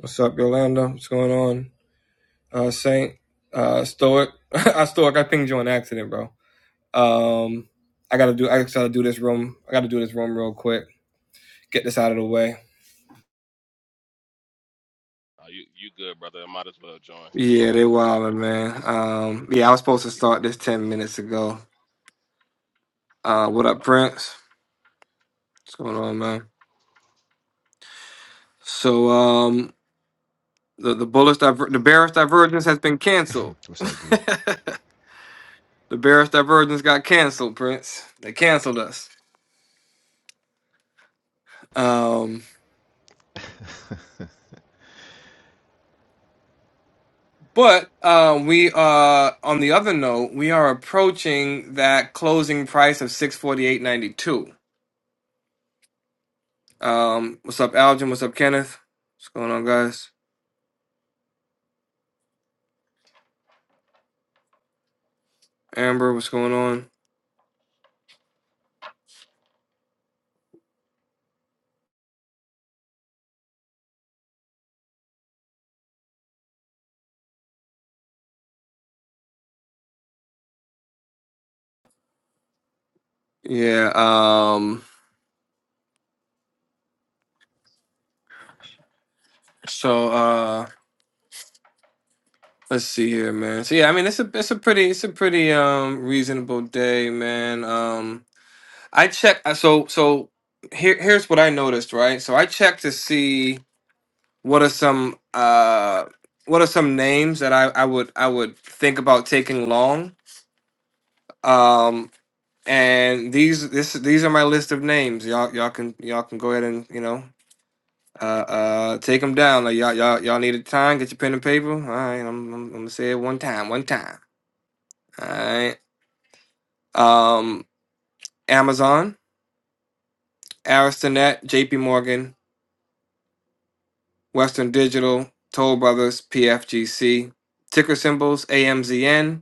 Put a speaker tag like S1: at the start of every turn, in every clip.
S1: What's up, Yolanda? What's going on? Uh, Saint, uh, Stoic. I Stoic. I pinged you on accident, bro. Um, I gotta do. I gotta do this room. I gotta do this room real quick. Get this out of the way.
S2: Oh, you you good, brother? I might as well join. I
S1: Yeah,
S2: don't
S1: they
S2: want to hear that
S1: wildin',
S2: right now.
S1: man. Um, yeah, I was supposed to start this ten minutes ago. Uh, what up,
S2: Okay.
S1: Prince? What's going on, man? So, um, the the bullish diver- the bearish divergence has been canceled.
S3: What's up, D?
S1: the bearish divergence got canceled, Prince. They canceled us. Um. But uh, we uh, on the other note, we are approaching that closing price of six forty eight ninety two. Um, what's up, Algin? What's up, Kenneth? What's going on, guys? Amber, what's going on? Yeah. Um. So uh, let's see here, man. So yeah, I mean, it's a it's a pretty it's a pretty um reasonable day, man. Um, I check. So so here here's what I noticed, right? So I checked to see. What are some uh what are some names that I, I would I would think about taking long? Um and these this these are my list of names. Y'all y'all can y'all can go ahead and, you know, uh uh take them down. Like y'all y'all y'all need a time, get your pen and paper. All right, I'm I'm, I'm gonna say it one time, one time. All right. Um Amazon, Aristonet, JP Morgan, Western Digital, Toll Brothers, PFGC, ticker symbols AMZN,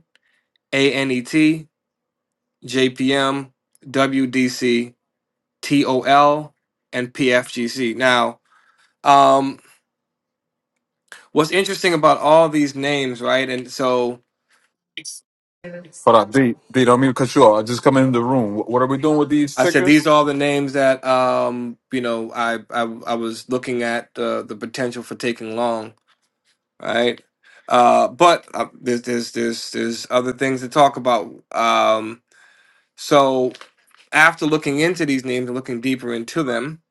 S1: ANET, JPM, WDC, TOL, and PFGC. Now, um, what's interesting about all these names, right? And so
S4: Hold on, D. D. Don't mean to cut you off. I just come in the room. What what are we doing with these
S1: I said
S4: tickers?
S1: these are all the names that um, you know I I, I was looking at uh, the potential for taking long, right? Uh, but uh, there's there's there's there's other things to talk about. Um, so after looking into these names and looking deeper into them,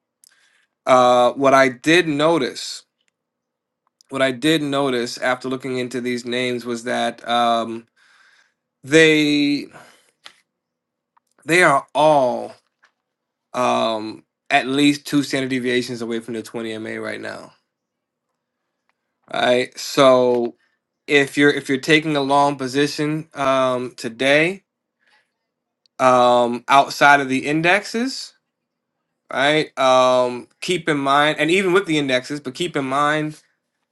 S1: uh, what I did notice what I did notice after looking into these names was that um, they they are all um, at least two standard deviations away from the 20 MA right now. Right. So if you're if you're taking a long position um, today um, outside of the indexes, right? Um, keep in mind, and even with the indexes, but keep in mind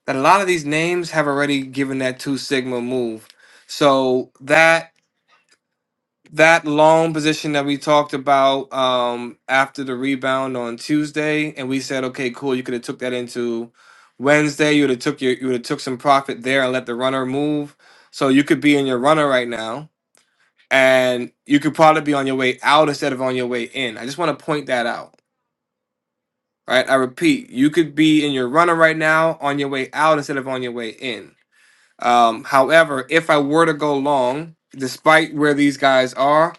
S1: that a lot of these names have already given that two sigma move. So that that long position that we talked about um after the rebound on Tuesday, and we said, okay, cool, you could have took that into Wednesday. You would have took your you would have took some profit there and let the runner move. So you could be in your runner right now, and you could probably be on your way out instead of on your way in. I just want to point that out. Right? I repeat, you could be in your runner right now on your way out instead of on your way in. Um, however, if I were to go long, despite where these guys are,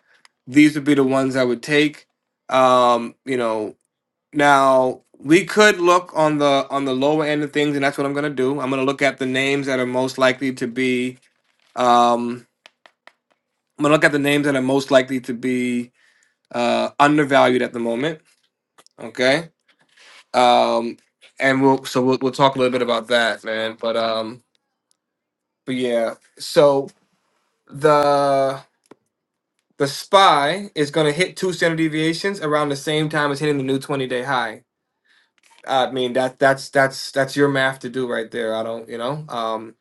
S1: these would be the ones I would take. Um, you know, now we could look on the on the lower end of things, and that's what I'm going to do. I'm going to look at the names that are most likely to be. Um, I'm going to look at the names that are most likely to be uh, undervalued at the moment. Okay, um, and we'll so we'll, we'll talk a little bit about that, man. But um, but yeah, so the The SPY is going to hit two standard deviations around the same time as hitting the new 20 day high. I mean that that's that's that's your math to do right there. I don't you know um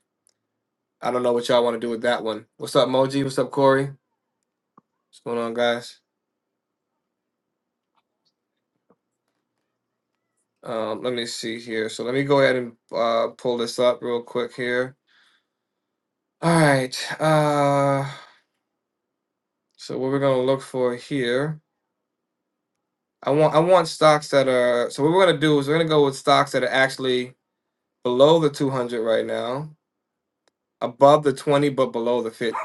S1: I don't know what y'all want to do with that one. What's up, Moji? What's up, Corey? What's going on, guys? Um, let me see here. So let me go ahead and uh, pull this up real quick here. All right. Uh, so what we're gonna look for here, I want I want stocks that are. So what we're gonna do is we're gonna go with stocks that are actually below the 200 right now above the 20 but below the 50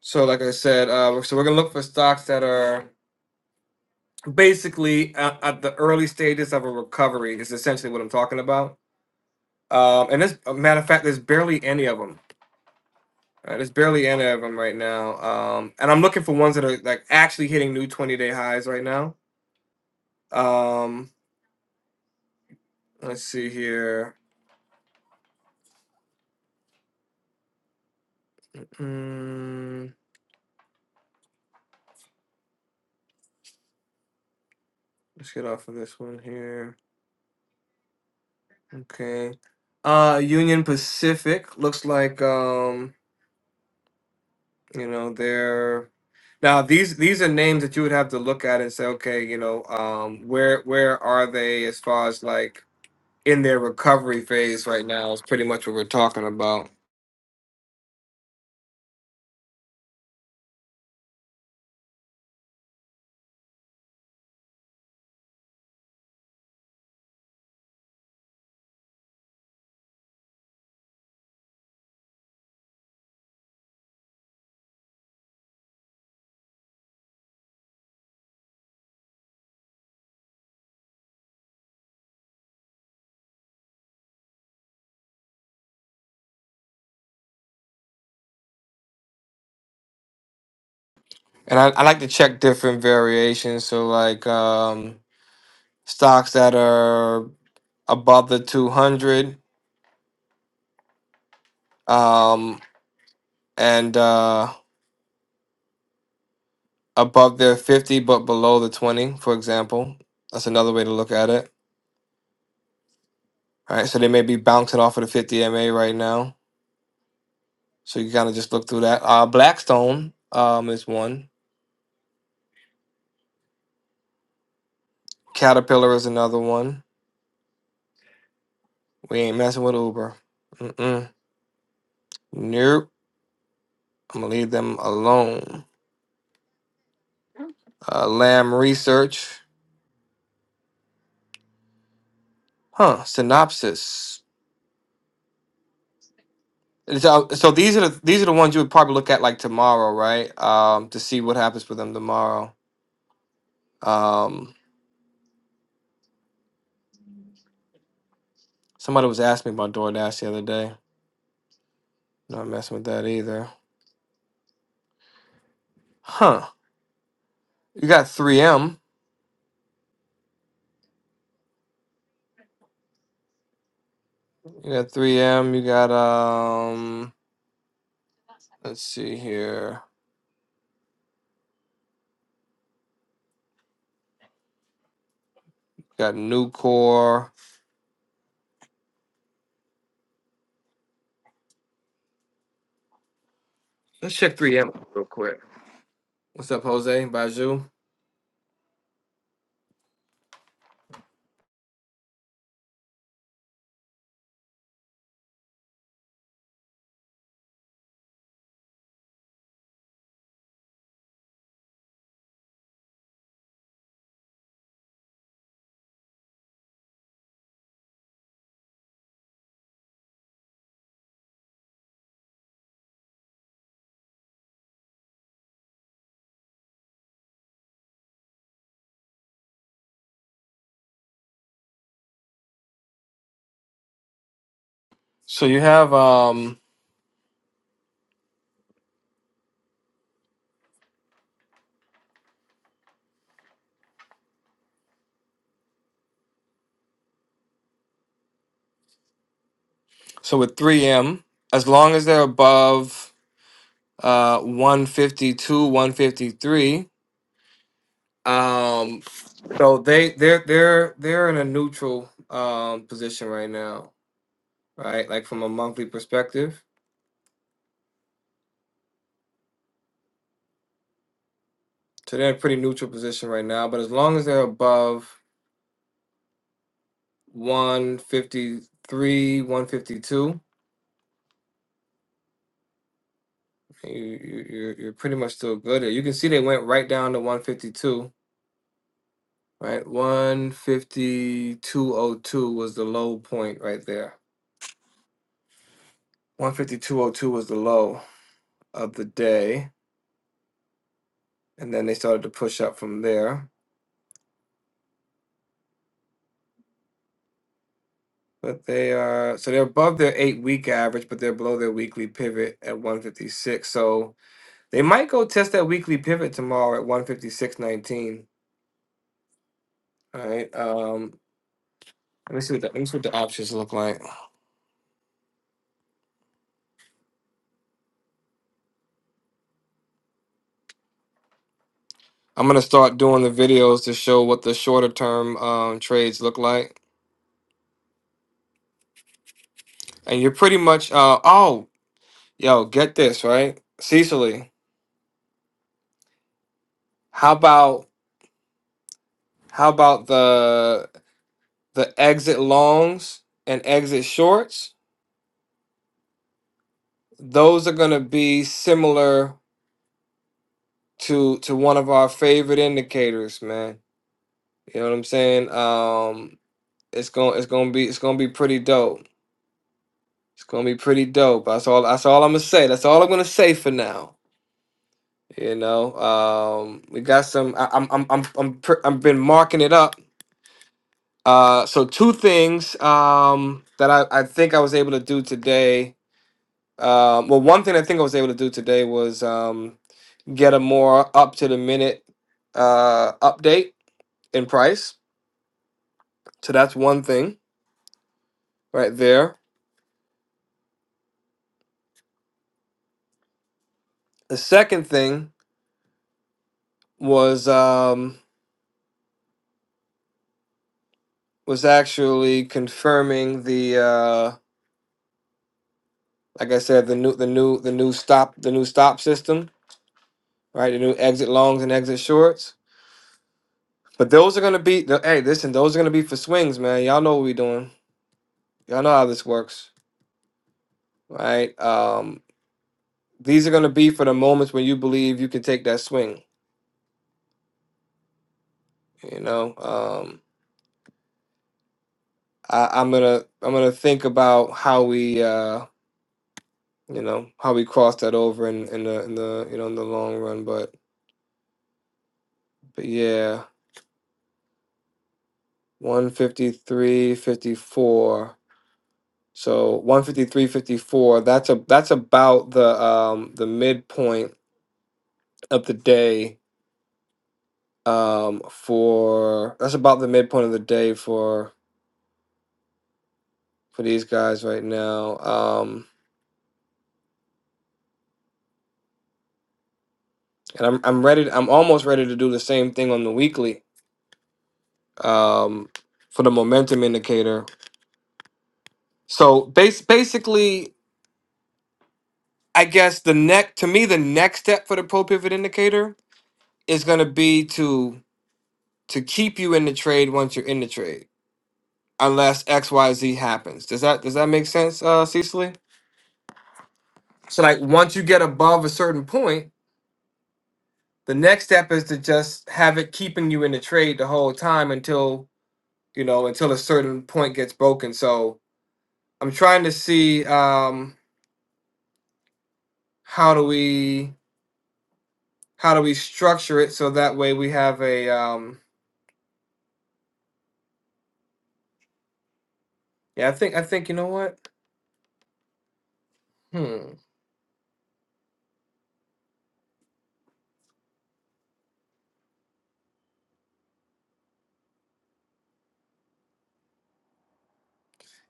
S1: so like i said uh, so we're gonna look for stocks that are basically at, at the early stages of a recovery is essentially what i'm talking about um, and this a matter of fact there's barely any of them right? there's barely any of them right now um, and i'm looking for ones that are like actually hitting new 20 day highs right now um, let's see here Mm, let's get off of this one here okay uh, Union Pacific looks like um You know, they're now these these are names that you would have to look at and say, okay, you know, um, where where are they as far as like in their recovery phase right now is pretty much what we're talking about. And I, I like to check different variations. So like um, stocks that are above the 200 um, and uh, above their 50 but below the 20, for example. That's another way to look at it. All right, so they may be bouncing off of the 50 MA right now. So you kind of just look through that. Uh, Blackstone um, is one. Caterpillar is another one. We ain't messing with Uber. Mm-mm. Nope. I'm gonna leave them alone. Uh, Lamb Research, huh? Synopsis. So, so these are the these are the ones you would probably look at like tomorrow, right? Um, to see what happens with them tomorrow. Um, somebody was asking me about DoorDash the other day. Not messing with that either, huh? You got 3M. You got 3M. You got um. Let's see here. Got Nucor. Let's check 3M real quick. What's up, Jose? Baju. So you have um so with 3M, as long as they're above uh 152, 153, um so they they're they're they're in a neutral um position right now, right? Like from a monthly perspective. So they're in a pretty neutral position right now, but as long as they're above 153, 152 You, you, you're you're pretty much still good there. You can see they went right down to 152, right? 152.02 was the low point right there. 152.02 was the low of the day, and then they started to push up from there. But they are so they're above their eight week average, but they're below their weekly pivot at 156. So they might go test that weekly pivot tomorrow at 156.19. All right. Um, let me see what the, let me see what the options look like. I'm gonna start doing the videos to show what the shorter term um, trades look like, and you're pretty much uh oh yo get this right, Cecily. How about how about the the exit longs and exit shorts? Those are gonna be similar to to one of our favorite indicators, man. You know what I'm saying? Um, it's gonna it's gonna be it's gonna be pretty dope. It's gonna be pretty dope. That's all. That's all I'm gonna say. That's all I'm gonna say for now. You know, um, we got some. I, I'm, I'm, I'm, I'm, pr- I've been marking it up. Uh, so two things um, that I, I think I was able to do today. Uh, well, one thing I think I was able to do today was um, get a more up to the minute uh, update in price. So that's one thing right there. The second thing was um, was actually confirming the uh, like I said the new the new the new stop the new stop system right? The new exit longs and exit shorts. But those are gonna be the hey, listen, those are gonna be for swings, man. Y'all know what we're doing. Y'all know how this works, right? Um, these are gonna be for the moments when you believe you can take that swing. You know, um, I, I'm gonna I'm gonna think about how we uh, you know how we cross that over in, in the in the you know in the long run. But but yeah, one fifty three, fifty four. So one fifty three fifty four. that's a that's about the um the midpoint of the day um for that's about the midpoint of the day for for these guys right now. Um and I'm I'm ready I'm almost ready to do the same thing on the weekly um for the momentum indicator. So base basically I guess the neck to me the next step for the pro pivot indicator is going to be to to keep you in the trade once you're in the trade. unless X Y Z happens. Does that does that make sense, uh, Cecily? So like once you get above a certain point, the next step is to just have it keeping you in the trade the whole time until you know until a certain point gets broken. So I'm trying to see um, how do we how do we structure it so that way we have a um, yeah I think I think you know what hmm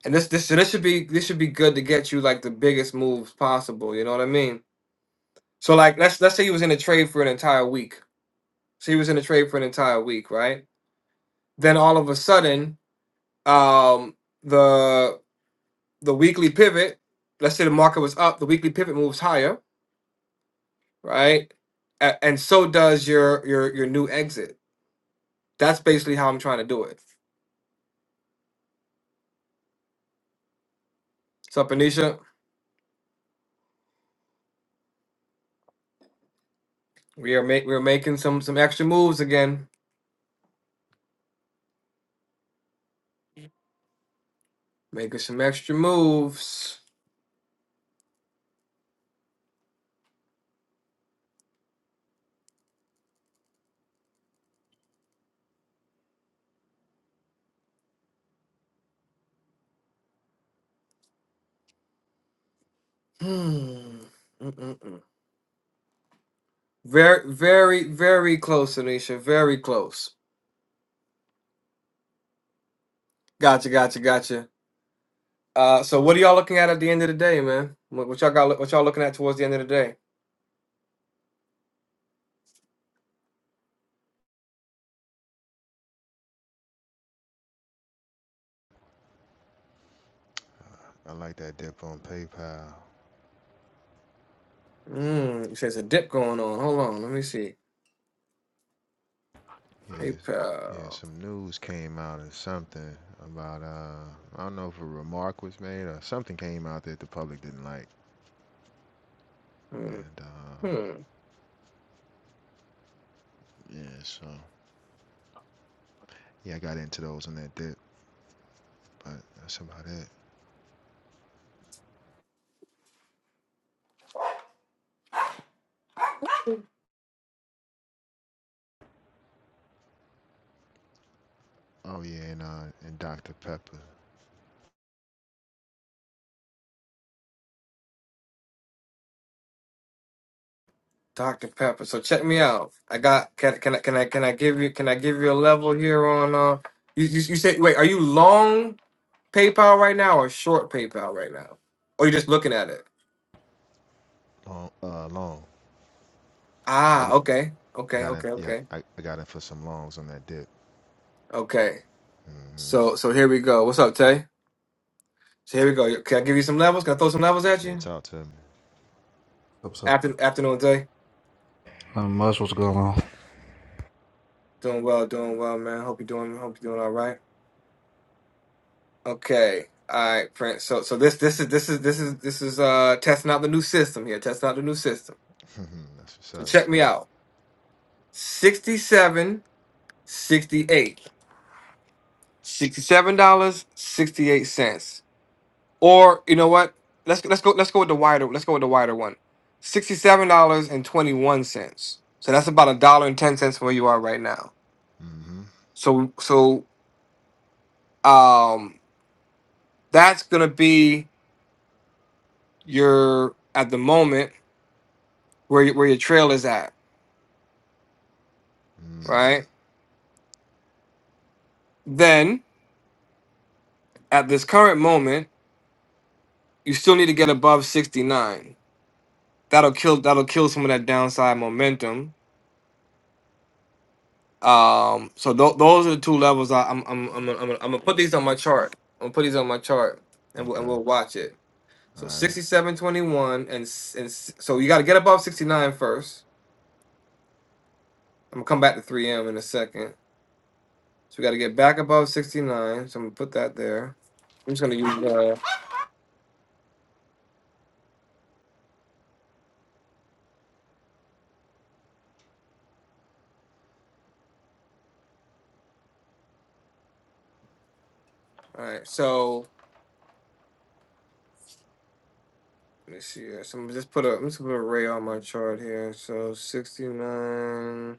S1: and this this so this should be this should be good to get you like the biggest moves possible. You know what I mean? So like let's let's say you was in a trade for an entire week She was in the trade for an entire week, right? Then all of a sudden, um, the the weekly pivot, let's say the market was up, the weekly pivot moves higher, right? A- and so does your your your new exit. That's basically how I'm trying to do it. So Anisha, we are make we're making some some extra moves again, making some extra moves. Hmm. Mm-mm-mm. Very very very close, Anisha. Very close. Gotcha, gotcha, gotcha. Uh, so what are y'all looking at at the end of the day, man? What, what y'all got? What y'all looking at towards the end of the day?
S3: I like that dip on PayPal.
S1: Mm, you said it's a dip going on. Hold on, let me see.
S3: Yes. Yeah,
S1: PayPal.
S3: some news came out and something about uh I don't know if a remark was made or something came out that the public didn't like.
S1: Hmm.
S3: And uh
S1: hmm.
S3: yeah, so yeah, I got into those on that dip, but that's about it. Oh yeah, and uh and Dr. Pepper.
S1: Dr. Pepper. So check me out. I got. Can, can I? Can I? Can I give you? Can I give you a level here on? Uh, you, you you said wait. Are you long PayPal right now or short PayPal right now? Or you just looking at it?
S3: Long uh long. I
S1: Ah,
S3: got
S1: okay,
S3: I
S1: okay,
S3: got in
S1: okay,
S3: yeah,
S1: okay,
S3: I, I got in for some longs on that dip.
S1: okay.
S3: hmm
S1: So so here we go. What's up, Tay? So here we go. Can I give you some levels? Can I throw some levels at
S3: Yeah,
S1: you?
S3: talk to me.
S5: What's up?
S1: After afternoon, day.
S5: Not much. What's going on?
S1: Doing well, doing well, man. Hope you doing hope you doing all right. Okay. All right, Prince. So so this this is this is this is this is uh testing out the new system here, testing out the new system.
S3: that's what's
S1: So
S3: up, let's
S1: check me
S3: go.
S1: out. 67 sixty-eight. $67 dollars 68 cents. Or you know what? Let's let's go let's go with the wider let's go with the wider one. $67.21. So that's about a dollar and ten cents from where you are right now.
S3: hmm
S1: So so um that's gonna be you're at the moment where you, where your trail is at,
S3: Mm.
S1: right? Then at this current moment, you still need to get above 69. That'll kill that'll kill some of that downside momentum. Um, so tho- those are the two levels. I, I'm I'm I'm I'm gonna, I'm gonna put these on my chart. I'm gonna put these on my chart, and we'll, and
S3: Okay.
S1: we'll watch it. So
S3: All right.
S1: 67.21, and s- and s- so you got to get above 69 first. I'm gonna come back to 3M in a second. So we got to get back above 69. So I'm gonna put that there. I'm just gonna use that. All right, so let me see. here. So I'm just put a I'm just gonna put a ray on my chart here. So 69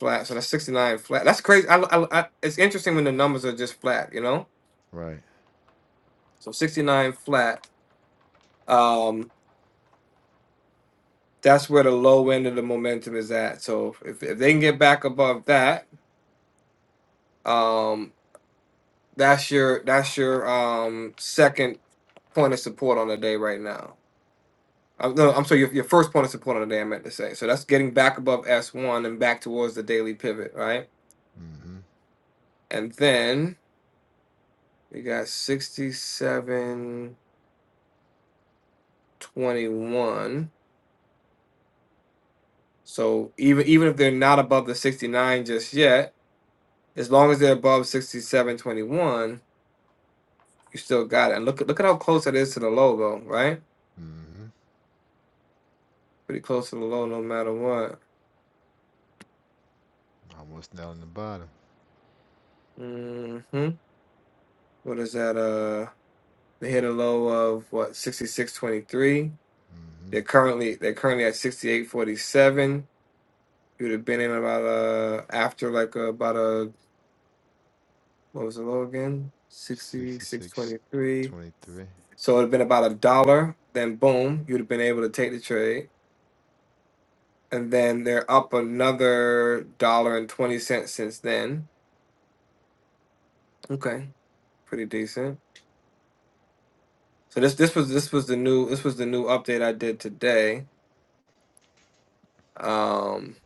S1: flat. So that's 69 flat. That's crazy. I, I, I it's interesting when the numbers are just flat. You know.
S3: Right.
S1: So 69 flat. Um, that's where the low end of the momentum is at. So if if they can get back above that, um, that's your that's your um second point of support on the day right now. Uh, no, I'm sorry. Your, your first point is the point of the day I meant to say. So that's getting back above S1 and back towards the daily pivot, right?
S3: Mm-hmm.
S1: And then we got 67.21. So even even if they're not above the 69 just yet, as long as they're above 67.21, you still got it. And look at look at how close that is to the low, though, right?
S3: Mm-hmm.
S1: Pretty close to the low, no matter what.
S3: Almost down in the bottom.
S1: Mm-hmm. What is that? Uh, they hit a low of what? 66.23.
S3: Mm-hmm.
S1: They're currently they're currently at sixty eight forty seven. You would have been in about uh after like uh, about a what was the low again? Sixty six
S3: Sixty-six,
S1: twenty three.
S3: twenty-three.
S1: So it'd have been about a dollar. Then boom, you'd have been able to take the trade. And then they're up another dollar and twenty cents since then. Okay, pretty decent. So this this was this was the new this was the new update I did today. Um,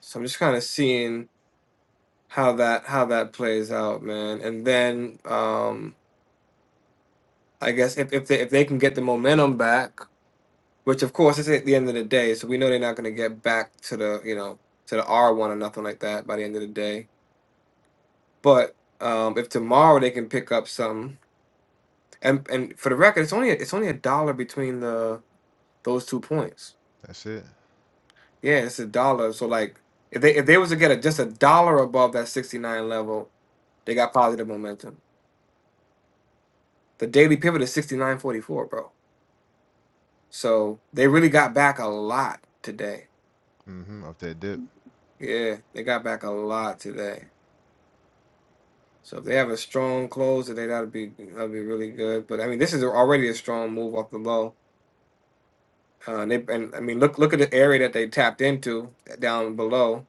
S1: so I'm just kind of seeing how that how that plays out, man. And then um I guess if, if they if they can get the momentum back, which of course it's at the end of the day, so we know they're not going to get back to the you know to the R one or nothing like that by the end of the day. But um, if tomorrow they can pick up some, and and for the record, it's only it's only a dollar between the those two points.
S3: That's it.
S1: Yeah, it's a dollar. So like if they if they was to get a, just a dollar above that sixty nine level, they got positive momentum. The daily pivot is sixty nine forty four, bro. So they really got back a lot today
S3: Mm-hmm. Up that dip.
S1: Yeah, they got back a lot today. So if they have a strong close they that'll be that'll be really good. But I mean, this is already a strong move off the low. Uh, and, they, and I mean, look look at the area that they tapped into down below,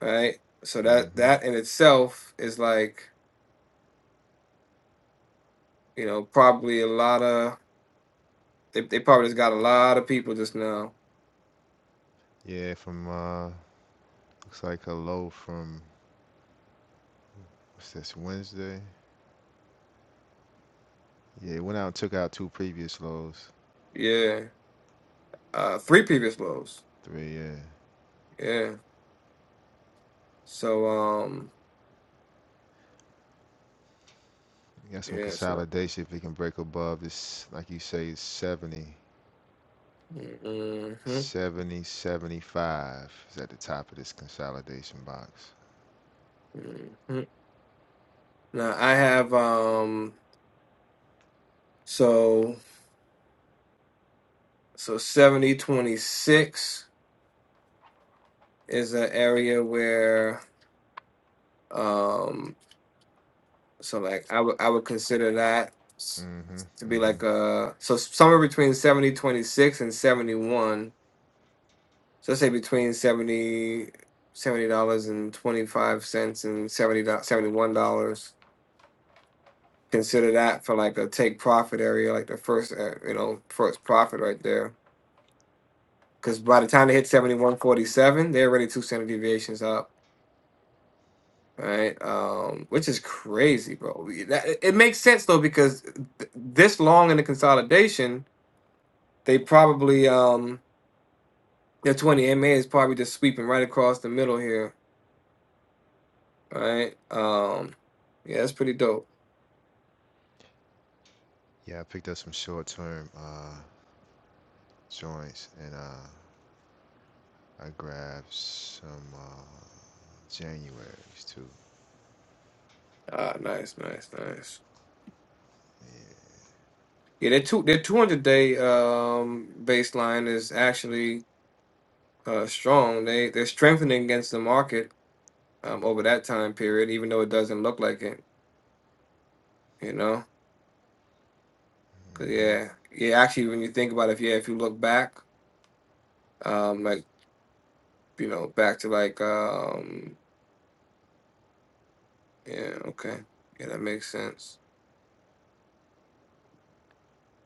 S1: right? So that
S3: Mm-hmm.
S1: that in itself is like you know probably a lot of they they probably just got a lot of people just now.
S3: Yeah, from uh, looks like a low from what's this Wednesday? Yeah, it went out and took out two previous lows.
S1: Yeah, uh, three previous lows.
S3: Three. Yeah.
S1: Yeah. So um
S3: You got some
S1: yeah. So.
S3: consolidation if it can break above this, like you say, 70,
S1: hmm
S3: 70, seventy-five is at the top of this consolidation box.
S1: hmm Now I have um. So so 7026 is an area where um so like I would I would consider that s-
S3: Mm-hmm.
S1: to be
S3: Mm-hmm.
S1: like a so somewhere between 7026 and 71. So let's say between seventy seventy dollars and twenty five cents and seventy seventy one dollars. Consider that for like a take profit area, like the first uh, you know first profit right there. Because by the time they hit seventy one forty seven, they're already two standard deviations up. right? Um, which is crazy, bro. We- That, it it makes sense though because th- this long in the consolidation, they probably um their 20 MA is probably just sweeping right across the middle here, right? Um, yeah, that's pretty dope.
S3: Yeah, I picked up some short term uh, joints and uh, I grabbed some uh, Januaries too.
S1: Ah, nice, nice, nice. Yeah, their two their 200 day um baseline is actually uh strong. They they're strengthening against the market um over that time period, even though it doesn't look like it, you know. 'Cause,
S3: hmm
S1: yeah, yeah. Actually, when you think about it, if, yeah, if you look back, um, like you know, back to like, um, yeah, okay, yeah, that makes sense.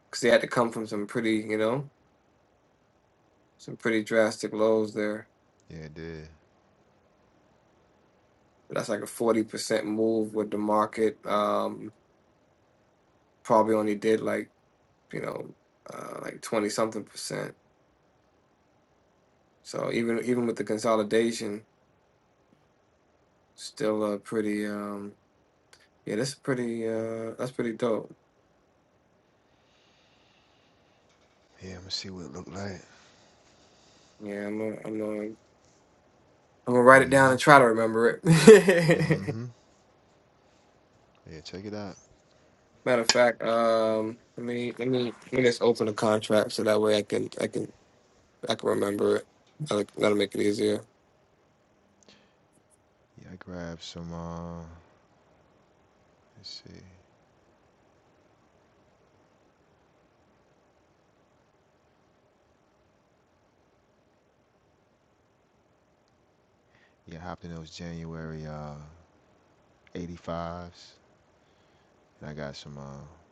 S1: Because they had to come from some pretty, you know, some pretty drastic lows there.
S3: Yeah, it did.
S1: That's like a forty percent move with the market. Um, probably only did like, you know, uh, like twenty something percent. So even even with the consolidation, still a pretty, um, yeah, that's pretty, uh, that's pretty dope.
S3: Yeah, I'm gonna see what it looked like.
S1: Yeah, I'm, i I'm gonna I'm gonna write it down
S3: hmm
S1: and try to remember it.
S3: hmm Yeah, check it out.
S1: Matter of fact, um, let me let me let me just open the contract so that way I can I can I can remember it. That'll, that'll make it easier.
S3: Yeah, I grabbed some, uh, let's see. Yeah, I hopped in those January uh, 85s and I got some uh,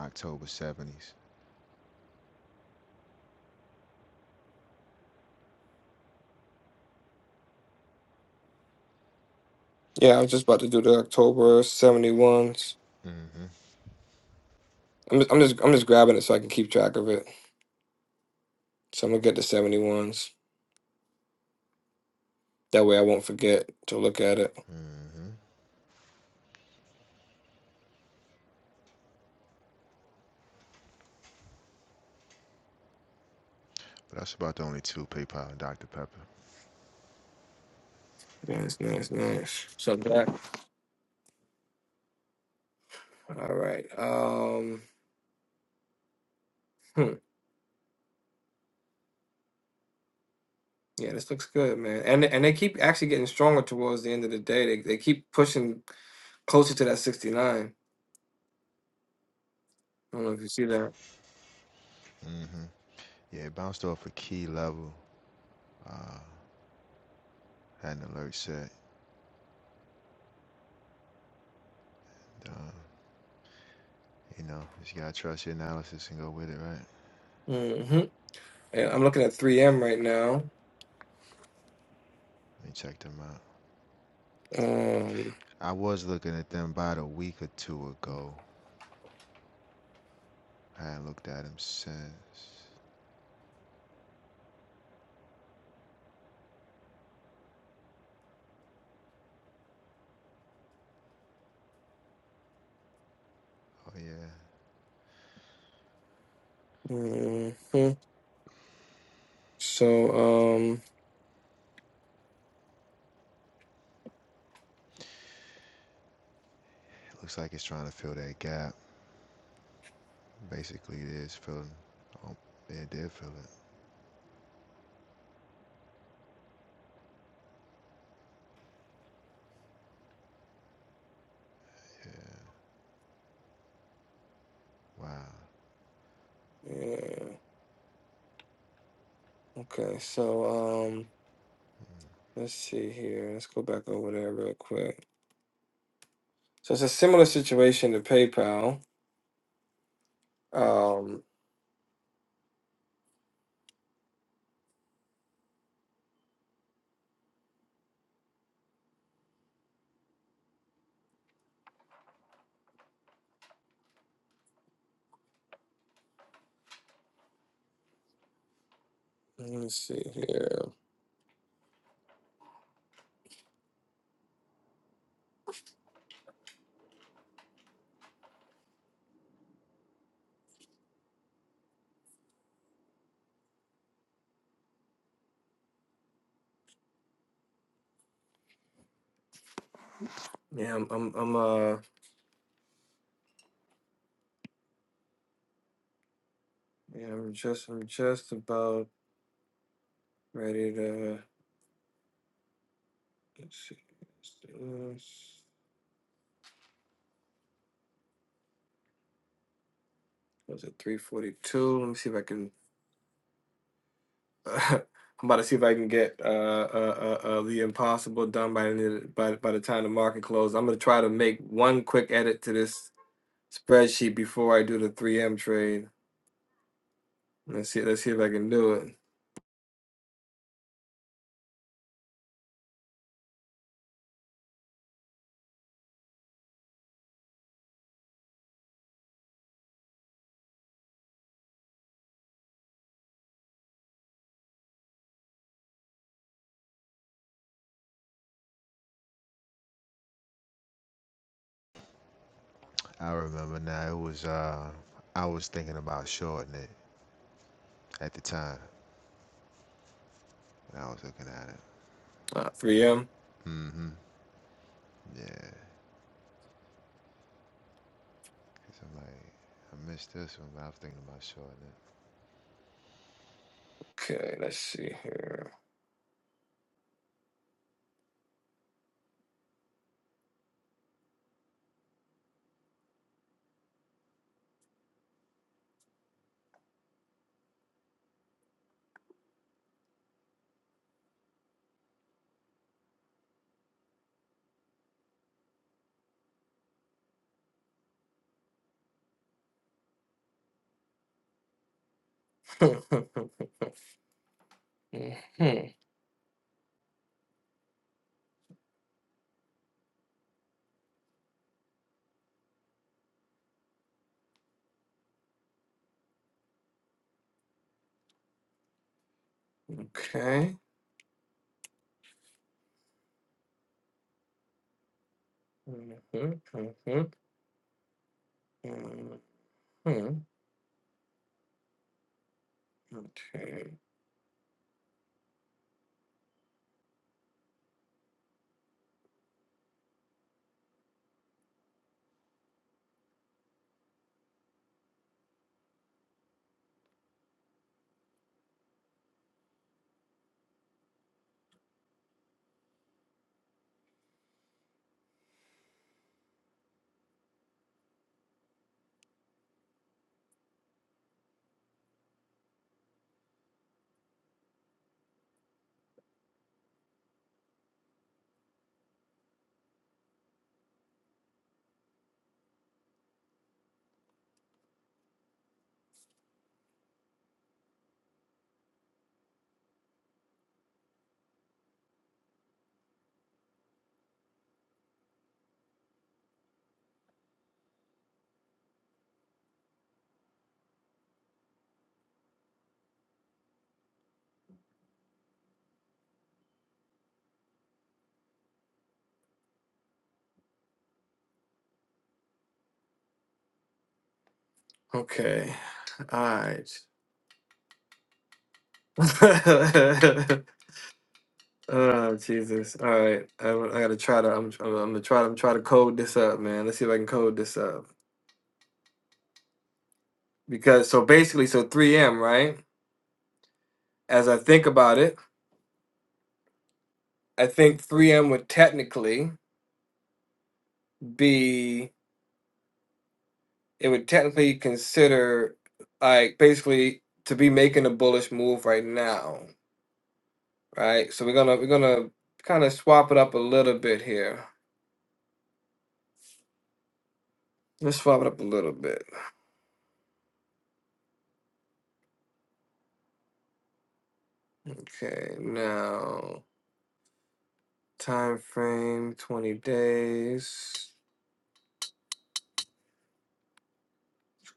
S3: October 70s.
S1: Yeah, I was just about to do the October seventy ones.
S3: hmm
S1: I'm just, I'm just I'm just grabbing it so I can keep track of it. So I'm gonna get the seventy ones. That way I won't forget to look at it.
S3: hmm But that's about the only two PayPal and Dr. Pepper.
S1: Nice, nice, nice. So that all right. Um, hmm. Yeah, this looks good, man. And and they keep actually getting stronger towards the end of the day. They they keep pushing closer to that 69. I don't know if you see that.
S3: hmm Yeah, it bounced off a key level. Uh, had an alert set. Uh, you know, just gotta trust your analysis and go with it, right?
S1: hmm And I'm looking at 3M right now.
S3: Let me check them out.
S1: Um,
S3: I was looking at them about a week or two ago. I hadn't looked at them since. Oh yeah,
S1: mhm. So, um,
S3: it looks like it's trying to fill that gap. Basically, it is filling. Oh, yeah, it did fill it. Wow.
S1: yeah. Okay, so um, let's see here. Let's go back over there real quick. So it's a similar situation to PayPal. Um, let me see here. Yeah, I'm, I'm, I'm uh, yeah, I'm just, I'm just about ready to. Let's see. Let's do this. Was it 342? Let me see if I can I'm about to see if I can get uh, uh, uh, uh, the impossible done by the, end of the- by by the time the market closes. I'm gonna try to make one quick edit to this spreadsheet before I do the 3M trade. Let's see. Let's see if I can do it.
S3: I remember now. It was uh, I was thinking about shorting it at the time when I was looking at it.
S1: Uh, 3M.
S3: Mm-hmm. Yeah. Cause I'm like, I missed this one, but I was thinking about shorting it.
S1: Okay. Let's see here. Mhm, Okay. Mhm, mhm, mhm, Okay. Okay. All right. Oh Jesus! All right, I, I gotta try to. I'm, I'm gonna try to I'm try to code this up, man. Let's see if I can code this up because so basically, so 3M, right? As I think about it, I think 3M would technically be it would technically consider like basically to be making a bullish move right now, right? So we're gonna we're gonna kind of swap it up a little bit here. Let's swap it up a little bit. Okay, now. Time frame 20 days.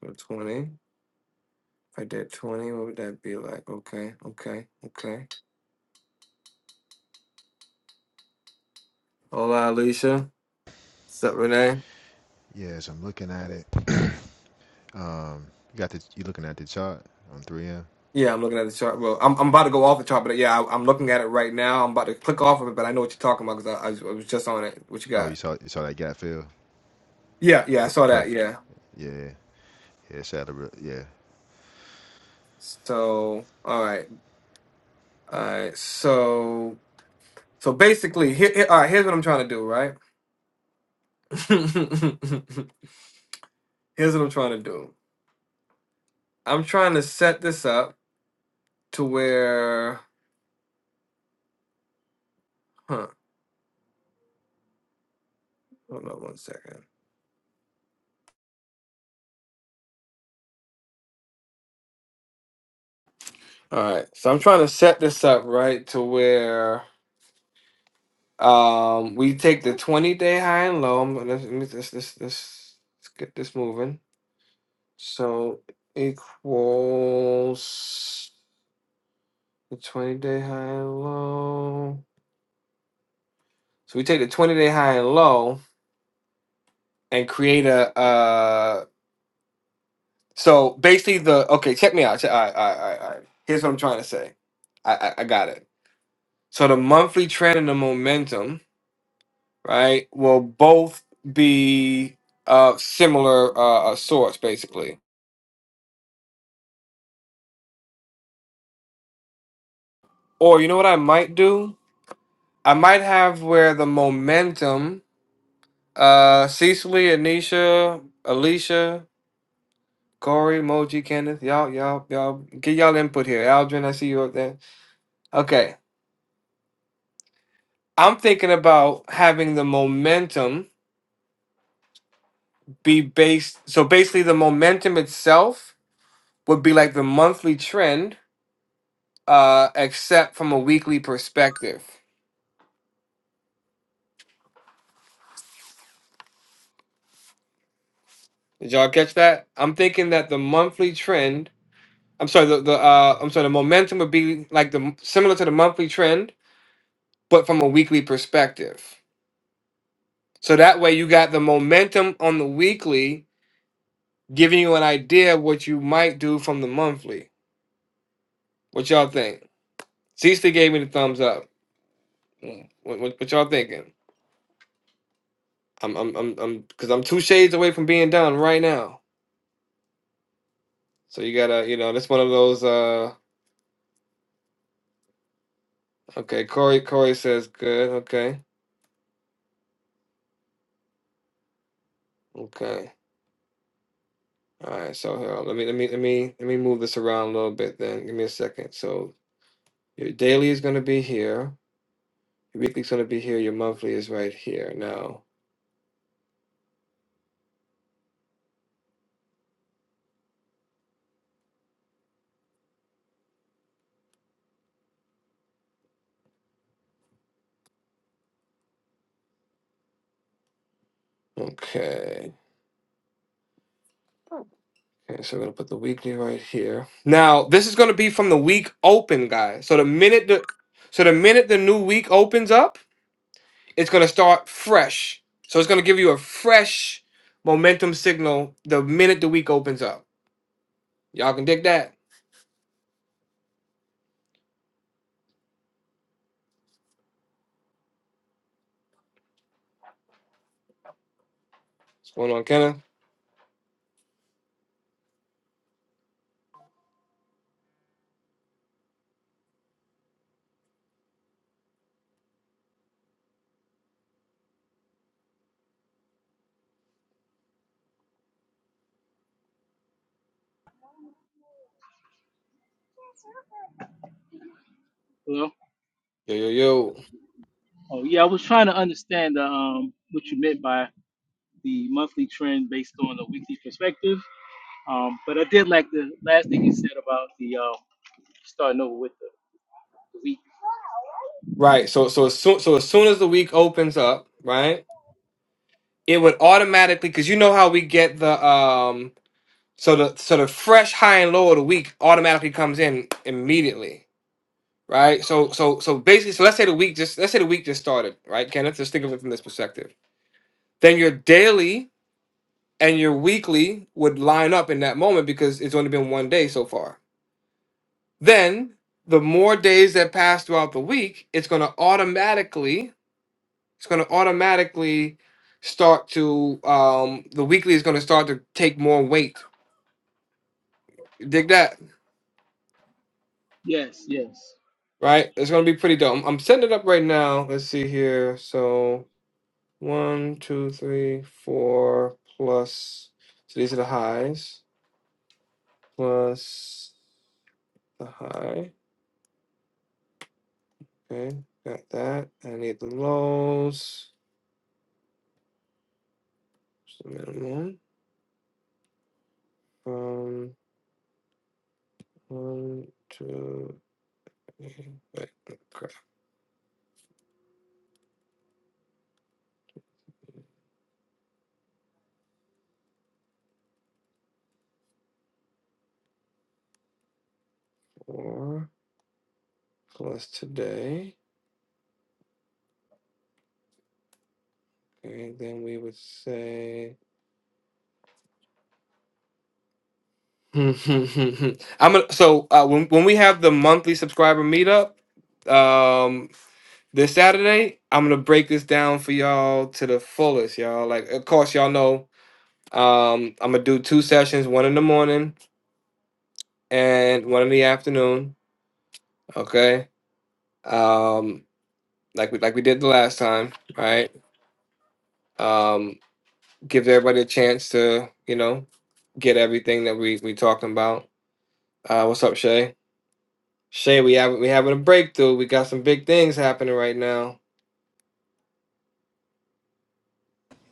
S1: Let's go 20. If I did 20, what would that be like? Okay, okay, okay. Hola, Alicia. What's up, Renee?
S3: Yes, I'm looking at it. um, you got the you looking at the chart on 3M.
S1: Yeah, I'm looking at the chart. Well, I'm, I'm about to go off the chart, but yeah, I, I'm looking at it right now. I'm about to click off of it, but I know what you're talking about because I, I was I was just on it. What you
S3: Oh, you
S1: got?
S3: saw you saw that gap fill.
S1: Yeah, yeah, I
S3: Per-
S1: saw that.
S3: perfect.
S1: Yeah.
S3: Yeah, yeah. it's at Saddle. Yeah.
S1: So, all right, all right. So, so basically, here, here- all right. Here's what I'm trying to do, right? here's what I'm trying to do. I'm trying to set this up to where huh hold on one second all right so i'm trying to set this up right to where um we take the 20 day high and low I'm gonna- let me this this this let's get this moving so equals the 20 day high and low so we take the 20 day high and low and create a uh so basically the okay check me out check, all, right, all right all right all right here's what i'm trying to say I, I I got it So the monthly trend and the momentum, right, will both be uh, similar uh, uh, sorts, basically. Or you know what I might do? I might have where the momentum, uh, Cecily, Anisha, Alicia, Corey, Moji, Kenneth, y'all, y'all, y'all, get y'all input here. Aldrin, I see you up there. Okay. I'm thinking about having the momentum be based. So basically, the momentum itself would be like the monthly trend uh, except from a weekly perspective. Did y'all catch that? I'm thinking that the monthly trend, I'm sorry, the, the uh, I'm sorry, the momentum would be like the similar to the monthly trend, but from a weekly perspective. So that way you got the momentum on the weekly giving you an idea of what you might do from the monthly. What y'all think? Cista gave me the thumbs up. Mm, What, what, what y'all thinking? I'm I'm I'm I'm because I'm two shades away from being done right now. So you gotta, you know, that's one of those uh Okay, Corey. Corey says good. Okay, okay. All right. So here, let me let me let me let me move this around a little bit. Then give me a second. So your daily is going to be here. Your weekly is going to be here. Your monthly is right here now. Okay. Okay. So we're gonna put the weekly right here. Now this is going to be from the week open, guys. So the minute the so the minute the new week opens up, it's going to start fresh. So it's going to give you a fresh momentum signal the minute the week opens up. Y'all can dig that. What's going on, Kenna?
S6: Well,
S1: Yo, yo, yo.
S6: oh yeah, I was trying to understand uh, um, what you meant by the monthly trend based on a weekly perspective. Um, but I did like the last thing you said about the um, starting over with the, the week.
S1: Right. So, so as soon, so as soon as the week opens up, right, it would automatically because you know how we get the um, so the so the fresh high and low of the week automatically comes in immediately, right? So, so, so basically, so let's say the week just let's say the week just started, right, Kenneth? Just think of it from this perspective. Then your daily and your weekly would line up in that moment because it's only been one day so far. Then the more days that pass throughout the week, it's going to automatically it's going to automatically start to um the weekly is going to start to take more weight you dig that
S6: Yes, yes.
S1: right it's going to be pretty dope i'm I'm setting it up right now let's see here so one two three four plus so these are the highs plus the high okay got that i need the lows so minimum um one two three wait crap four plus today And then we would say, I'm gonna. So uh, when when we have the monthly subscriber meetup, um, this Saturday, I'm gonna break this down for y'all to the fullest, y'all. Like, of course, y'all know, um, I'm gonna do two sessions, one in the morning and one in the afternoon. Okay, um, like we like we did the last time, right? Um, gives everybody a chance to, you know, get everything that we we talking about. Uh, what's up, Shay? Shay, we have we having a breakthrough. We got some big things happening right now.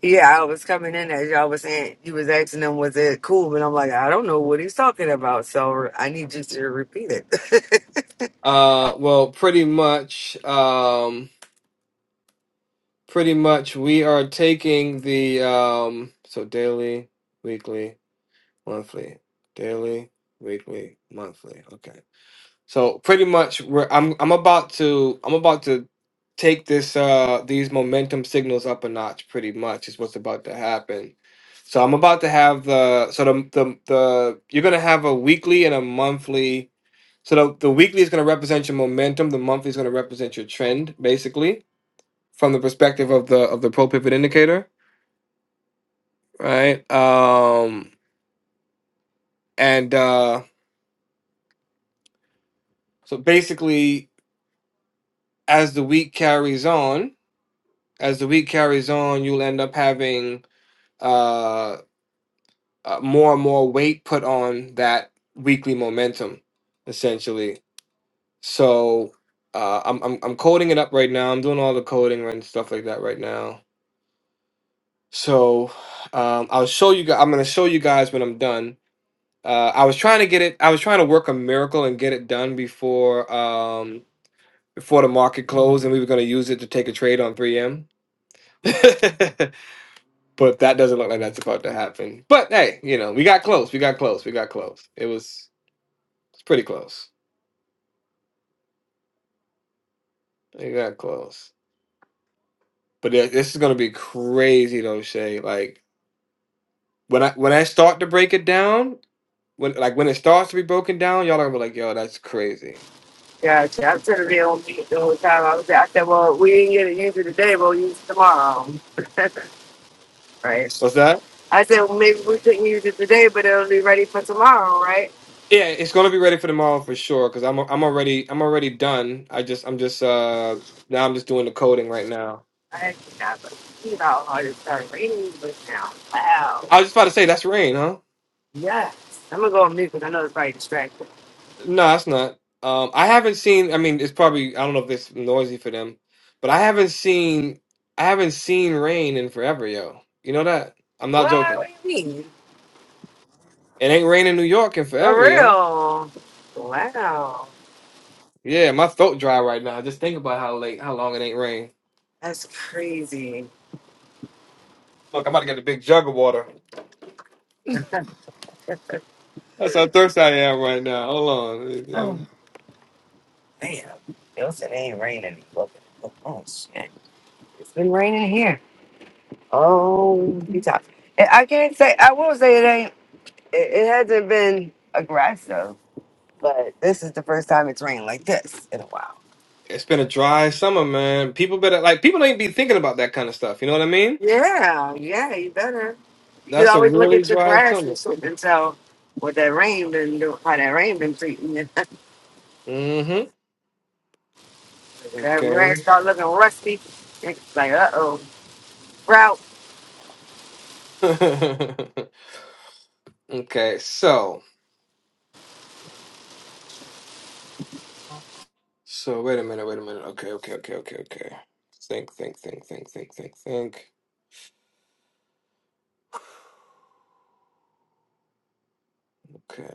S7: Yeah, I was coming in as y'all was saying, you was asking them, was it cool? And I'm like, I don't know what he's talking about. So I need you to repeat it.
S1: Uh, well, pretty much, um, pretty much, we are taking the um, so daily, weekly, monthly, daily, weekly, monthly. Okay. So pretty much, we're, I'm I'm about to I'm about to take this uh these momentum signals up a notch. Pretty much is what's about to happen. So I'm about to have the so the the, the you're gonna have a weekly and a monthly. So the, the weekly is gonna represent your momentum. The monthly is gonna represent your trend, basically, from the perspective of the of the pro pivot indicator, right? Um, and uh, so basically, as the week carries on as the week carries on, you'll end up having uh, uh, more and more weight put on that weekly momentum, essentially. So uh, I'm, I'm I'm coding it up right now. I'm doing all the coding and stuff like that right now. So um, I'll show you. gu- I'm gonna show you guys when I'm done. Uh, I was trying to get it. I was trying to work a miracle and get it done before um, before the market closed, and we were gonna use it to take a trade on 3M. But that doesn't look like that's about to happen. But hey, you know, we got close. We got close. We got close. It was it's pretty close. We got close. But yeah, this is gonna be crazy though, Shay. Like when I when I start to break it down, when like when it starts to be broken down, y'all are gonna be like, yo, that's crazy.
S7: gotcha. I turned it on me the whole time. I was like, I said, well, we didn't get to use it today, but we'll use it tomorrow. Right.
S1: What's that?
S7: I said, well, maybe we couldn't use it today, but it'll be ready for tomorrow, right?
S1: Yeah, it's gonna be ready for tomorrow for sure. Cause I'm I'm already I'm already done. I just I'm just uh now I'm just doing the coding right now.
S7: I had to stop it. You know, I just started raining but now. Wow.
S1: I was just about to say that's rain, huh?
S7: Yes. I'm going to go on mute because I know it's probably distracting.
S1: No, it's not. Um, I haven't seen. I mean, it's probably. I don't know if it's noisy for them, but I haven't seen. I haven't seen rain in forever, yo. You know that? I'm not
S7: What? What
S1: joking.
S7: do you mean?
S1: It ain't rain in New York in
S7: For
S1: forever, yo.
S7: real. Wow.
S1: Yeah, my throat dry right now. Just think about how late, how long it ain't rain.
S7: That's crazy.
S1: Look, I'm about to get a big jug of water. That's how thirsty I am right now. Hold on.
S7: Oh,
S1: I'm-
S7: damn. It was- it ain't raining. Look, look, Oh, shit. It's been raining here. Oh, you talk. I I can't say, I will say it ain't, it, it hasn't been aggressive, but this is the first time it's rained like this in a while.
S1: it's been a dry summer, man. People better like people don't even be thinking about that kind of stuff. You know what I mean?
S7: Yeah, yeah, you better. You could
S1: That's a
S7: always look
S1: really
S7: at your
S1: dry
S7: grass
S1: summer.
S7: and shit and tell what that rain been doing, how that rain been treating you.
S1: Mm-hmm.
S7: that grass start looking rusty. It's like, uh oh. Well,
S1: Okay. Okay, so so wait a minute, wait a minute. Okay, okay, okay, okay, okay. Think, think, think, think, think, think, think. Okay.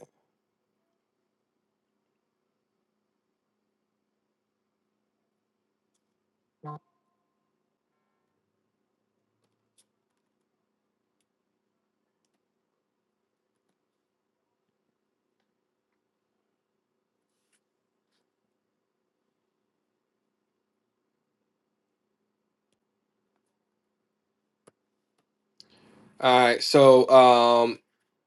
S1: All right. So um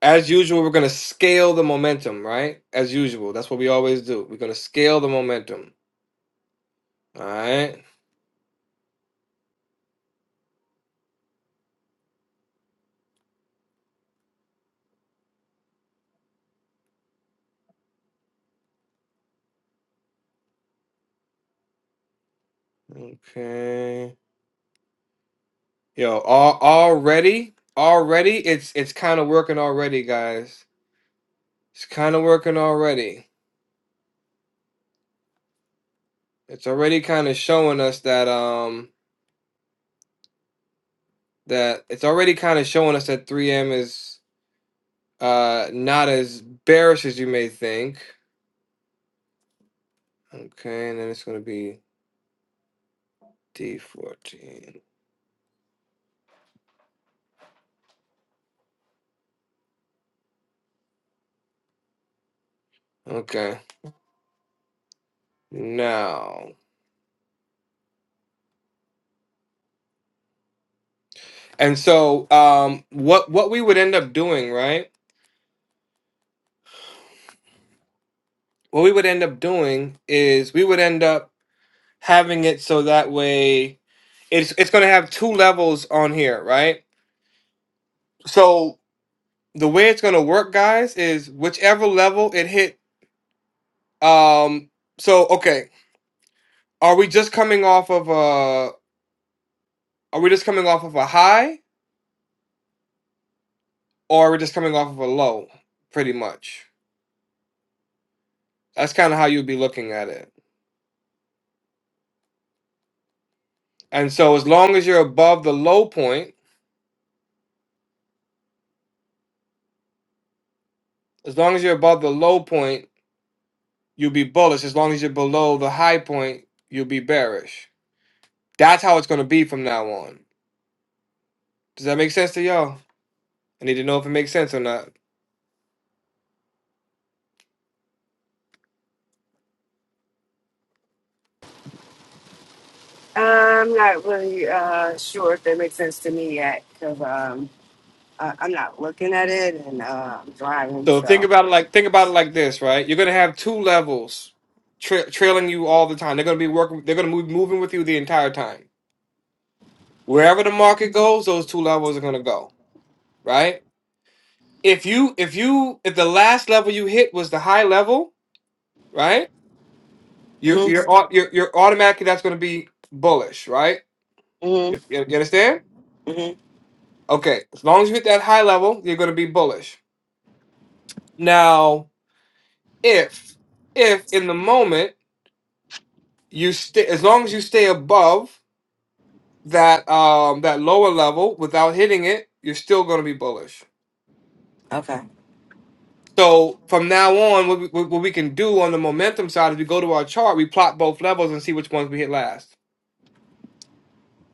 S1: as usual, we're gonna scale the momentum, right? As usual. That's what we always do. We're gonna scale the momentum. All right. Okay. Yo, al- already, already it's it's kind of working already, guys. It's kind of working already. It's already kind of showing us that um that it's already kind of showing us that 3M is uh, not as bearish as you may think. Okay, and then it's going to be D14. Okay, now. And so um, what, what we would end up doing, right? What we would end up doing is we would end up having it so that way it's, it's going to have two levels on here, right? So the way it's going to work, guys, is whichever level it hit. Um, so, okay. Are we just coming off of a? Are we just coming off of a high, or are we just coming off of a low? Pretty much. That's kind of how you'd be looking at it. And so, as long as you're above the low point, as long as you're above the low point, you'll be bullish. As long as you're below the high point, you'll be bearish. That's how it's going to be from now on. Does that make sense to y'all? I need to know if it makes sense or not.
S7: I'm not really uh, sure if that makes sense to me yet because um, I- I'm not looking at it and uh, I'm driving.
S1: So think
S7: So,
S1: about it like think about it like this, right? You're gonna have two levels tra- trailing you all the time. They're gonna be working. They're gonna move moving with you the entire time. Wherever the market goes, those two levels are gonna go, right? If you if you if the last level you hit was the high level, right? You're
S7: mm-hmm,
S1: you're au- you're, you're automatically that's gonna be bullish, right? You,
S7: mm-hmm,
S1: you you understand?
S7: mm-hmm.
S1: Okay, as long as you hit that high level, you're gonna be bullish. Now, if if in the moment you stay, as long as you stay above that um that lower level without hitting it, you're still going to be bullish.
S7: okay.
S1: So from now on, what we, what what we can do on the momentum side is we go to our chart, we plot both levels and see which ones we hit last.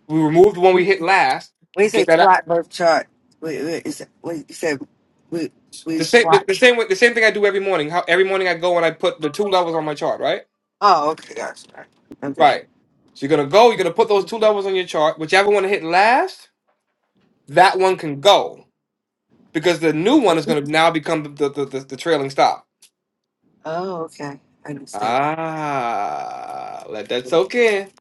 S1: We remove the one we hit last.
S7: When you say
S1: Get that out.
S7: plot birth chart, wait, wait, is it, wait, you said we we
S1: The same the,
S7: plot.
S1: the same way, the same thing I do every morning. How every morning I go and I put the two levels on my chart, right?
S7: Oh, okay, gotcha. gotcha. Okay.
S1: Right. So you're gonna go. You're gonna put those two levels on your chart. Whichever one hit last, that one can go because the new one is gonna now become the the, the, the trailing stop.
S7: Oh, okay. I understand now.
S1: Ah, let that soak in.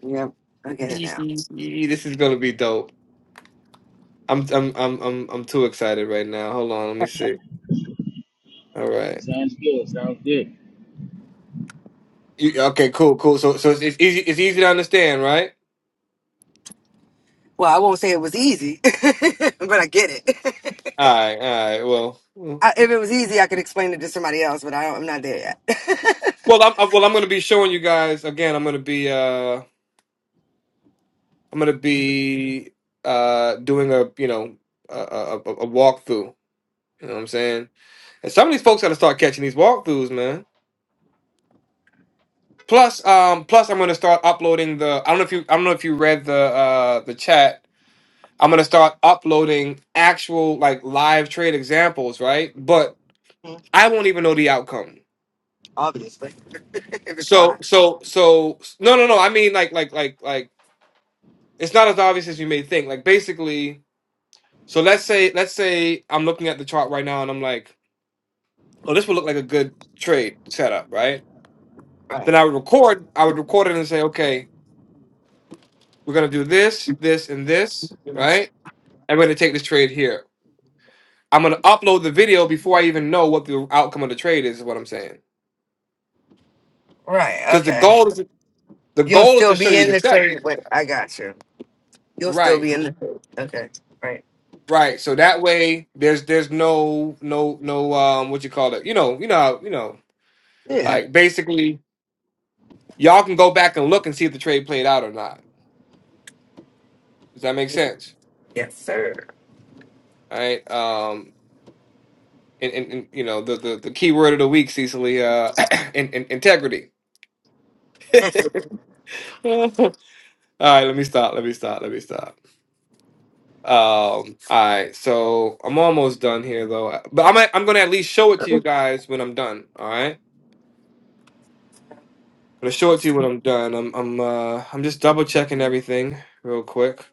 S7: Yep, I get it now.
S1: This is gonna be dope. I'm I'm I'm I'm I'm too excited right now. Hold on, let me see. All right.
S6: Sounds good. Sounds good.
S1: You- okay, cool, cool. So so it's, it's easy it's easy to understand, right?
S7: Well, I won't say it was easy, but I get it.
S1: All right, all right. Well, well,
S7: I, if it was easy, I could explain it to somebody else, but I don't, I'm not there yet.
S1: well, I'm I'm- well. I'm gonna be showing you guys again. I'm gonna be uh I'm gonna be uh doing a you know a a, a a walkthrough. You know what I'm saying? And some of these folks gotta start catching these walkthroughs, man. Plus, um, plus I'm gonna start uploading the. I don't know if you. I don't know if you read the uh the chat. I'm gonna start uploading actual like live trade examples, right? But I won't even know the outcome.
S7: Obviously, if it's
S1: So
S7: live,
S1: so so no no no. I mean like like like like it's not as obvious as you may think. Like basically, so let's say let's say I'm looking at the chart right now and I'm like, oh, this would look like a good trade setup, right?
S7: right?
S1: Then I would record. I would record it and say, okay, we're gonna do this, this, and this, right? I'm going to take this trade here. I'm going to upload the video before I even know what the outcome of the trade is. Is what I'm saying.
S7: Right.
S1: Because the
S7: Okay.
S1: goal is the
S7: You'll
S1: goal is
S7: still
S1: to show
S7: be
S1: you
S7: in
S1: the
S7: the
S1: setup.
S7: trade. Wait, I got you. You'll still
S1: Right.
S7: be in the trade. Okay. Right.
S1: Right. So that way, there's there's no no no um what you call it. You know you know how- you know
S7: Yeah.
S1: like basically y'all can go back and look and see if the trade played out or not. Does that make sense?
S7: Yes, sir.
S1: All right. Um. And, and, and you know the, the the key word of the week, Cecily, uh, in, in, integrity. All right, let me stop. Let me stop. Let me stop. Um, all right, so I'm almost done here though, but I'm I'm gonna at least show it to you guys when I'm done. All right, gonna show it to you when I'm done. I'm I'm uh I'm just double checking everything real quick.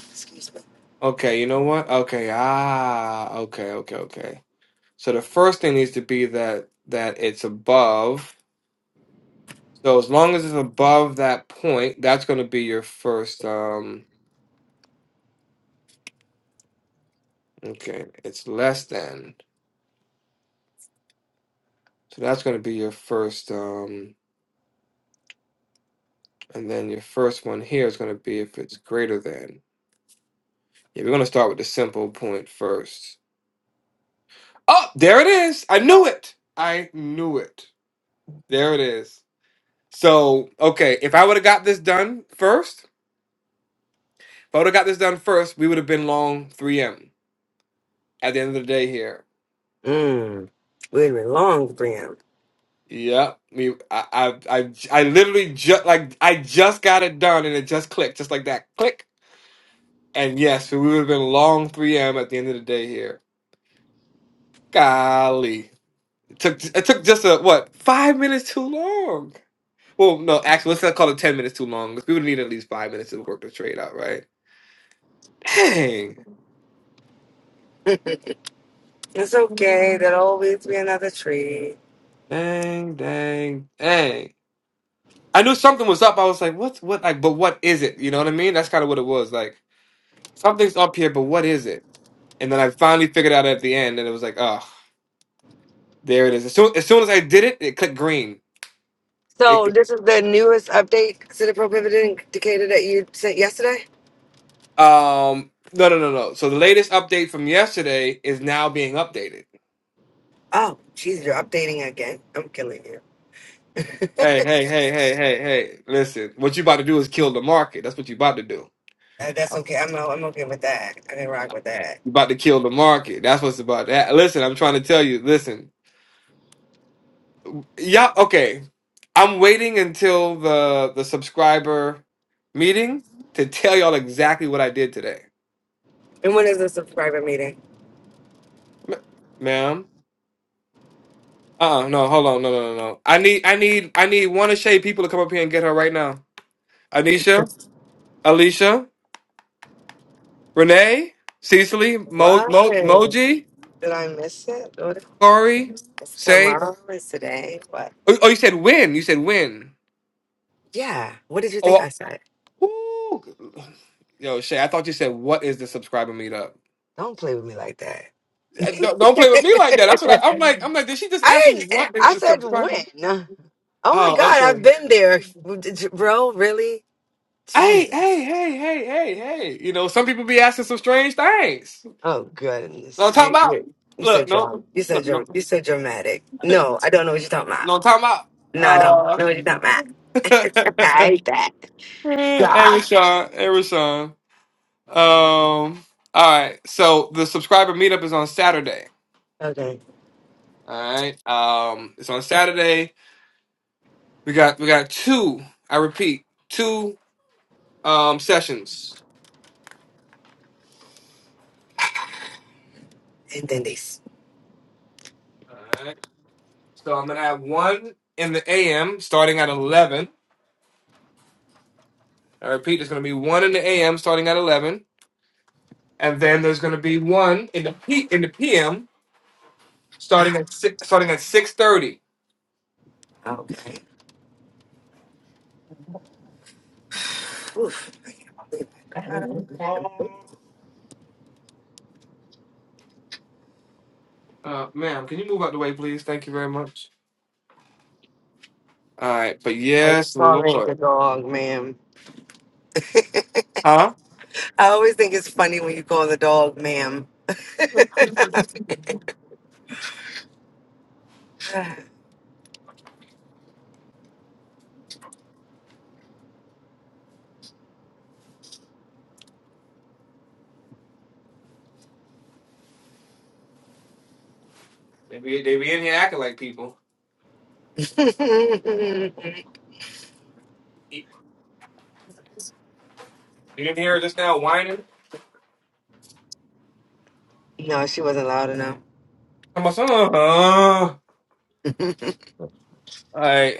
S7: Excuse me.
S1: Okay, you know what? Okay, ah, okay, okay, okay. So the first thing needs to be that that it's above. So as long as it's above that point, that's gonna be your first. Um, okay, it's less than. So that's gonna be your first. Um, And then your first one here is going to be if it's greater than. Yeah, we're going to start with the simple point first. Oh, there it is. I knew it. I knew it. There it is. So, okay, if I would have got this done first, if I would have got this done first, we would have been long 3M at the end of the day here.
S7: Mm. We belong to him.
S1: Yeah, we. I. I. I, I literally just like I just got it done, and it just clicked, just like that, click. And yes, we would have been long 3M at the end of the day here. Golly. took it took just a what five minutes too long. Well, no, actually, let's not call it ten minutes too long. We would need at least five minutes to work the trade out, right? Dang,
S7: It's okay. There'll always be another tree.
S1: dang, dang, dang. I knew something was up. I was like, "What's what? Like, but what is it? You know what I mean? That's kind of what it was. Like, something's up here, but what is it? And then I finally figured out at the end, and it was like, oh, there it is. As soon as soon as I did it, it clicked green. It,
S7: So this is the newest update to the prohibited indicator that you sent yesterday.
S1: um, no, no, no, no. So the latest update from yesterday is now being updated.
S7: Oh, jeez, you're updating again. I'm killing you.
S1: Hey, hey, hey, hey, hey, hey. Listen, what you about to do is kill the market. That's what you about to do.
S7: Uh, that's okay. I'm o- I'm okay with that. I can rock with that.
S1: You about to kill the market. That's what's about that. Listen, I'm trying to tell you, listen. Yeah, okay. I'm waiting until the the subscriber meeting to tell y'all exactly what I did today.
S7: And when is the subscriber meeting?
S1: Ma- Ma'am. Uh-uh, no, hold on, no, no, no, no. I need I need I need one of Shay people to come up here and get her right now. Anisha, Alicia, Renee, Cecily, Mo,
S7: What?
S1: Mo
S7: Did
S1: Moji,
S7: I miss it? What?
S1: Corey,
S7: It's
S1: Saint.
S7: tomorrow. It's today. What?
S1: Oh, oh, you said when. You said when.
S7: Yeah. What did you think
S1: Oh,
S7: I said?
S1: ooh. yo, Shay, I thought you said what is the subscriber meetup?
S7: Don't play with me like that.
S1: Uh, Don't, don't play with me like that. That's what I, I'm like. I'm like, did she just ask
S7: I
S1: me what
S7: didn't.
S1: is
S7: I
S1: the
S7: said
S1: subscriber?
S7: when. Oh my
S1: Oh,
S7: God!
S1: okay.
S7: I've been there, bro. Really?
S1: Hey, hey,
S7: Jesus.
S1: hey, hey, hey, hey. You know, some people be asking some strange things.
S7: Oh
S1: No, I'm
S7: goodness.
S1: talking
S7: You
S1: about.
S7: you you so
S1: Look, no,
S7: drunk. You so
S1: look, no,
S7: drunk. You so dramatic. No, I don't know what you're talking about.
S1: no, I'm talking
S7: No, no,
S1: about. Uh,
S7: no, it's not mine. I hate that.
S1: hey,
S7: God.
S1: Rashawn, hey, Rashawn. Um, all right. So the subscriber meetup is on Saturday.
S7: Okay.
S1: All right. Um, it's on Saturday. We got we got two. I repeat, two um sessions.
S7: And then this.
S1: All right. So I'm gonna have one in the AM starting at eleven. I repeat, there's gonna be one in the AM starting at eleven, and then there's gonna be one in the P in the PM starting at six, starting at six thirty.
S7: Okay. Oof. I can't believe I dried up.
S1: Uh, ma'am, can you move out the way, please? Thank you very much. All right. But
S7: I'm
S1: yes,
S7: sorry, the
S1: Lord.
S7: dog, ma'am.
S1: Huh?
S7: I always think it's funny when you call the dog, ma'am.
S1: They be they be in here acting like people. You didn't hear her just now whining?
S7: no, she wasn't loud
S1: I'm like, uh-huh. All
S7: enough.
S1: right.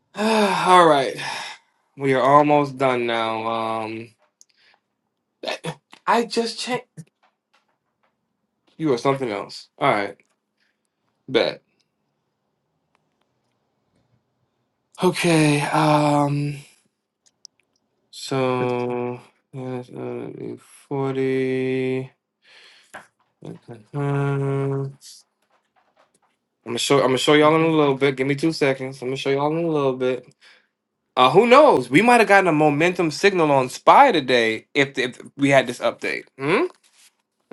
S1: All right. We are almost done now. Um, I just checked. You are something else. All right. Bet. Okay. Um, so, yeah, that's gonna be 40. Uh-huh. I'm gonna show. I'm gonna show y'all in a little bit. Give me two seconds. I'm gonna show y'all in a little bit. Uh, who knows? We might have gotten a momentum signal on Spy today if, if we had this update. Hmm.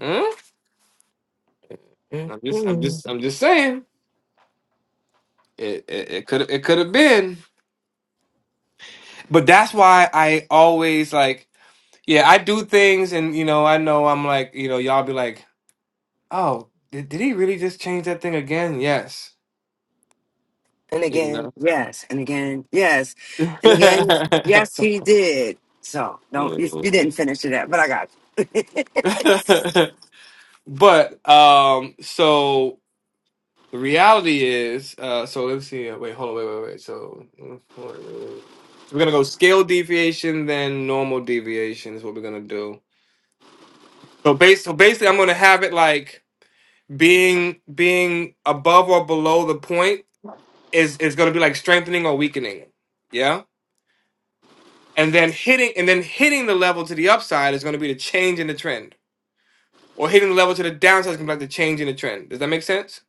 S1: Hmm? I'm just, I'm just, I'm just saying. It, it, it could, it could have been. But that's why I always like, yeah, I do things, and you know, I know I'm like, you know, y'all be like, oh, did, did he really just change that thing again? Yes,
S7: And
S1: you
S7: again,
S1: know.
S7: yes. And again, yes. And again, yes, he did. So don't you, you didn't finish it up, but I got you.
S1: but um, so the reality is, uh, so let's see. uh, Wait, hold on, wait, wait, wait. So. So we're gonna go scale deviation, then normal deviation is what we're gonna do. So base so basically I'm gonna have it like being being above or below the point is is gonna be like strengthening or weakening. Yeah? And then hitting and then hitting the level to the upside is gonna be the change in the trend. Or hitting the level to the downside is gonna be like the change in the trend. Does that make sense?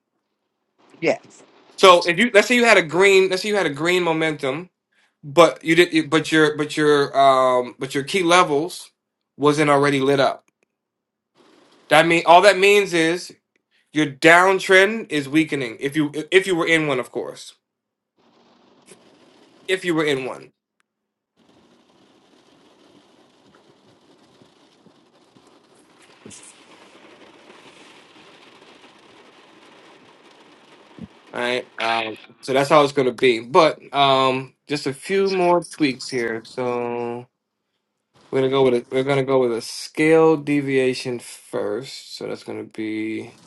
S7: yes.
S1: So if you let's say you had a green let's say you had a green momentum, but you did you- but your but your um but your key levels wasn't already lit up. That mean all that means is Your downtrend is weakening. If you if you were in one, of course. If you were in one. All right. Um, so that's how it's gonna be. But um, just a few more tweaks here. So we're gonna go with a, we're gonna go with a scale deviation first. So that's gonna be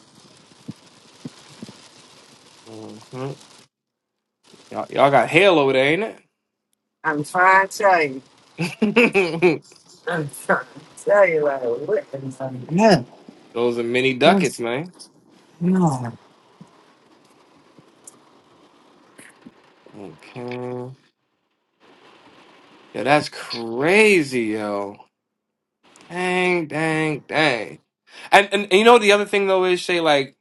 S1: Mhm. y'all, y'all got hail over there, ain't
S7: I'm trying to tell you.
S1: it?
S7: I'm trying to tell you like what is on no.
S1: Those are mini ducats,
S7: Yes.
S1: man.
S7: No.
S1: Okay. Yeah, that's crazy, yo. Dang, dang, dang. And, and and you know the other thing though is Shay, like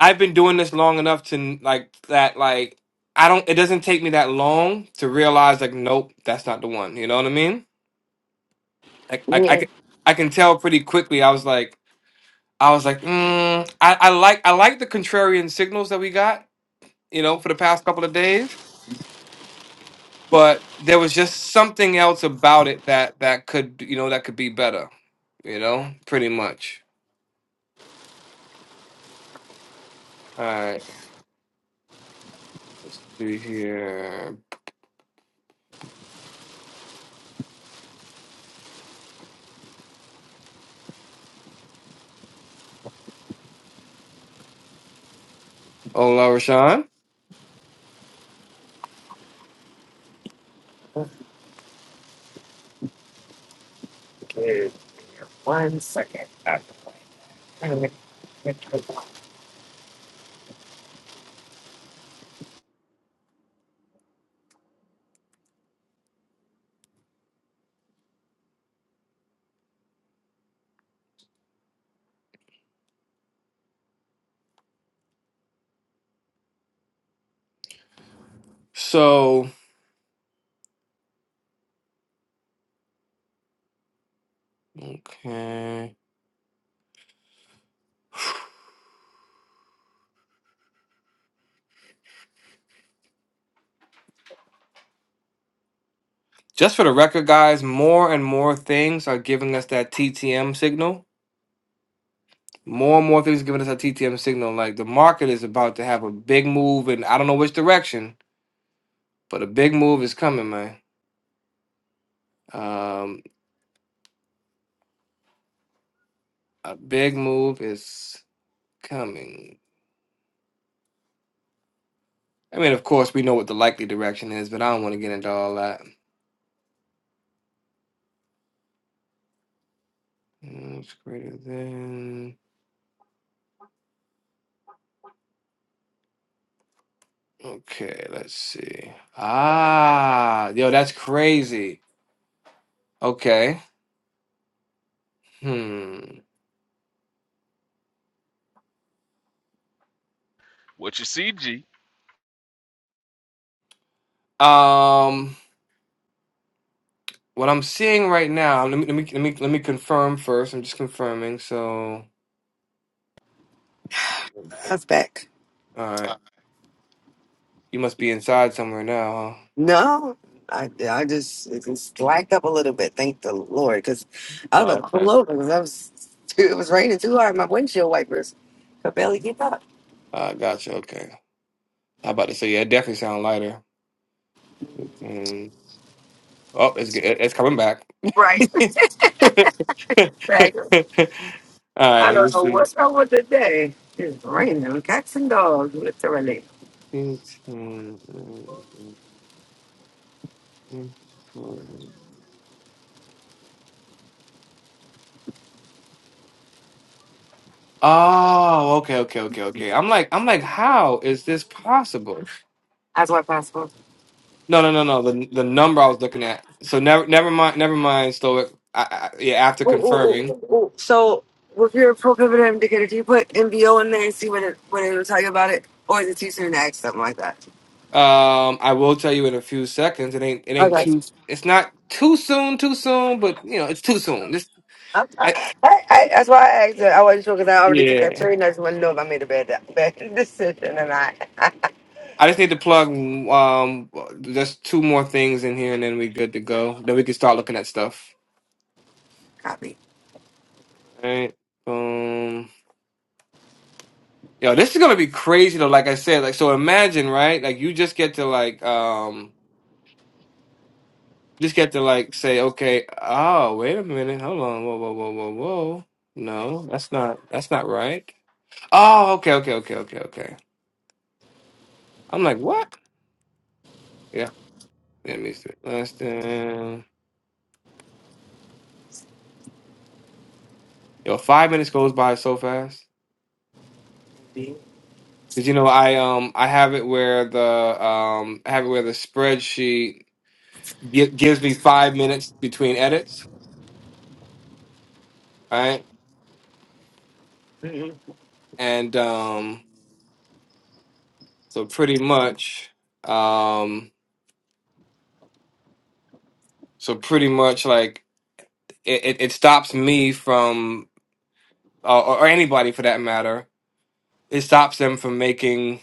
S1: I've been doing this long enough to like that like I don't it doesn't take me that long to realize like nope that's not the one you know what I mean like I I
S7: Mm,
S1: can I can tell pretty quickly I was like I was like mm, I I like I like the contrarian signals that we got you know for the past couple of days but there was just something else about it that that could you know that could be better you know pretty much Let's see here. Oh, Rashawn.
S7: Give me One second. I- I'm I'm
S1: So, okay. Just for the record, guys, more and more things are giving us that TTM signal. More and more things giving us a TTM signal. Like the market is about to have a big move, and I don't know which direction, but a big move is coming, man. Um, a big move is coming. I mean, of course, we know what the likely direction is, but I don't want to get into all that. Mm, It's greater than. Okay, let's see. Ah, yo, that's crazy. Okay. Hmm.
S2: What you see, G?
S1: Um, what I'm seeing right now, let me let me let me let me confirm first. I'm just confirming. So, all
S7: back.
S1: right, you must be inside somewhere now,
S7: No, I, I just it just slacked up a little bit. Thank the Lord, because I was
S1: huh?
S7: about
S1: Oh,
S7: to pull
S1: okay.
S7: over because I was too, it was raining too hard. My windshield wipers could barely keep up.
S1: Uh, gotcha. Okay. I about to say, yeah, it definitely sound lighter. Mm. Oh, it's get- it's coming back.
S7: Right, right.
S1: All
S7: I
S1: right, let me
S7: don't know
S1: see.
S7: what's wrong with the day. It's raining, cats and dogs, literally.
S1: Oh, okay, okay, okay, okay. I'm like, I'm like, how is this possible?
S7: As much possible.
S1: No, no, no, no. The the number I was looking at. So never, never mind, never mind. Stoic. I, I, yeah, after
S7: Ooh, ooh, ooh,
S1: confirming,
S7: ooh, ooh. So, with your pro pivot indicator, do you put MBO in there and see what it what it'll tell you about it, or is it too soon to ask something like that?
S1: um, I will tell you in a few seconds. It ain't, it ain't
S7: Okay.
S1: too. It's not too soon, too soon, but you know, it's too soon. This,
S7: I'm, I,
S1: I,
S7: I, that's why I asked. it. I wasn't sure because I already took that
S1: yeah.
S7: train. I just want to know if I made a bad, bad decision or not.
S1: I just need to plug um just two more things in here, and then we good to go. Then we can start looking at stuff.
S7: Copy.
S1: All right. Boom. Yo, this is gonna be crazy though. Like I said, like so imagine, right? Like you just get to like um just get to like say, okay, oh wait a minute, hold on, whoa, whoa, whoa, whoa, whoa. No, that's not that's not right. Oh, okay, okay, okay, okay, okay. I'm like, what? Yeah, that me it. Less than yo, five minutes goes by so fast. Cause you know, I um I have it where the um I have it where the spreadsheet gi- gives me five minutes between edits, right?
S7: Mhm.
S1: And um So pretty much, um, so pretty much like it, it, it stops me from, uh, or or anybody for that matter, it stops them from making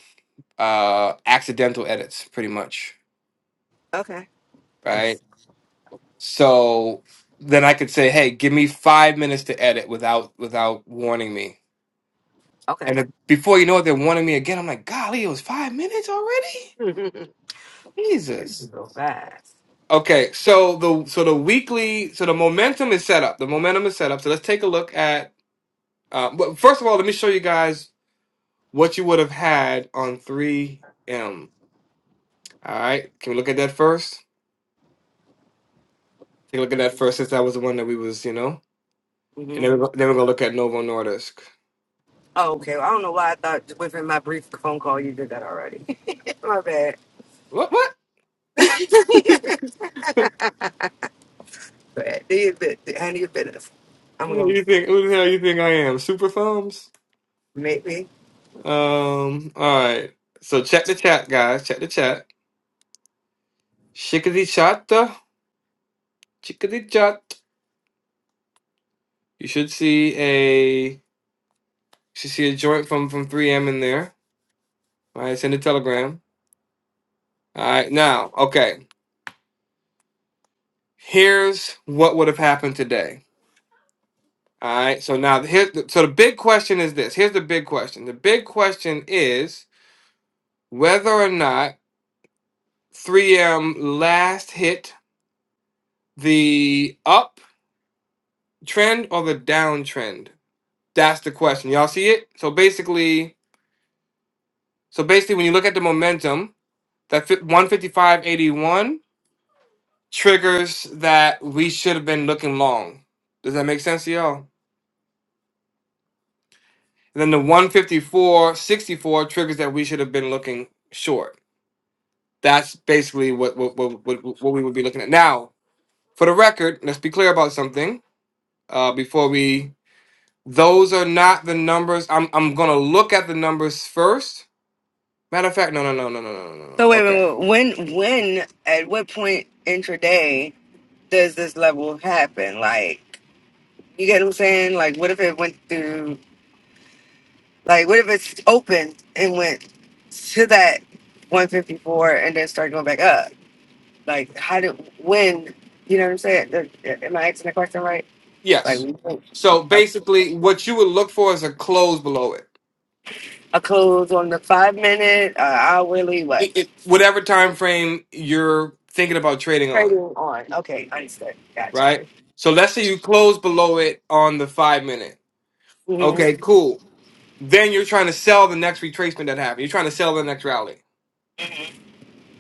S1: uh, accidental edits, pretty much,
S7: Okay.
S1: right?
S7: Nice.
S1: So then I could say, hey, give me five minutes to edit without without warning me.
S7: Okay.
S1: And if, before you know it, they're warning me again. I'm like, golly, it was five minutes already?
S7: There's you
S1: Jesus.
S7: so fast.
S1: Okay, so the so the weekly so the momentum is set up. The momentum is set up. So let's take a look at Uh, but first of all, let me show you guys what you would have had on 3M. All right, can we look at that first? Take a look at that first, since that was the one that we was, you know. And
S7: hmm
S1: then we're, go- then we're gonna look at Novo Nordisk.
S7: Oh, okay. Well, I don't know why I thought within my brief phone call you did that already. my bad.
S1: What? What?
S7: bad. Do your bit. do- Handle your business. I'm gonna
S1: you think? Who the hell you think I am? Super thumbs.
S7: maybe.
S1: Um. All right. So check the chat, guys. Check the chat. Chickadee chatta. Chickadee chat. You should see a you should see a joint from from 3M in there. All right. Send a telegram. All right. Now, okay. here's what would have happened today. All right. So now here so the big question is this. Here's the big question. The big question is whether or not 3M last hit the up trend or the downtrend. That's the question. Y'all see it? So basically, so basically when you look at the momentum, that 155.81 triggers that we should have been looking long. Does that make sense to y'all? And then the one fifty four sixty four triggers that we should have been looking short. That's basically what what, what, what, what we would be looking at. Now, for the record, let's be clear about something uh, before we. Those are not the numbers. I'm I'm gonna look at the numbers first. Matter of fact, no, no, no, no, no, no, no, no. no.
S7: So wait a
S1: Okay.
S7: minute. When when at what point intraday does this level happen? Like. You get what I'm saying? Like, what if it went through? Like, what if it's open and went to that 154 and then started going back up? Like, how did when? You know what I'm saying? The- Am I asking the question right? Like,
S1: Yes. So
S7: a,
S1: basically, what you would look for is a close below it,
S7: a close on the five minute, uh, hourly, what?
S1: it, it whatever time frame you're thinking about trading
S7: Trading
S1: on,
S7: on. Okay, understood. Gotcha.
S1: right? So let's say you close below it on the five minute.
S7: Mm-hmm.
S1: Okay, cool. Then you're trying to sell the next retracement that happened. You're trying to sell the next rally.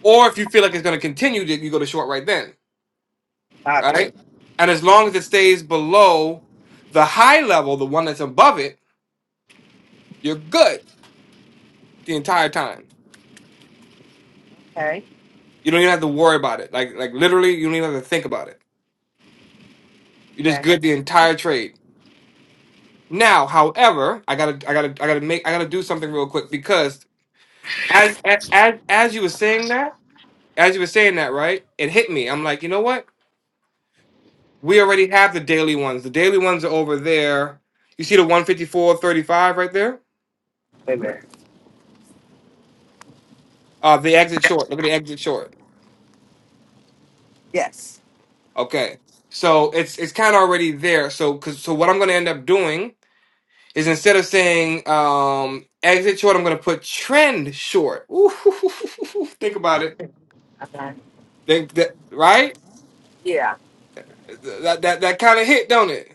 S1: Or if you feel like it's going to continue, then you go to short right then, right?
S7: Copy.
S1: And as long as it stays below the high level, the one that's above it, you're good the entire time.
S7: Okay.
S1: You don't even have to worry about it. Like like literally, you don't even have to think about it. You're just
S7: Okay.
S1: good the entire trade. Now, however, I gotta I gotta I gotta make I gotta do something real quick because as as as you were saying that, as you were saying that, right? It hit me. I'm like, you know what? We already have the daily ones. The daily ones are over there. You see the 154.35 right there?
S7: Wait a minute.
S1: Uh the exit short. Look at the exit short.
S7: Yes.
S1: Okay. So it's it's kind of already there. So cause so what I'm gonna end up doing is instead of saying um exit short, I'm gonna put trend short. Ooh, think about it.
S7: Okay.
S1: Think that right?
S7: Yeah.
S1: That that that kind of hit, don't it?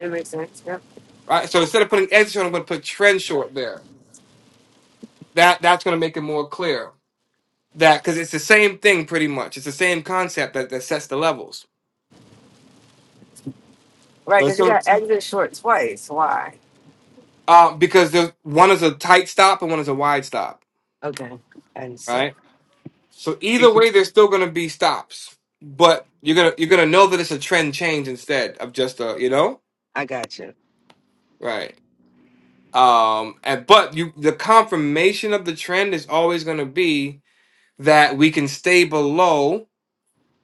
S7: It makes sense. Yep.
S1: Right? So instead of putting exit short, I'm gonna put trend short there. That that's gonna make it more clear. that because it's the same thing pretty much. It's the same concept that, that sets the levels.
S7: Right,
S1: So it's
S7: because you
S1: going
S7: got exit short twice. Why?
S1: uh, because there's one is a tight stop and one is a wide stop,
S7: Okay. Understood.
S1: right? So either way, there's still going to be stops, but you're gonna you're gonna know that it's a trend change instead of just a you know
S7: I got you.
S1: right. Um, and but you the confirmation of the trend is always going to be that we can stay below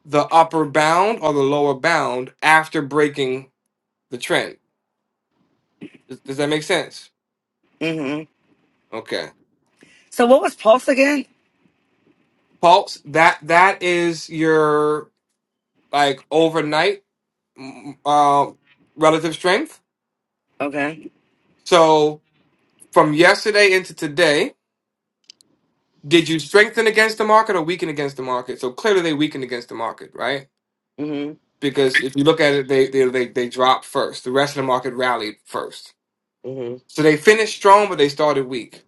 S1: the upper bound or the lower bound after breaking the trend. Does, does that make sense?
S7: hmm
S1: Okay.
S7: So what was Pulse again?
S1: Pulse, that that is your like overnight mm, uh, relative strength.
S7: Okay.
S1: So from yesterday into today, did you strengthen against the market or weaken against the market? So clearly they weakened against the market, right?
S7: hmm
S1: Because if you look at it, they they they, they dropped first. The rest of the market rallied first.
S7: hmm
S1: So they finished strong, but they started weak,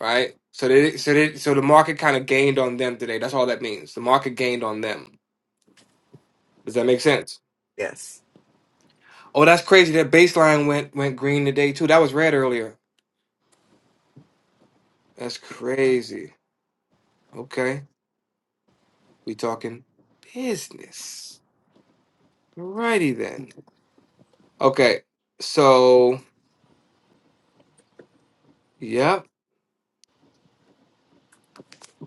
S1: right? So they so they so the market kind of gained on them today. That's all that means. The market gained on them. Does that make sense?
S7: Yes.
S1: Oh, that's crazy. That baseline went went green today too. That was red earlier. That's crazy. Okay. We talking business. Alrighty then. Okay. So yep.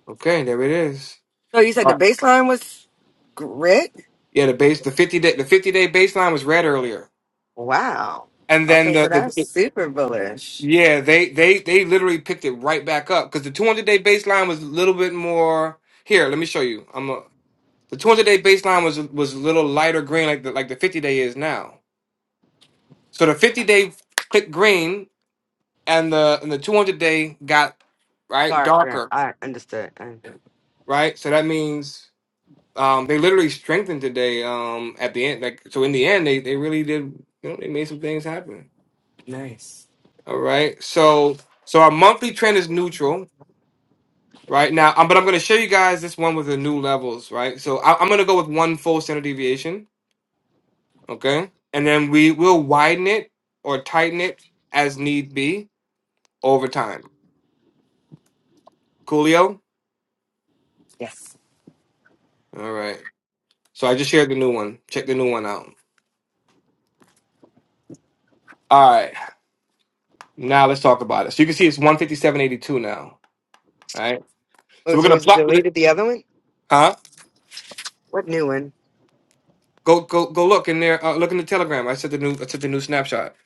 S1: Okay, there it is.
S7: So you said
S1: All
S7: the
S1: right.
S7: baseline was grit?
S1: Yeah, the base the fifty day the fifty day baseline was red earlier.
S7: Wow.
S1: And then
S7: Okay, so
S1: the,
S7: that's
S1: the
S7: super bullish.
S1: yeah, they they they literally picked it right back up because the two hundred day baseline was a little bit more here, let me show you. I'm a, the two hundred day baseline was was a little lighter green like the like the fifty day is now. So the 50 day clicked green and the and the 200 day got right
S7: Dark grit.
S1: darker,
S7: I understood. I- understood.
S1: right? So that means um, they literally strengthened today um, at the end. Like so in the end they, they really did you know they made some things happen.
S7: Nice.
S1: All right. So so our monthly trend is neutral right now um, but I'm going to show you guys this one with the new levels, right? So I, I'm going to go with one full standard deviation, okay? And then we will widen it or tighten it as need be over time. Coolio?
S7: Yes.
S1: All right. So I just shared the new one. Check the new one out. All right. Now let's talk about it. So you can see it's 157.82 now. All right.
S7: Oh,
S1: So we're
S7: so
S1: gonna
S7: was it
S1: plot we're gonna,
S7: deleted the other one?
S1: huh?
S7: What new one?
S1: Go go go look in there, uh, look in the telegram. I sent the new I sent the new snapshot.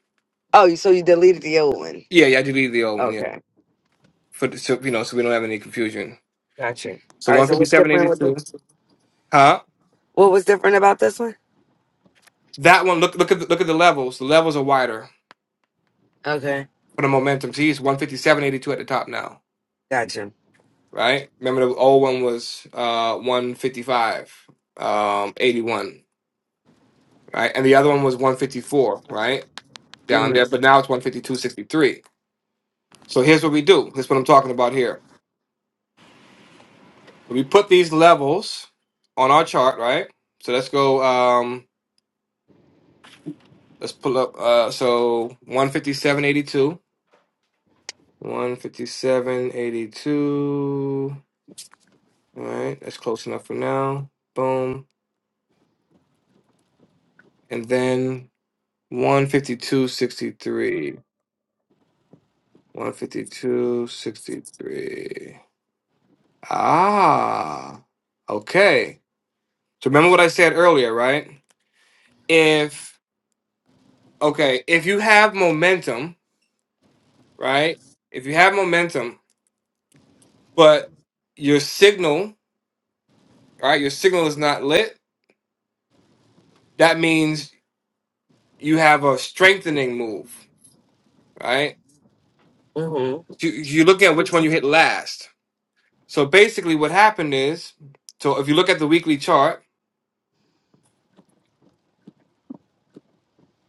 S7: Oh, you so you deleted the old one.
S1: Yeah, yeah, I deleted the old one, yeah.
S7: Okay.
S1: For the, so you know, so we don't have any confusion.
S7: Gotcha. All
S1: So
S7: right, so what's different with
S1: 157.82.
S7: this?
S1: Huh?
S7: What was different about this one?
S1: That one look look at the, look at the levels. The levels are wider
S7: Okay.
S1: for the momentum. See it's 157.82 at the top now.
S7: Gotcha.
S1: Right? Remember the old one was uh 155 um 81. right? And the other one was 154, right? Down there,
S7: Mm-hmm.
S1: but now it's 152.63. So here's what we do. Here's what I'm talking about here. So we put these levels on our chart, right? So let's go, um, let's pull up, uh, so 157.82, 157.82, all right? That's close enough for now. Boom. And then 152.63, 152.63. Ah, okay. So remember what I said earlier, right? If okay, if you have momentum, right? If you have momentum, but your signal, right? Your signal is not lit. That means you have a strengthening move, right?
S7: Mm-hmm.
S1: You you look at which one you hit last. So basically, what happened is, so if you look at the weekly chart,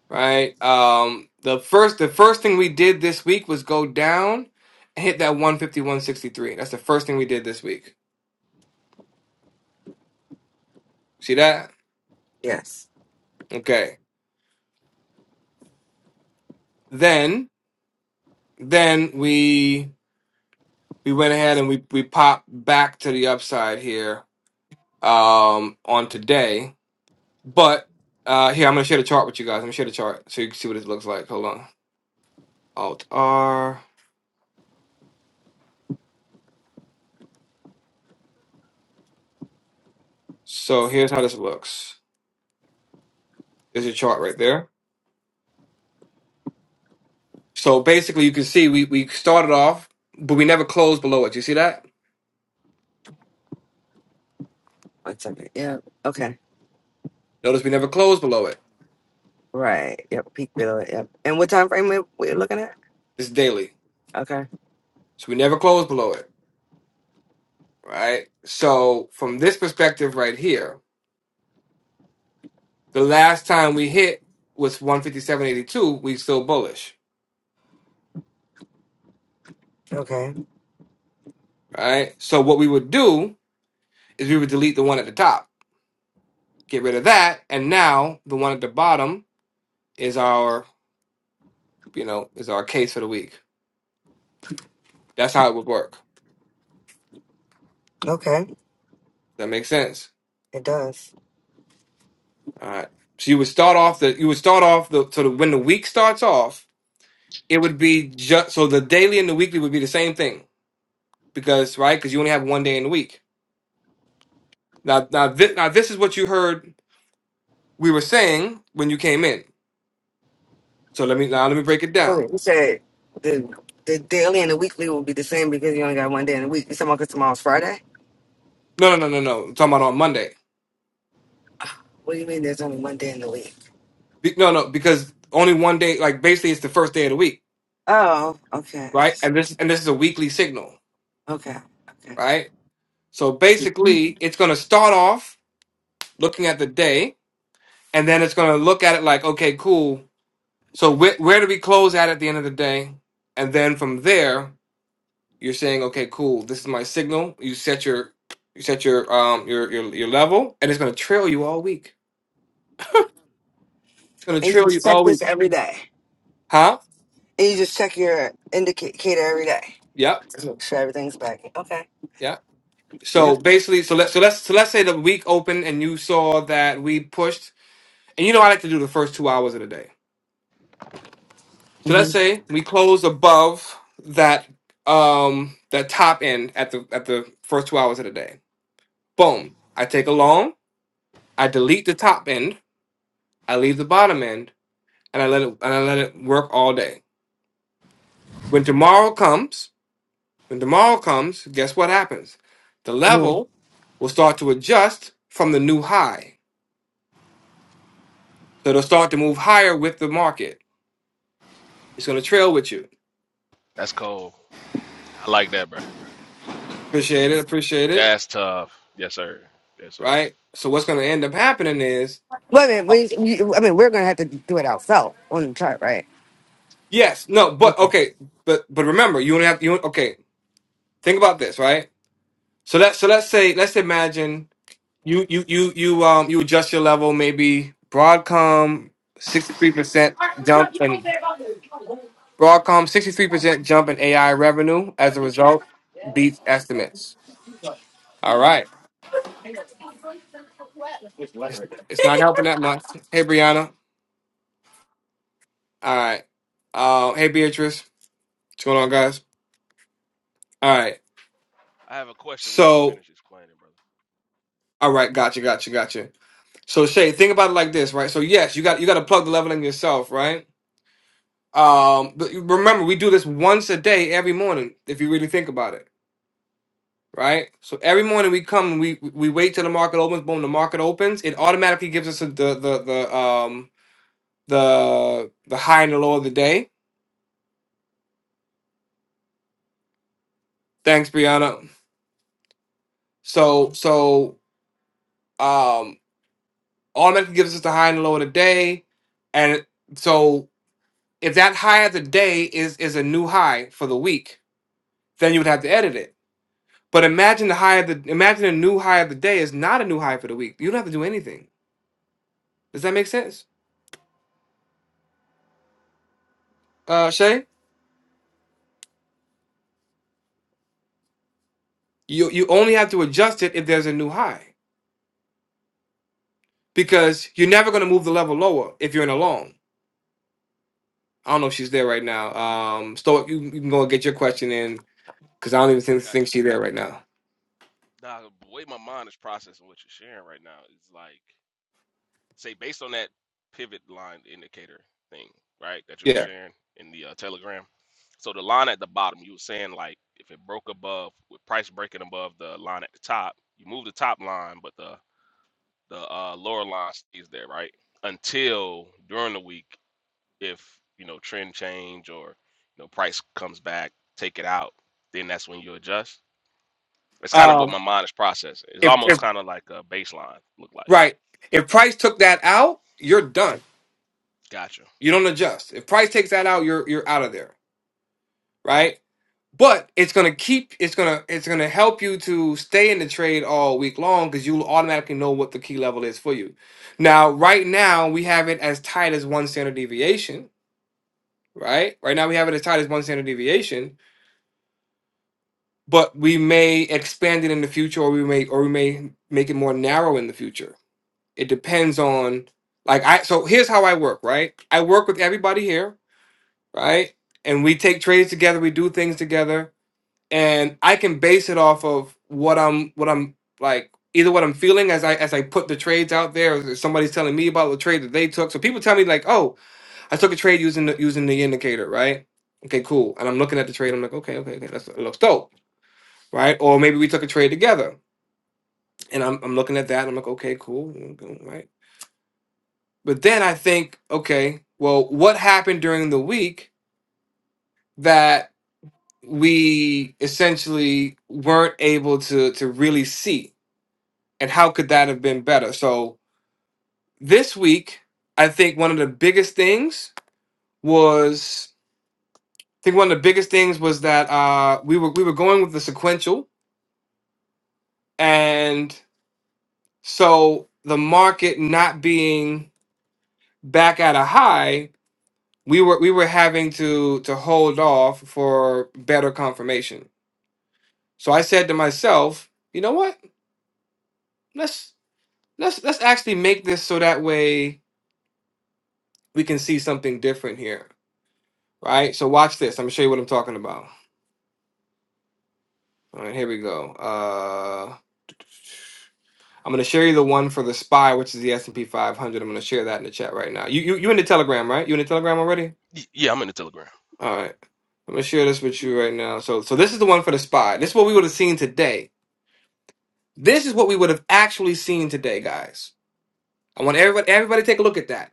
S1: right? Um, the first the first thing we did this week was go down and hit that one fifty one sixty three. That's the first thing we did this week. See that?
S7: Yes.
S1: Okay. Then then we we went ahead and we we popped back to the upside here um on today. But uh here I'm gonna share the chart with you guys. I'm gonna share the chart so you can see what it looks like. Hold on. Alt R. So here's how this looks. There's your chart right there. So basically you can see we we started off, but we never closed below it. You see that?
S7: What's up? Yeah. Okay.
S1: Notice we never closed below it.
S7: Right. Yep. Peak below it. Yep. And what time frame we we're looking at?
S1: It's daily.
S7: Okay.
S1: So we never closed below it. Right? So from this perspective right here The last time we hit was 157.82. We still bullish,
S7: Okay.
S1: right? So what we would do is we would delete the one at the top, get rid of that, and now the one at the bottom is our, you know, is our case for the week. That's how it would work.
S7: Okay.
S1: Does that make sense?
S7: It does.
S1: All right. So you would start off the you would start off the so the, when the week starts off, it would be just so the daily and the weekly would be the same thing because right because you only have one day in the week. Now now this, now this is what you heard we were saying when you came in. So let me now let me break it
S7: All
S1: down.
S7: right. You said the the daily and the weekly will be the same because you only got one day in the week. You talking about 'cause tomorrow's Friday?
S1: No, no, no, no, no. I'm talking about on Monday.
S7: What do you mean there's only one day in the week?
S1: Be, no, no, because only one day. Like basically, it's the first day of the week,
S7: Oh, okay.
S1: right? And this and this is a weekly signal,
S7: Okay. Okay.
S1: right? So
S7: And
S1: basically, it's going to start off looking at the day, and then it's going to look at it like, okay, cool. So where where do we close at at the end of the day? And then from there, you're saying, okay, cool. This is my signal. You set your you set your um your your, your level, and it's going to trail you all week. It's going to
S7: you
S1: trail you
S7: just check
S1: all
S7: this
S1: week,
S7: every day.
S1: huh?
S7: And you just check your indicator every day
S1: Yep.
S7: to make sure everything's back. Okay.
S1: Yep.
S7: Yeah.
S1: So basically, so let us so let's so let's say the week opened and you saw that we pushed, and you know I like to do the first two hours of the day. So let's
S7: hmm
S1: say we close above that um that top end at the at the first two hours of the day. Boom! I take a long, I delete the top end, I leave the bottom end, and I let it and I let it work all day. When tomorrow comes, when tomorrow comes, guess what happens? The
S7: Well,
S1: level will start to adjust from the new high. So it'll start to move higher with the market. It's going to trail with you.
S2: That's cold. I like that, bro.
S1: Appreciate it. Appreciate it.
S2: Jazz tough. Yes, sir. Yes, sir.
S1: Right. So what's going to end up happening is
S7: I mean, we, you, I mean, we're gonna have to do it ourselves on the chart, right?
S1: yes, no, but
S7: Okay.
S1: okay, but but remember, you only have you okay. Think about this, right? So let so let's say let's imagine you you you you um you adjust your level maybe Broadcom sixty three percent jump and Broadcom sixty three percent jump in AI revenue as a result beats estimates. All right, it's it's not helping that much. Hey Brianna, all right. Uh, hey Beatrice, what's going on, guys? All right.
S2: I have a question when you
S1: So,
S2: finish explaining, brother.
S1: all right, gotcha, gotcha, gotcha. So Shay, think about it like this, right? So yes, you got you got to plug the leveling yourself, right? Um, but you- remember, we do this once a day every morning. If you really think about it, right? So every morning we come, and we we wait till the market opens. Boom, the market opens. It automatically gives us the the the um the the high and the low of the day. Thanks, Brianna. So so um automatically gives us the high and the low of the day, and so If that high of the day is is a new high for the week, then you would have to edit it. But imagine the high of the imagine a new high of the day is not a new high for the week. You don't have to do anything. Does that make sense, uh, Shay? You you only have to adjust it if there's a new high because you're never going to move the level lower if you're in a long. I don't know if she's there right now. Um, Stoic, you, you can go and get your question in because I don't even
S2: I
S1: think,
S2: got
S1: think
S2: you.
S1: she's there right now.
S2: Now, the way my mind is processing what you're sharing right now is like, say, based on that pivot line indicator thing, right, that you were
S1: Yeah.
S2: sharing in the uh, Telegram. So the line at the bottom, you were saying like, if it broke above, with price breaking above the line at the top, you move the top line, but the the uh, lower line stays there, right? Until during the week, if you know trend change or you know price comes back, take it out, then that's when you adjust. It's kind of what
S1: Um,
S2: my mind is processing. It's
S1: if
S2: almost
S1: if
S2: kind of like a baseline look like.
S1: right, if Price took that out, you're done
S2: Gotcha.
S1: You don't adjust. If price takes that out, you're you're out of there, right? But it's gonna keep. It's gonna it's gonna help you to stay in the trade all week long because you'll automatically know what the key level is for you. Now, right now we have it as tight as one standard deviation, right? Right now we have it as tight as one standard deviation, but we may expand it in the future, or we may or we may make it more narrow in the future. It depends on like I. So here's how I work, right? I work with everybody here right? And we take trades together, we do things together, and I can base it off of what I'm what I'm like either what I'm feeling as I as I put the trades out there, or somebody's telling me about the trade that they took. So people tell me like, "Oh, I took a trade using the using the indicator, right?" Okay, cool. And I'm looking at the trade. I'm like, okay, okay, okay, that's, it looks dope, right? Or maybe we took a trade together, and I'm I'm looking at that. And I'm like, okay, cool, right? But then I think, okay, well, what happened during the week that we essentially weren't able to to really see and how could that have been better so this week i think one of the biggest things was i think one of the biggest things was that uh we were we were going with the sequential and so the market not being back at a high we were we were having to to hold off for better confirmation so i said to myself you know what let's Let's let's actually make this so that way we can see something different here, right? So watch this. I'm gonna show you what I'm talking about. All right, here we go. Uh, I'm gonna share you the one for the spy, which is the S&P 500. I'm gonna share that in the chat right now. You you you in the Telegram, right? You in the Telegram already?
S2: Y- Yeah, I'm in the Telegram.
S1: All right. I'm gonna share this with you right now. So so this is the one for the spy. This is what we would have seen today. This is what we would have actually seen today, guys. I want everybody everybody to take a look at that.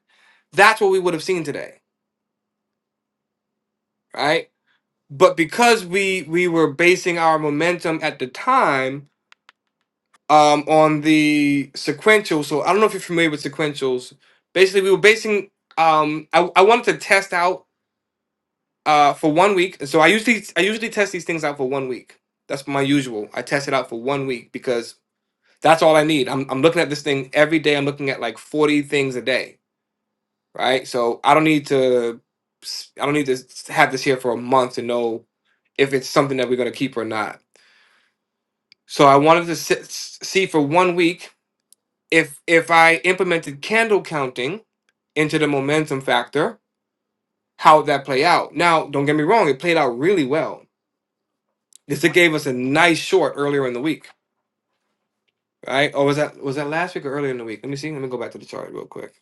S1: That's what we would have seen today, right? but because we we were basing our momentum at the time um on the sequential so i don't know if you're familiar with sequentials basically we were basing um i, I wanted to test out uh for one week so i usually i usually test these things out for one week that's my usual i test it out for one week because that's all i need i'm, I'm looking at this thing every day i'm looking at like 40 things a day right so i don't need to I i don't need to have this here for a month to know if it's something that we're going to keep or not So I wanted to sit, see for one week if if I implemented candle counting into the momentum factor, how would that play out? Now, don't get me wrong, it played out really well because it gave us a nice short earlier in the week, right? Or was that was that last week or earlier in the week? Let me see. Let me go back to the chart real quick.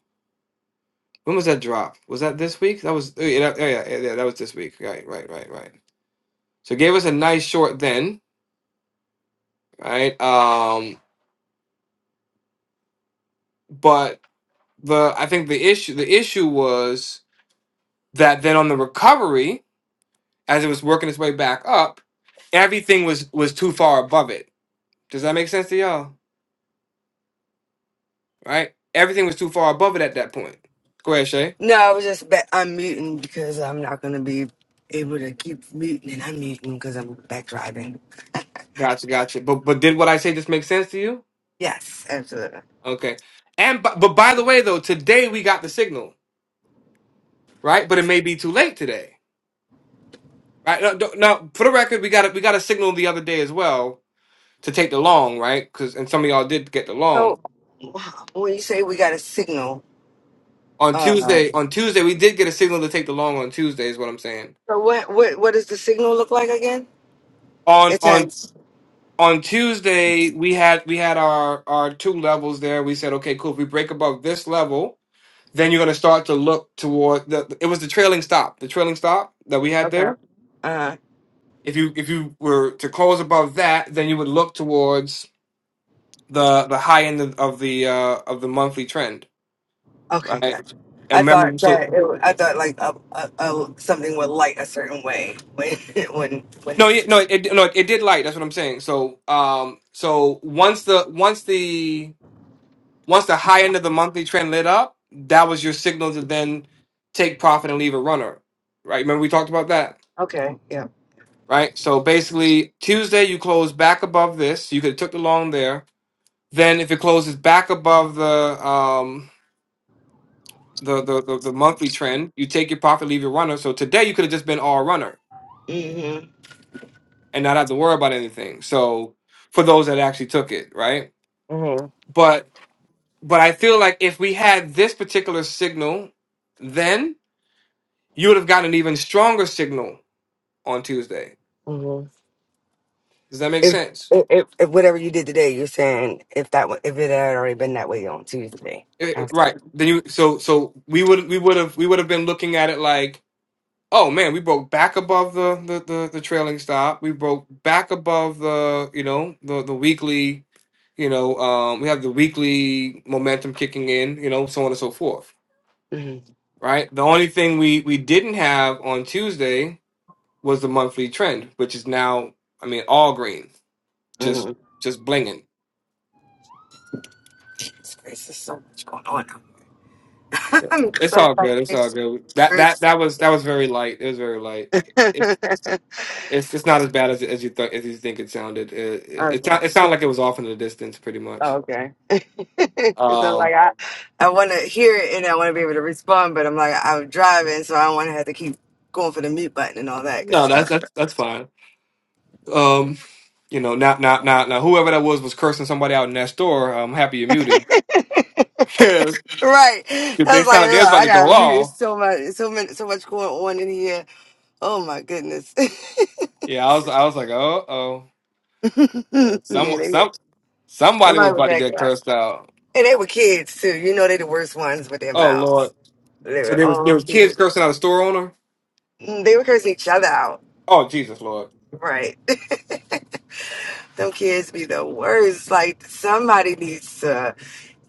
S1: When was that drop? Was that this week? That was oh yeah, that- oh, yeah, yeah, yeah, that was this week. Right, right, right, right. So it gave us a nice short then, right? Um, but the I think the issue the issue was that then on the recovery, as it was working its way back up, everything was was too far above it. Does that make sense to y'all? Right? Everything was too far above it at that point. Go ahead, Shay.
S7: No, I was just ba- unmuting because I'm not going to be able to keep muting and unmuting because I'm back driving.
S1: Gotcha, gotcha. But but did what I say just make sense to you?
S7: Yes, absolutely.
S1: Okay. And bu- but by the way though, today we got the signal, right? But it may be too late today, right? Now, don't- now for the record, we got a, we got a signal the other day as well to take the long, right? Because and some of y'all did get the long
S7: So, when you say we got a signal,
S1: on
S7: uh,
S1: Tuesday.
S7: so
S1: On Tuesday, we did get a signal to take the long on Tuesday, is what I'm saying
S7: what, what what does the signal look like again?
S1: on
S7: It
S1: on
S7: turns.
S1: on Tuesday we had we had our our two levels there. We said, okay, cool. If we break above this level, then you're gonna start to look toward the. It was the trailing stop, the trailing stop that we had
S7: Okay.
S1: there.
S7: Uh,
S1: If you if you were to close above that, then you would look towards the the high end of, of the uh of the monthly trend,
S7: okay,
S1: right?
S7: gotcha.
S1: And
S7: I
S1: remember,
S7: thought
S1: so
S7: that it, wa- I thought like a, a, a, something would light a certain way when when when
S1: no, it,
S7: it's
S1: no, it no, it did light. That's what I'm saying. So um, so once the once the Once the high end of the monthly trend lit up, that was your signal to then take profit and leave a runner. Right? Remember we talked about that,
S7: okay. Yeah.
S1: right? So basically Tuesday you close back above this. You could have took the long there. Then if it closes back above the um the, the, the, the monthly trend, you take your profit, leave your runner. So today you could have just been all runner
S7: Mhm.
S1: and not have to worry about anything. So for those that actually took it, right?
S7: Mhm.
S1: But but I feel like if we had this particular signal then you would have gotten an even stronger signal on Tuesday. Does that make
S7: If,
S1: sense?
S7: if, if whatever you did today, you're saying if that wa- if it had already been that way on Tuesday.
S1: It- it- right.
S7: Mm-hmm.
S1: Then you so so we would we would have we would have been looking at it like, oh man, we broke back above the the the, the trailing stop. We broke back above the you know the the weekly, you know, um, we have the weekly momentum kicking in, you know, so on and so forth. Right. The only thing we we didn't have on Tuesday was the monthly trend, which is now I mean all green,
S7: Mm-hmm.
S1: just just blinging
S7: There's just so much going on. I'm
S1: It's
S7: so
S1: all good. It's all
S7: focused.
S1: good.
S7: we
S1: That that that was that was very light. It was very light. It's it's it's not as bad as as you thought as you think it sounded. It it, it,
S7: okay.
S1: sound- it sounded like it was off in the distance, pretty much.
S7: Okay. Because I'm like,
S1: Um,
S7: I, I want to hear it and I want to be able to respond, but I'm like, I'm driving, so I don't want to have to keep going for the mute button and all that good
S1: no, that's
S7: stuff.
S1: that's that's fine. Um, you know, now now now now whoever that was was cursing somebody out in that store. I'm happy you muted.
S7: right. I
S1: Yeah, they
S7: was like,
S1: sounded they was
S7: Ugh,
S1: about
S7: I
S1: to go
S7: got to mute.
S1: off.
S7: It's so much, it's so many, so much going on in here. Oh my goodness.
S1: Yeah, I was I was like, oh oh, Uh, some
S7: yeah, they were.
S1: some somebody was
S7: Somebody was
S1: about to
S7: acting
S1: get
S7: out,
S1: cursed out.
S7: and they were kids too. You know, they the worst ones with their
S1: Oh
S7: mouths.
S1: Lord!
S7: They
S1: So
S7: were
S1: there was
S7: all
S1: there was kids
S7: cute.
S1: cursing out a store owner.
S7: Mm, They were cursing each other out.
S1: Oh, Jesus, Lord.
S7: Right. Them kids be the worst. Like somebody needs to.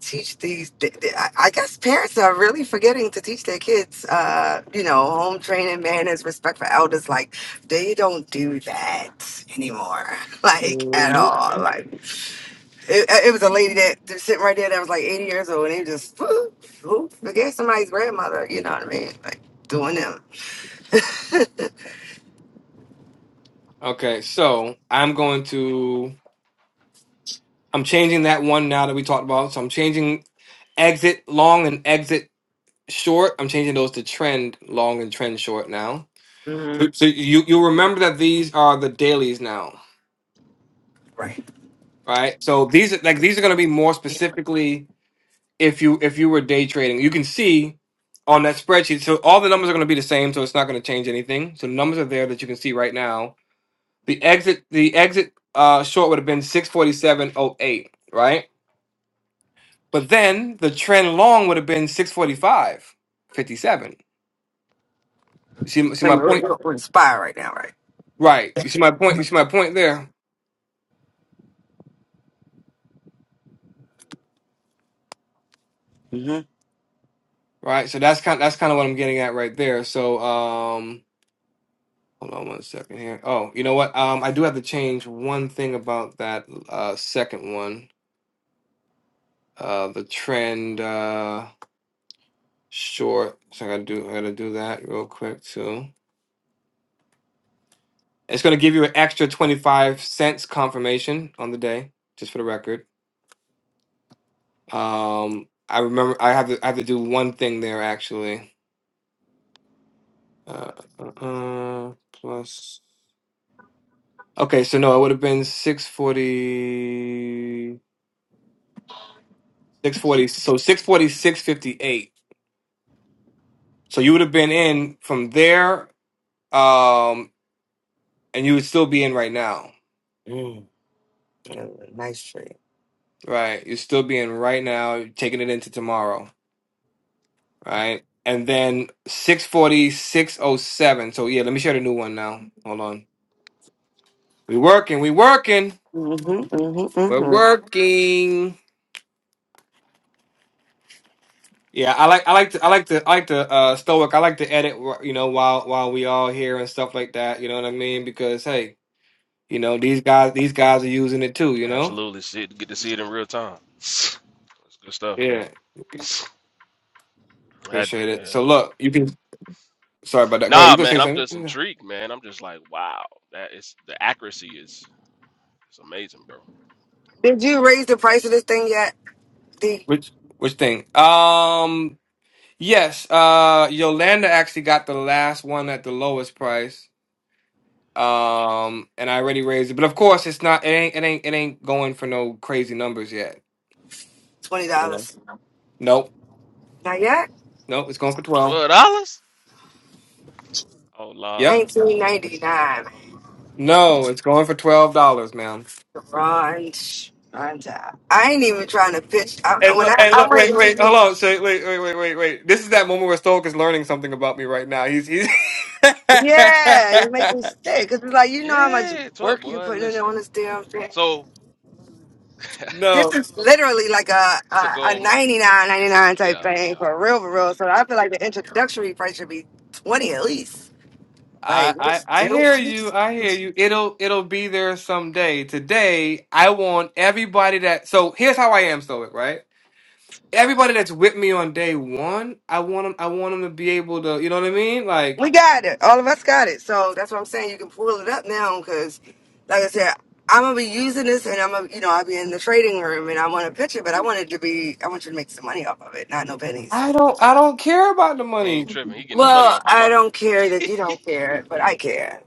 S7: teach these th- th- i I guess parents are really forgetting to teach their kids uh you know home training manners respect for elders like they don't do that anymore like at
S1: hmm
S7: all like it, it was a lady that was sitting right there that was like 80 years old and they just whoop, whoop, forget somebody's grandmother you know what i mean like doing them
S1: Okay, so I'm going to I'm changing that one now that we talked about. So I'm changing exit long and exit short. I'm changing those to trend long and trend short now.
S7: hmm
S1: So, so you you remember that these are the dailies now,
S7: right
S1: right? So these are like these are going to be more specifically if you if you were day trading. You can see on that spreadsheet. So all the numbers are going to be the same, so it's not going to change anything. So the numbers are there that you can see right now The exit the exit uh short would have been 647.08, right? But then the trend long would have been 645.57. You see see
S7: And
S1: my
S7: We're re-
S1: point?
S7: re- inspired right now right
S1: Right. You see my point? You see my point there?
S7: Mm-hmm.
S1: Right. So that's kind that's kind of what I'm getting at right there. So um hold on one second here. Oh, you know what? Um I do have to change one thing about that uh second one. Uh the trend uh short. So I gotta do I gotta do that real quick too. It's going to give you an extra 25 cents confirmation on the day, just for the record. Um, I remember I have to I have to do one thing there actually. Uh, uh, uh, plus Okay, so no, it would have been six forty six forty. so six forty six fifty eight. So you would have been in from there um and you would still be in right now.
S7: mm. yeah, nice tree.
S1: Right? You'd still be in right now, taking it into tomorrow. right? And then six forty six oh seven. So yeah, let me share the new one now. Hold on. We working, we working.
S7: hmm
S1: We're
S7: hmm
S1: working. Yeah, I like I like to I like to I like to uh stoic. I like to edit you know while while we all here and stuff like that, you know what I mean? Because hey, you know, these guys these guys are using it too, you know?
S2: Absolutely, see it, get to see it in real time. It's good stuff, man.
S1: Yeah.
S2: That,
S1: Appreciate it.
S2: yeah.
S1: So look, you can sorry about that. Go ahead, you
S2: Nah,
S1: can
S2: man,
S1: say
S2: I'm just
S1: something. Yeah.
S2: intrigued, man. I'm just like, wow, that is the accuracy is is amazing, bro.
S7: Did you raise the price of this thing yet? The
S1: Which which thing? Um Yes, uh Yolanda actually got the last one at the lowest price. Um and I already raised it. But of course it's not it ain't it ain't it ain't going for no crazy numbers yet.
S7: twenty
S1: You know?
S7: dollars.
S1: Nope.
S7: Not yet.
S1: Nope, it's going for twelve.
S2: Twelve dollars? Oh, lord.
S1: Yep.
S7: Nineteen ninety nine.
S1: No, it's going for twelve dollars, ma'am.
S7: Brunch. Brunch. I ain't even trying to pitch. I,
S1: And
S7: when
S1: look,
S7: I,
S1: and
S7: I'm
S1: look, wait,
S7: waiting for
S1: wait,
S7: you.
S1: hold on, say, wait, wait, wait, wait, wait. This is that moment where Stoic is learning something about me right now. He's, he's.
S7: Yeah, you make me sick. Cause it's like you know how much
S2: Yeah, it's up,
S7: work you
S2: boy.
S7: putting in
S2: Listen.
S7: on this damn thing.
S2: So
S1: no,
S7: This is literally like a
S2: it's a
S7: a, a
S2: gold. m-
S7: ninety nine ninety
S2: It's a
S7: nine type
S2: yeah,
S7: thing
S2: yeah.
S7: for real for real. So I feel like the introductory price should be twenty at least.
S1: I,
S7: Like
S1: I
S7: what's
S1: I
S7: due?
S1: hear you. I hear you. It'll it'll be there someday. Today, I want everybody that. So here's how I am stoic, right? Everybody that's with me on day one, I want them. I want them to be able to. You know what I mean? Like
S7: We got it. All of us got it. So that's what I'm saying. You can pull it up now because, like I said, I'm gonna be using this, and I'm gonna, you know, I'll be in the trading room, and I want to pitch it, but I want it to be, I want you to make some money off of it, not no pennies.
S1: I don't. I don't care about the
S2: He ain't
S1: money.
S2: tripping. He getting the money
S7: Well,
S2: off the
S7: I
S2: market.
S7: don't care that you don't care, but I care.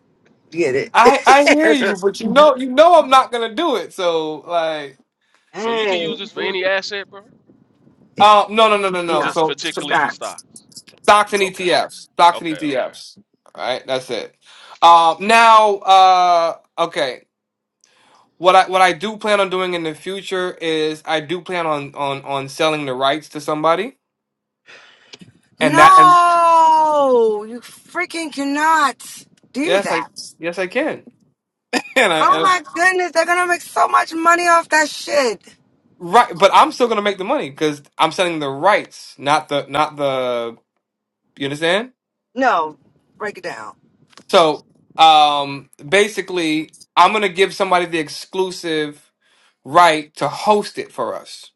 S7: Get
S1: I I hear
S7: it?
S1: you, but you know you know I'm not gonna do it. So like,
S2: So you can
S7: hey,
S2: use this for any asset, bro,
S1: uh, no no no no
S2: or
S1: no.
S7: no,
S2: just
S1: So, so
S2: particularly for
S7: stop.
S2: stocks.
S1: stocks and
S2: Okay,
S1: ETFs, stocks and
S2: okay, okay.
S1: ETFs. All right, that's it. Um, now, uh, okay. What I what I do plan on doing in the future is I do plan on on on selling the rights to somebody, and that and
S7: No, you freaking cannot do
S1: yes, I
S7: that.
S1: yes I can, and I
S7: Oh
S1: and-
S7: my goodness, they're gonna make so much money off that shit.
S1: right, but I'm still gonna make the money because I'm selling the rights, not the not the you understand.
S7: No, break it down.
S1: So um, basically, I'm gonna give somebody the exclusive right to host it for us.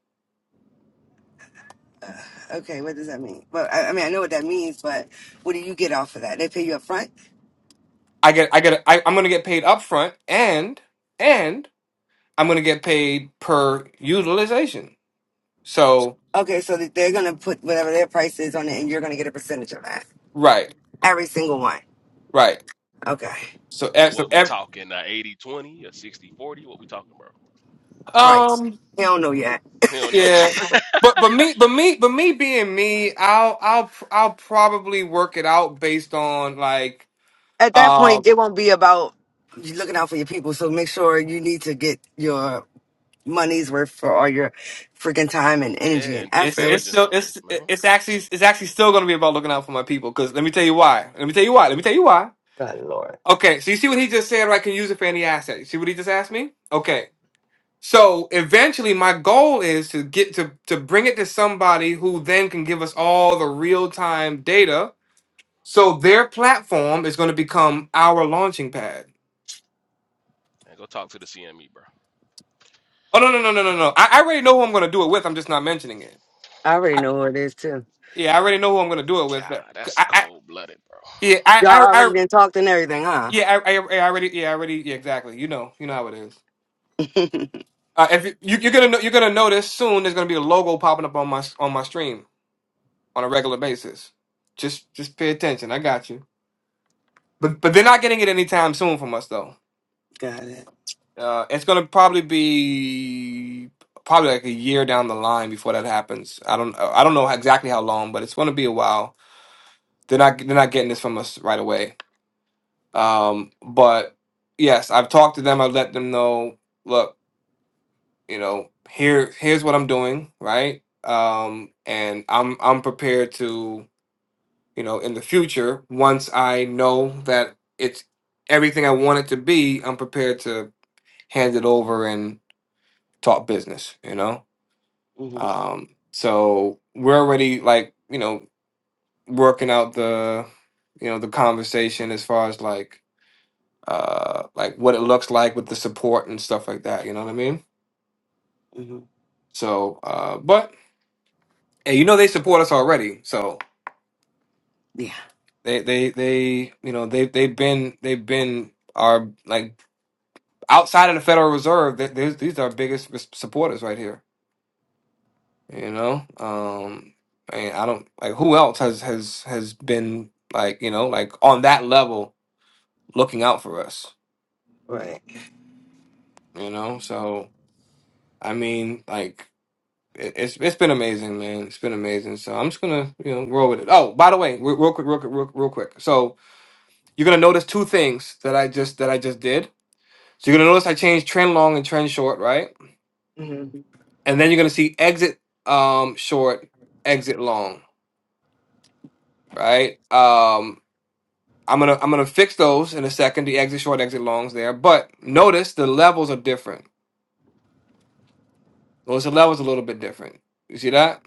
S7: Okay, what does that mean? Well, I, I mean, I know what that means, but what do you get off of that? They pay you up front?
S1: I get I get I, I'm gonna get paid upfront, and and I'm gonna get paid per utilization. So.
S7: Okay, so that they're going to put whatever their price is on it, and you're going to get a percentage of that.
S1: Right,
S7: Every single one.
S1: right.
S7: Okay,
S1: So,
S2: So
S1: ev- so
S2: what we
S1: ev-
S2: talking? Uh, eighty twenty 20 or 60 forty? What we talking, bro?
S7: right.
S1: um,
S7: They don't know yet.
S2: He don't know.
S1: yeah, but but me, but me, but me being me, I'll I'll pr- I'll probably work it out based on like
S7: At that
S1: um,
S7: point, it won't be about you looking out for your people, so make sure you need to get your money's worth for all your freaking time and energy
S2: Yeah,
S7: and
S2: and due
S1: it's
S7: effort.
S1: it's
S2: diligence
S1: still
S2: on this,
S1: it's
S2: man.
S1: it's actually it's actually still gonna be about looking out for my people. Cause let me tell you why. Let me tell you why. Let me tell you why.
S7: God, Lord.
S1: Okay, so you see what he just said, right? Can use it for any asset. You see what he just asked me? Okay. So eventually my goal is to get to to bring it to somebody who then can give us all the real time data So their platform is going to become our launching pad.
S2: And go talk to the CME, bro.
S1: Oh no no no no no no! I, I already know who I'm going to do it with. I'm just not mentioning it.
S7: I already
S1: I,
S7: know who it is, too.
S1: yeah, I already know who I'm going to do it with.
S2: God, that's
S1: I, I,
S2: cold blooded, bro.
S1: yeah, I,
S7: Y'all
S1: I,
S7: already
S1: I
S7: been talked and everything, huh?
S1: yeah, I, I, I already, yeah, I already, yeah, exactly. You know, you know how it is. Uh, if you, you, you're gonna no- you're gonna notice soon, there's gonna be a logo popping up on my on my stream on a regular basis. Just just pay attention. I got you. But but they're not getting it anytime soon from us though.
S7: Got it.
S1: Uh, it's gonna probably be probably like a year down the line before that happens. I don't I don't know exactly how long, but it's gonna be a while. They're not they're not getting this from us right away. Um, but yes, I've talked to them. I've let them know. Look, you know, here here's what I'm doing, right? Um, and I'm I'm prepared to you know in the future once I know that it's everything I want it to be, I'm prepared to hand it over and talk business. You know.
S7: hmm
S1: Um, so we're already like, you know, working out the, you know, the conversation as far as like, uh, like what it looks like with the support and stuff like that. You know what I mean?
S7: hmm
S1: So, uh, but hey, you know, they support us already. So
S7: Yeah.
S1: they, they, they, you know, they, they've been, they've been our like outside of the Federal Reserve. They, these these are our biggest res- supporters right here. You know, um, and I don't like who else has has has been like you know like on that level looking out for us,
S7: Right.
S1: you know? So, I mean, like, it, it's it's been amazing, man. It's been amazing. So I'm just gonna, you know, roll with it. Oh, by the way, re- real quick, real quick, real, real quick. So you're gonna notice two things that I just that I just did. So you're gonna notice I changed trend long and trend short, right?
S7: hmm
S1: And then you're gonna see exit um short, exit long, right? Um, I'm gonna I'm gonna fix those in a second. The exit short, exit longs there, but notice the levels are different. Notice the levels a little bit different. You see that?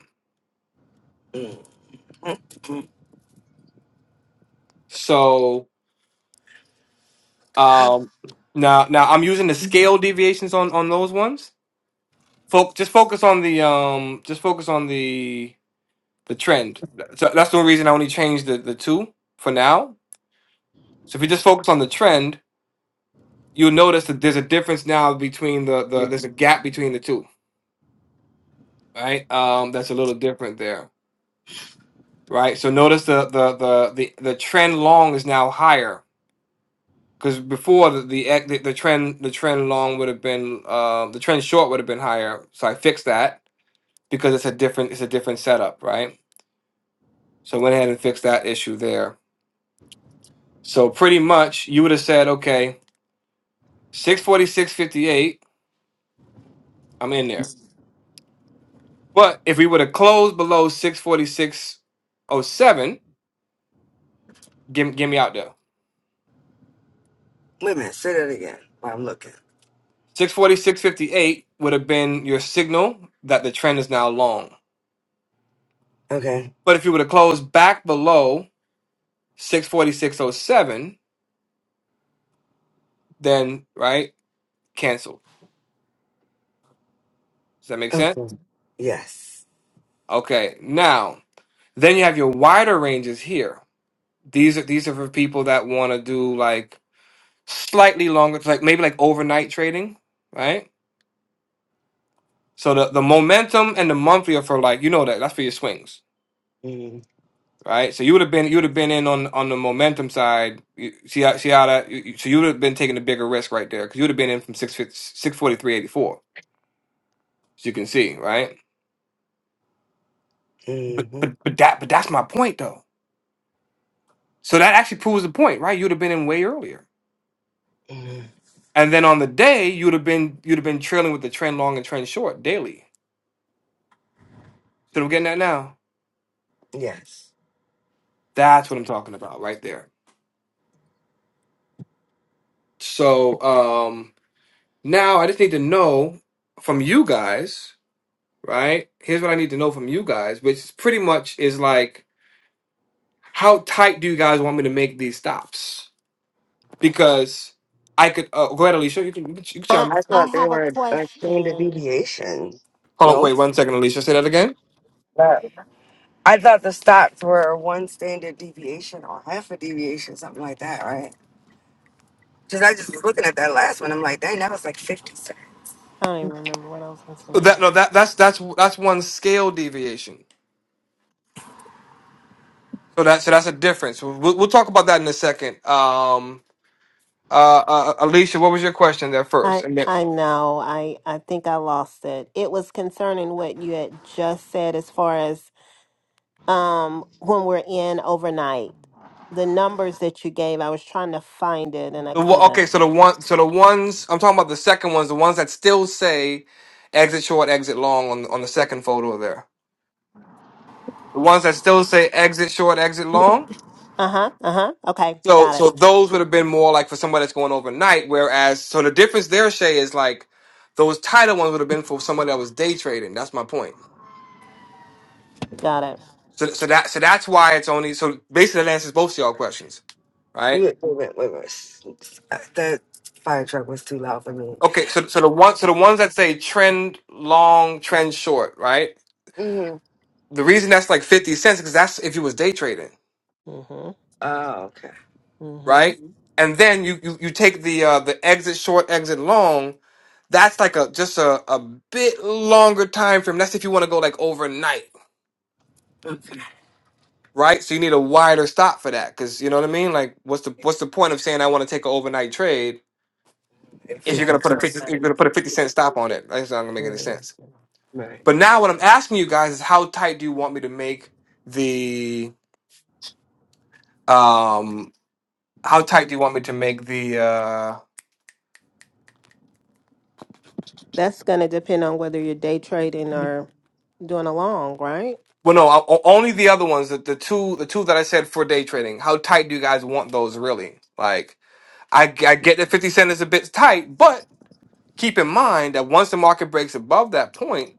S1: So Um, now, now I'm using the scale deviations on on those ones. Fo- just focus on the um, just focus on the the trend. So that's the only reason I only changed the the two for now. So if you just focus on the trend, you'll notice that there's a difference now between the the
S7: Wait
S1: there's a gap between the two. Right. Um, that's a little different there. Right. So notice the the the the, the trend long is now higher. Because before the, the ex- the the trend the trend long would have been uh, the trend short would have been higher, so I fixed that because it's a different it's a different setup, right? So went ahead and fixed that issue there. So pretty much you would have said, okay, 646.58, I'm in there. But if we would have closed below 646.07, give, give me out there.
S7: a minute. Say that again. While I'm looking.
S1: 646.58 would have been your signal that the trend is now long.
S7: Okay.
S1: But if you would have closed back below 646.07, then, right, cancel. Does that make sense?
S7: Okay. Yes.
S1: Okay, now, then you have your wider ranges here These are these are for people that want to do like slightly longer, like maybe like overnight trading, right? So the, the momentum and the monthly are for like you know that that's for your swings,
S7: Mm-hmm.
S1: right? So you would have been you would have been in on on the momentum side. You, see how see how that? You, you- so you would have been taking a bigger risk right there because you would have been in from six six forty three eighty four. So you can see, right? But
S7: hmm
S1: but but that but that's my point though. So that actually proves the point, right? You'd have been in way earlier.
S7: hmm
S1: And then on the day, you'd have been you'd have been trailing with the trend long and trend short daily See what I'm getting at now?
S7: Yes.
S1: That's what I'm talking about right there. So um now I just need to know from you guys, right? Here's what I need to know from you guys, which is pretty much is like how tight do you guys want me to make these stops? Because I could uh, go ahead, Alicia. You can, you can you can
S8: I
S1: chime
S7: I
S1: in.
S8: I
S7: thought they
S8: have a
S7: were a standard
S8: question.
S7: deviation.
S1: Hold on,
S7: No.
S1: wait one second, Alicia. Say that again.
S7: Uh, I thought the stocks were one standard deviation or half a deviation, something like that, right? Because I just was looking at that last one. I'm like, dang, that was like 50.
S8: I don't even remember what I was gonna say now.
S1: That no, that that's that's that's one scale deviation. So that so that's a difference. So We'll, we'll talk about that in a second. Um, uh, uh, Alicia, what was your question there first?
S8: I
S1: And then
S8: I know. I I think I lost it. It was concerning what you had just said as far as um when we're in overnight. The numbers that you gave, I was trying to find it and I
S1: The wa- okay, so
S8: couldn't.
S1: the one, so the ones I'm talking about, the second ones, the ones that still say exit short, exit long on on the second photo there. The ones that still say exit short, exit long.
S8: Uh-huh. Uh-huh. Okay.
S1: So
S8: Got it.
S1: so those would have been more like for somebody that's going overnight. Whereas so the difference there, Shay, is like those tighter ones would have been for somebody that was day trading. That's my point.
S8: Got it.
S1: So so that so that's why it's only so basically that answers both of y'all questions, right?
S7: Wait, wait, wait, wait, wait. Uh, That fire truck was too loud for me.
S1: Okay, so so the one so the ones that say trend long, trend short, right?
S7: hmm
S1: The reason that's like 50 cents because that's if you was day trading,
S8: Mm-hmm.
S7: Oh, okay.
S8: Mm-hmm.
S1: right? Mhm. And then you you, you take the uh, the exit short, exit long. That's like a just a, a bit longer time frame. That's if you want to go like overnight,
S7: Okay.
S1: right? So you need a wider stop for that because you know what I mean. Like, what's the what's the point of saying I want to take an overnight trade
S8: If
S1: if
S8: you're
S1: you're
S8: not
S7: 50
S1: gonna
S8: gonna
S1: put a
S8: sell
S7: cents.
S1: 50, you're
S8: money.
S1: gonna put a 50 cent stop on it? That's not gonna make any
S8: Mhm.
S1: sense.
S7: Right.
S1: But now what I'm asking you guys is how tight do you want me to make the um how tight do you want me to make the uh
S8: That's gonna depend on whether you're day trading or doing a long, right?
S1: Well, no, I- o- only the other ones. The, the two, the two that I said for day trading. How tight do you guys want those? Really? Like, I, I get that fifty cent is a bit tight, but keep in mind that once the market breaks above that point,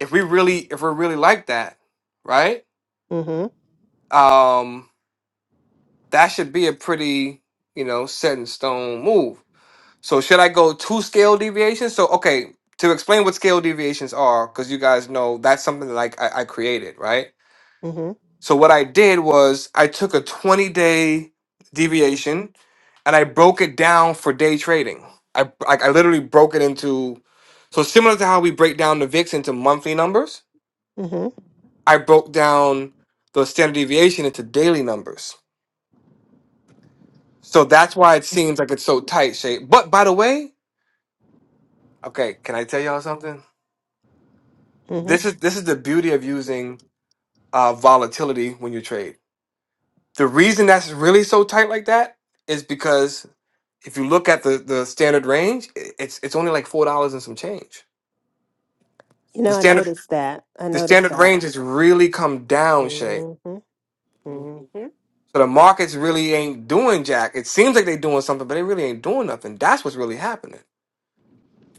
S1: if we really, if we're really like that, right?
S8: Mm-hmm.
S1: Um, that should be a pretty, you know, set in stone move. So should I go two scale deviations? So okay, to explain what scale deviations are, because you guys know that's something that like I, I created, right?
S8: mm-hmm.
S1: So what I did was I took a 20 day deviation and I broke it down for day trading. I like I literally broke it into so similar to how we break down the VIX into monthly numbers,
S8: hmm
S1: I broke down the standard deviation into daily numbers. So that's why it seems like it's so tight shape. But by the way, okay, can I tell y'all something?
S8: hmm
S1: This is this is the beauty of using uh, volatility when you trade. The reason that's really so tight like that is because if you look at the the standard range, i- it's it's only like four dollars and some change.
S8: You
S1: The
S8: know, I
S1: standard
S8: noticed that. I
S1: the
S8: noticed
S1: standard
S8: that.
S1: range has really come down, Shay.
S8: hmm hmm
S1: So the markets really ain't doing jack. It seems like they're doing something, but they really ain't doing nothing. That's what's really happening.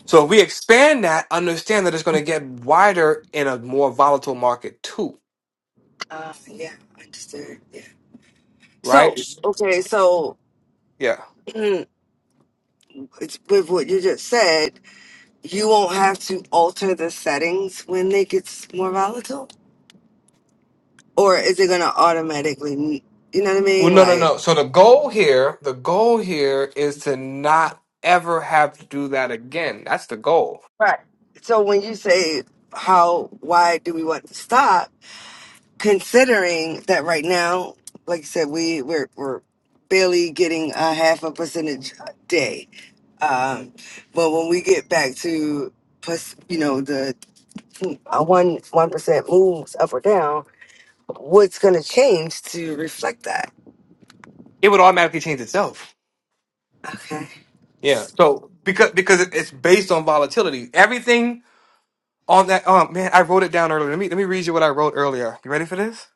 S1: So if we expand that, understand that it's going to get wider in a more volatile market too,
S7: Uh, yeah, understood. Yeah.
S1: right?
S7: So, okay, so
S1: Yeah.
S7: it's, with what you just said, you won't have to alter the settings when it gets more volatile? Or is it going to automatically, you know what I
S1: Well,
S7: mean?
S1: no, no,
S7: Like,
S1: no. So the goal here, the goal here is to not ever have to do that again. That's the goal.
S7: right. So when you say, how, why do we want to stop? considering that right now, like I said, we we're, we're barely getting a half a percentage a day. Um, but when we get back to plus, you know, the uh, one one percent moves up or down, what's going to change to reflect that?
S1: It would automatically change itself
S7: Okay.
S1: Yeah. So because because it- it's based on volatility. Everything on that oh man, I wrote it down earlier. Let me let me read you what I wrote earlier. You ready for this?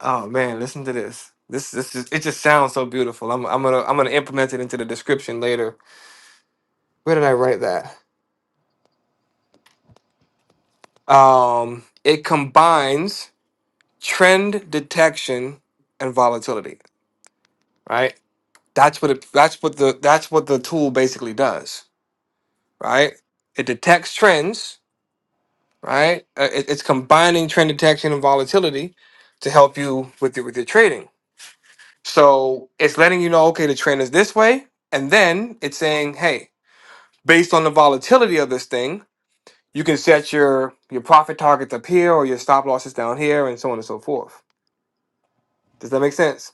S1: Oh man, listen to this. This this just it just sounds so beautiful. I'm I'm gonna I'm gonna implement it into the description later. Where did I write that? Um it combines trend detection and volatility, right? That's what it that's what the that's what the tool basically does, right? It detects trends right? Uh, it- it's combining trend detection and volatility to help you with your, with your trading. So it's letting you know, okay, the trend is this way, and then it's saying, hey, based on the volatility of this thing, you can set your your profit targets up here or your stop losses down here, and so on and so forth. Does that make sense?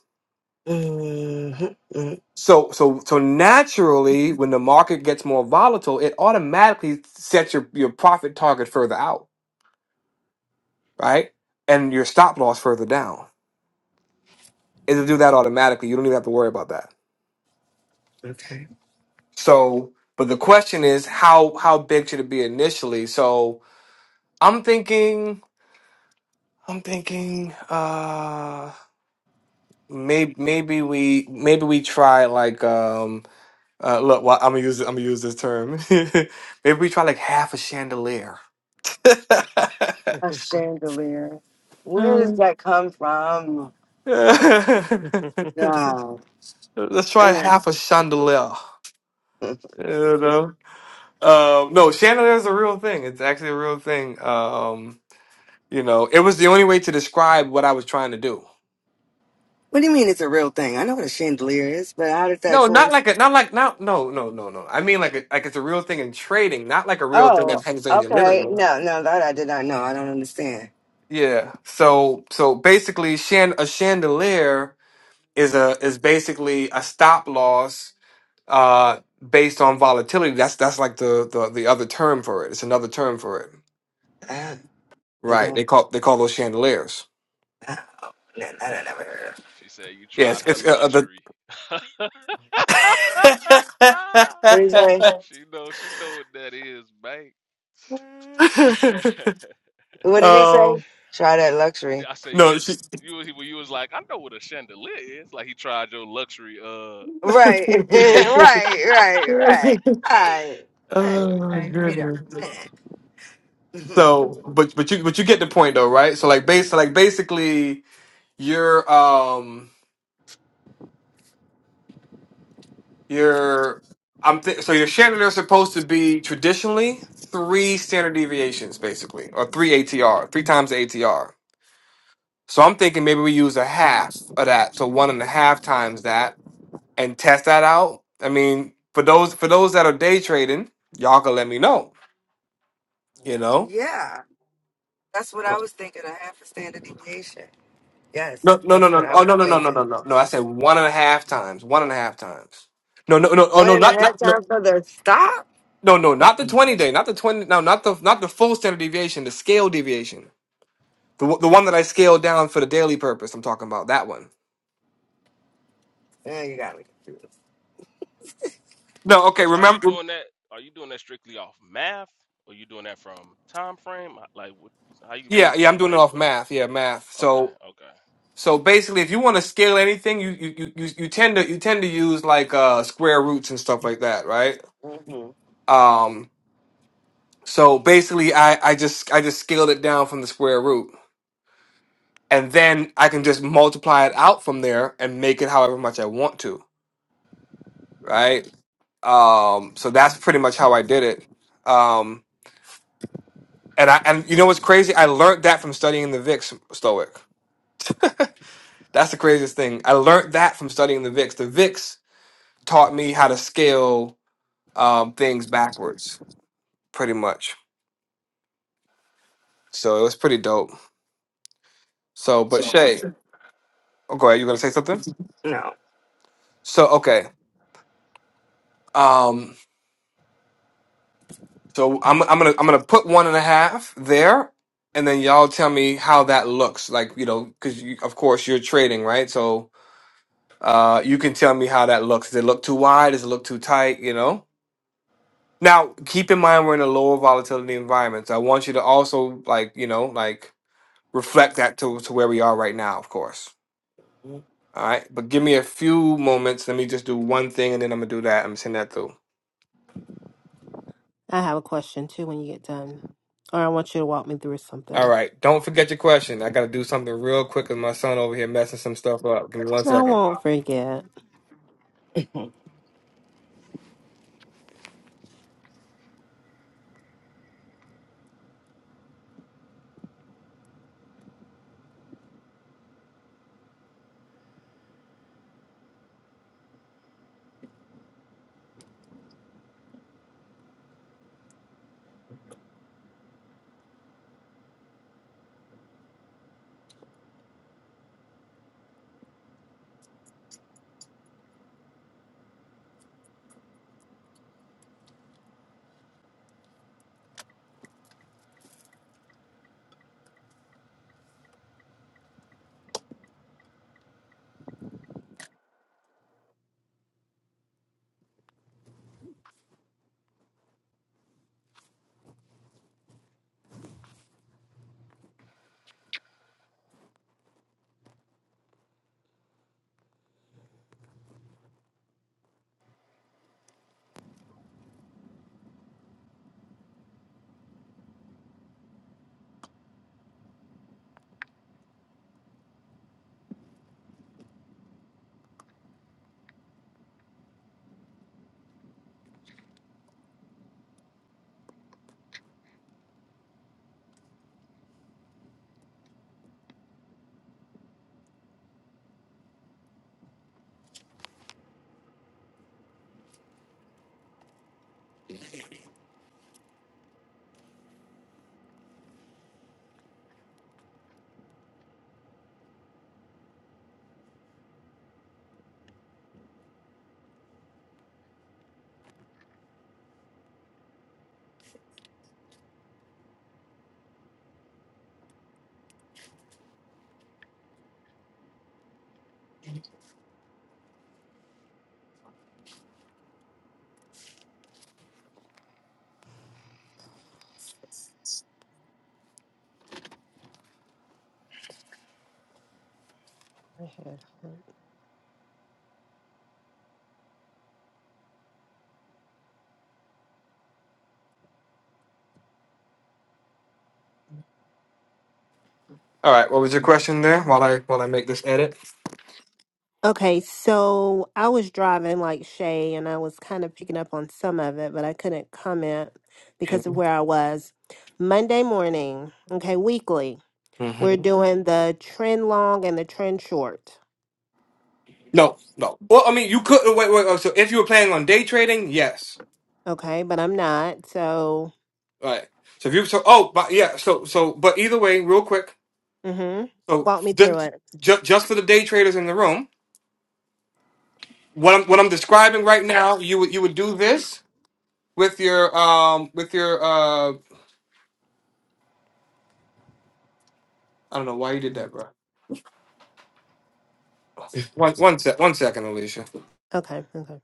S7: Mm-hmm. mm-hmm,
S1: So so so naturally, when the market gets more volatile, it automatically sets your your profit target further out, right? And your stop loss further down it'll do that automatically. You don't even have to worry about that.
S7: Okay.
S1: So, but the question is how how big should it be initially? So, I'm thinking I'm thinking uh maybe maybe we maybe we try like um uh look, well, I'm gonna use I'm gonna use this term. maybe we try like half a chandelier.
S7: A chandelier. Where does
S1: Mm.
S7: that come from? No.
S1: Let's
S7: I
S1: try
S7: don't-
S1: half a chandelier. You know? Um, no, chandelier is a real thing. It's actually a real thing. Um, You know, it was the only way to describe what I was trying to do.
S7: What do you mean it's a real thing? I know what a chandelier is, but how did that
S1: No,
S7: go?
S1: not like a, not like, not, no, no, no, no. I mean, like, a, like it's a real thing in trading, not like a real thing
S7: Oh,
S1: that hangs in your living
S7: okay.
S1: room.
S7: No, no, that I did not know. I don't understand.
S1: Yeah. So, so basically, chan- a chandelier is a, is basically a stop loss, uh, based on volatility. That's, that's like the, the, the other term for it. It's another term for it.
S7: Ah, you
S1: Right. They
S7: don't.
S1: call, they call those chandeliers.
S7: Ah, no, no, no, no.
S2: She said you tried
S1: Yes.
S2: her
S1: It's, uh, uh, the,
S2: luxury.
S7: What did he say?
S2: she know, she know what that is, man.
S7: What did he say?
S1: Oh
S7: Try that luxury.
S2: I say you
S1: no, she.
S2: was when you was like, I know what a chandelier is. Like he tried your luxury. Uh,
S7: Right,
S1: oh
S7: right, right, right,
S2: that's
S7: right, right,
S2: funny,
S1: my
S2: man.
S7: right. Wait
S1: goodness.
S7: a minute.
S1: So, but but you but you get the point though, right? So like base like basically you're um you're I'm th- so your standard are supposed to be traditionally three standard deviations basically or three ATR three times the ATR. So I'm thinking maybe we use a half of that, so one and a half times that, and test that out. I mean, for those for those that are day trading, y'all can let me know You know?
S7: yeah, that's what I was thinking. A half a standard deviation. Yes,
S1: No, no, no,
S7: that's what
S1: no.
S7: I
S1: Oh,
S7: was
S1: no, no, no, no, no,
S7: thinking.
S1: no. No, I said one and a half times. One and a half times. No, no, no. Oh,
S7: One
S1: no,
S7: and
S1: not,
S7: a half
S1: not, no,
S7: times for the stop.
S1: no, no. Not the twenty day. Not the twenty. No, not the, not the full standard deviation. The scale deviation. The one- the one that I scaled down for the daily purpose. I'm talking about that one.
S7: Yeah, you got me confused.
S1: No, okay.
S2: Question: Are you
S1: Remember?
S2: doing that? Are you doing that strictly off math, or you doing that from time frame? Like, what, how you
S1: Yeah, yeah.
S2: how
S1: I'm
S2: you
S1: doing it
S2: doing
S1: off
S2: this?
S1: math. Yeah, math.
S2: Okay,
S1: So,
S2: okay.
S1: so basically, if you want to scale anything, you, you, you, you you tend to, you tend to use like uh square roots and stuff like that, right?
S7: hmm
S1: Um. So basically, I, I just I just scaled it down from the square root, and then I can just multiply it out from there and make it however much I want to, right? Um, so that's pretty much how I did it. Um, and I and you know what's crazy? I learned that from studying the VIX Stoic. That's the craziest thing. I learned that from studying the VIX. The VIX taught me how to scale um, things backwards, pretty much. So it was pretty dope. So, but Shay, oh, go ahead. You gonna say something?
S7: No.
S1: So okay. Um, So I'm I'm gonna I'm gonna put one and a half there, and then y'all tell me how that looks. Like you know, because you, of course you're trading, right? So uh, you can tell me how that looks. Does it look too wide? Does it look too tight? You know. Now keep in mind we're in a lower volatility environment. So I want you to also like you know like reflect that to to where we are right now, of course. All right, but give me a few moments. Let me just do one thing, and then I'm gonna do that. I'm gonna send that through.
S8: I have a question too when you get done. Or I want you to walk me through
S1: All
S8: something.
S1: right. Don't forget your question. I got to do something real quick because my son over here messing some stuff up. Give me one
S8: I
S1: second.
S8: won't forget. I had her.
S1: All right. What was your question there? While I while I make this edit.
S8: Okay, so I was driving like Shay and I was kind of picking up on some of it, but I couldn't comment because of
S1: Mm-hmm.
S8: where I was. Monday morning, okay, weekly, we're doing the trend long and the trend short.
S1: No, no. Well, I mean, you could wait, wait. wait. So if you were planning on day trading, yes.
S8: Okay, but I'm not. So
S1: All right. So if you so oh but yeah so so but either way, real quick.
S8: Mm-hmm.
S1: So
S8: Walk me through
S1: just
S8: it.
S1: just just for the day traders in the room, what I'm what I'm describing right now, you would you would do this with your um with your uh I don't know why you did that, bro. One one sec one second, Alicia.
S8: Okay. Okay.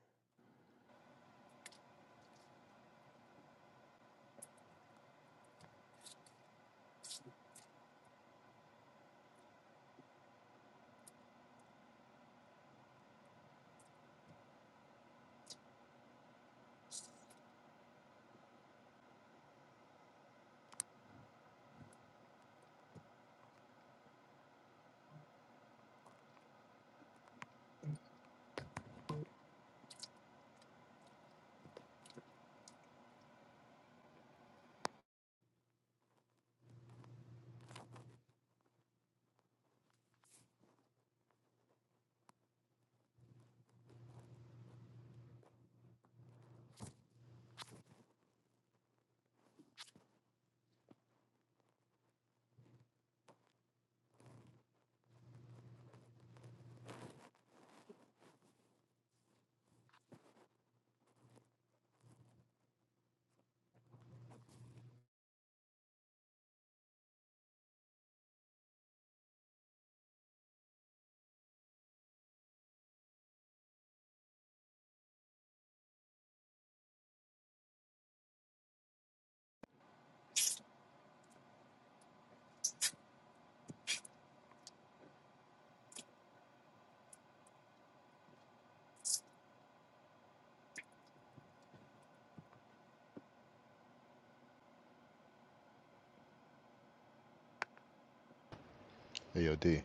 S3: AOD.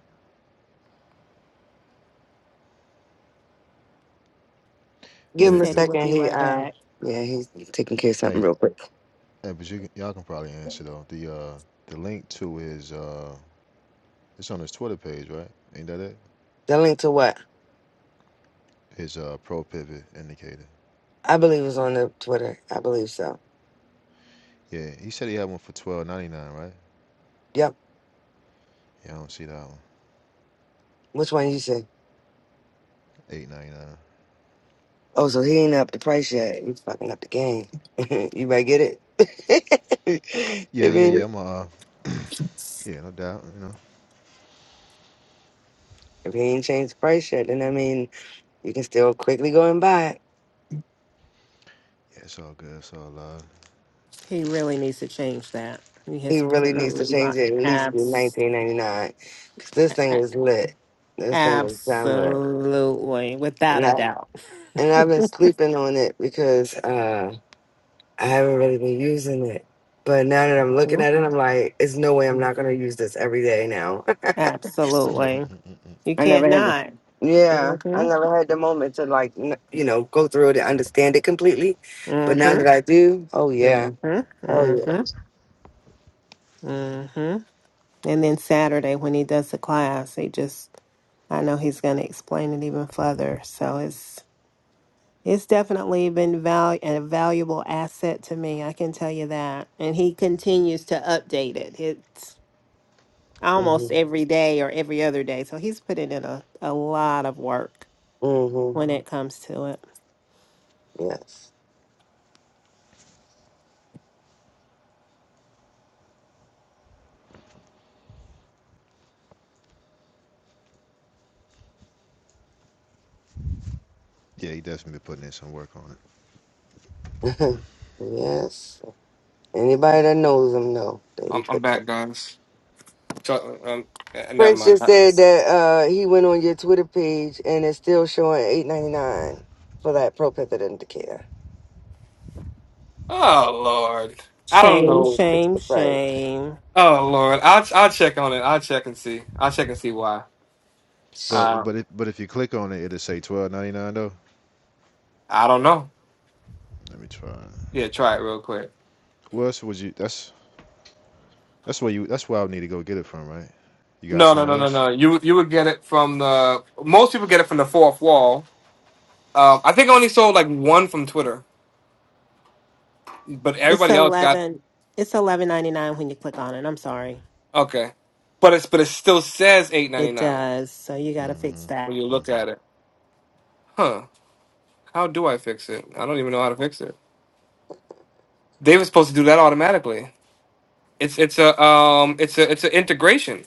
S8: He
S3: Hey,
S7: Give him
S3: the,
S7: a
S8: said he
S3: the,
S8: would
S7: second.
S8: be
S7: He
S8: right
S7: uh
S8: back.
S7: yeah, he's taking care of something
S3: hey,
S7: real quick.
S3: hey, but you can, y'all can probably answer though. The uh the link to his uh it's on his Twitter page, right? Ain't that it?
S7: The link to what?
S3: His uh pro pivot indicator.
S7: I believe it's on the Twitter. I believe so.
S3: Yeah, he said he had one for twelve ninety nine, right?
S7: Yep.
S3: Yeah, I don't see that one.
S7: Which one you say?
S3: Eight ninety nine.
S7: Oh, so he ain't up the price yet. He's fucking up the game. you might get it. I
S3: Yeah, yeah,
S7: mean,
S3: yeah. I'm uh yeah, no doubt. You know.
S7: if he ain't changed the price yet, then I mean, you can still quickly go and buy it.
S3: Yeah, it's all good. It's all uh
S8: He really needs to change that. He
S7: He
S8: has put
S7: really
S8: in a
S7: needs to change
S8: lot.
S7: it at least to
S8: Abs-
S7: 19.99 because this thing
S8: a-
S7: is lit. This thing is damn lit,
S8: absolutely. Without
S7: and
S8: a
S7: I
S8: doubt.
S7: and I've been sleeping on it because. Uh, I haven't really been using it. But now that I'm looking
S8: Mhm.
S7: at it, I'm like, it's no way I'm not gonna use this every day now.
S8: Absolutely. You
S7: I
S8: can't
S7: never had the
S8: not.
S7: yeah, I never had the
S8: Mm-hmm.
S7: moment to like n- you know go through it and understand it completely. But now that
S8: Mm-hmm.
S7: I do, oh yeah,
S8: Mm-hmm.
S7: oh yeah,
S8: Mm-hmm. Mm-hmm. And then Saturday when he does the class, he just I know he's gonna explain it even further. So it's It's definitely been val- a valuable asset to me. I can tell you that. And he continues to update it. It's
S7: mm-hmm,
S8: almost every day or every other day. So he's putting in a, a lot of work
S7: mm-hmm,
S8: when it comes to it.
S7: yes,
S3: yeah. He definitely been putting in some work on it.
S7: yes. Anybody that knows him know that he
S1: I'm, I'm
S7: put the.
S1: back, guys. So, um, uh, never
S7: Prince
S1: mind.
S7: just said that uh, he went on your Twitter page and it's still showing eight ninety nine for that propethid indicator.
S1: Oh Lord, I don't
S7: You ain't
S8: Shame,
S1: know.
S7: even fix
S8: shame,
S7: the price.
S8: shame.
S1: Oh Lord, I'll I'll check on it. I'll check and see. I'll check and see why.
S3: But
S1: Uh,
S3: but it, but if you click on it, it'll say twelve ninety nine though.
S1: I don't know.
S3: Let me try.
S1: Yeah, try it real quick.
S3: Who else would you? That's that's where you. That's where I would need to go get it from, right? You got it
S1: No, no,
S3: somewhere
S1: no, no,
S3: else?
S1: no. You you would get it from the most people get it from the fourth wall. Um, I think I only sold like one from Twitter, but
S8: It's
S1: everybody else got
S8: eleven. It's eleven ninety nine when you click on it. I'm sorry.
S1: okay. But it's but it still says eight ninety
S8: It
S1: nine
S8: does. So you got to fix
S3: Mm-hmm.
S8: that.
S1: when you look at
S3: Mm-hmm.
S1: it. Huh? How do I fix it? I don't even know how to fix it. They were supposed to do that automatically. it's it's a um it's a it's an integration.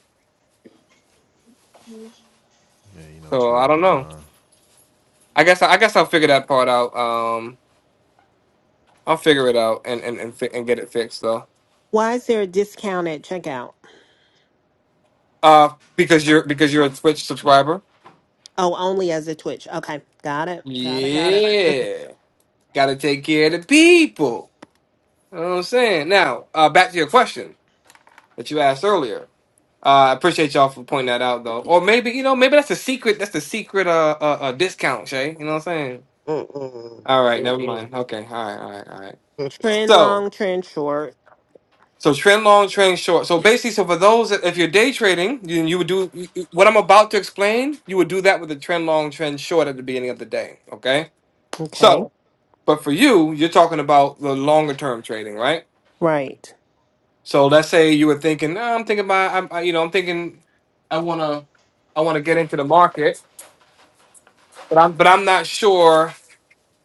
S3: Yeah, you know
S1: So I
S3: Twitter,
S1: don't know.
S3: Elon.
S1: I guess I, guess I'll figure that part out. Um, I'll figure it out and and and, fi- and get it fixed though.
S8: Why is there a discount at checkout?
S1: Uh, because you're because you're a Twitch subscriber.
S8: Oh, only as a Twitch. Okay, got it. Got it. Got it.
S1: Yeah, gotta take care of the people. You know what I'm saying. Now, uh, back to your question that you asked earlier. Uh, I appreciate y'all for pointing that out though. Or maybe you know maybe that's a secret. That's the secret uh, uh, uh discount, Shay. You know what I'm saying.
S7: Mm-mm.
S1: All right, never
S7: Mm-mm.
S1: mind. Okay, all right, all right, all right.
S7: Mm.
S8: trend
S1: So
S8: long, trend short.
S1: So trend long, trend short. So basically, so for those, that, if you're day trading, you, you would do you- you- what I'm about to explain. You would do that with a trend long, trend short at the beginning of the day. Okay.
S8: Okay.
S1: So, but for you, you're talking about the longer term trading, right?
S8: Right.
S1: So let's say you were thinking, "Nah, I'm thinking about, I'm, I, you know, I'm thinking, I wanna, I wanna get into the market, but I'm, but I'm not sure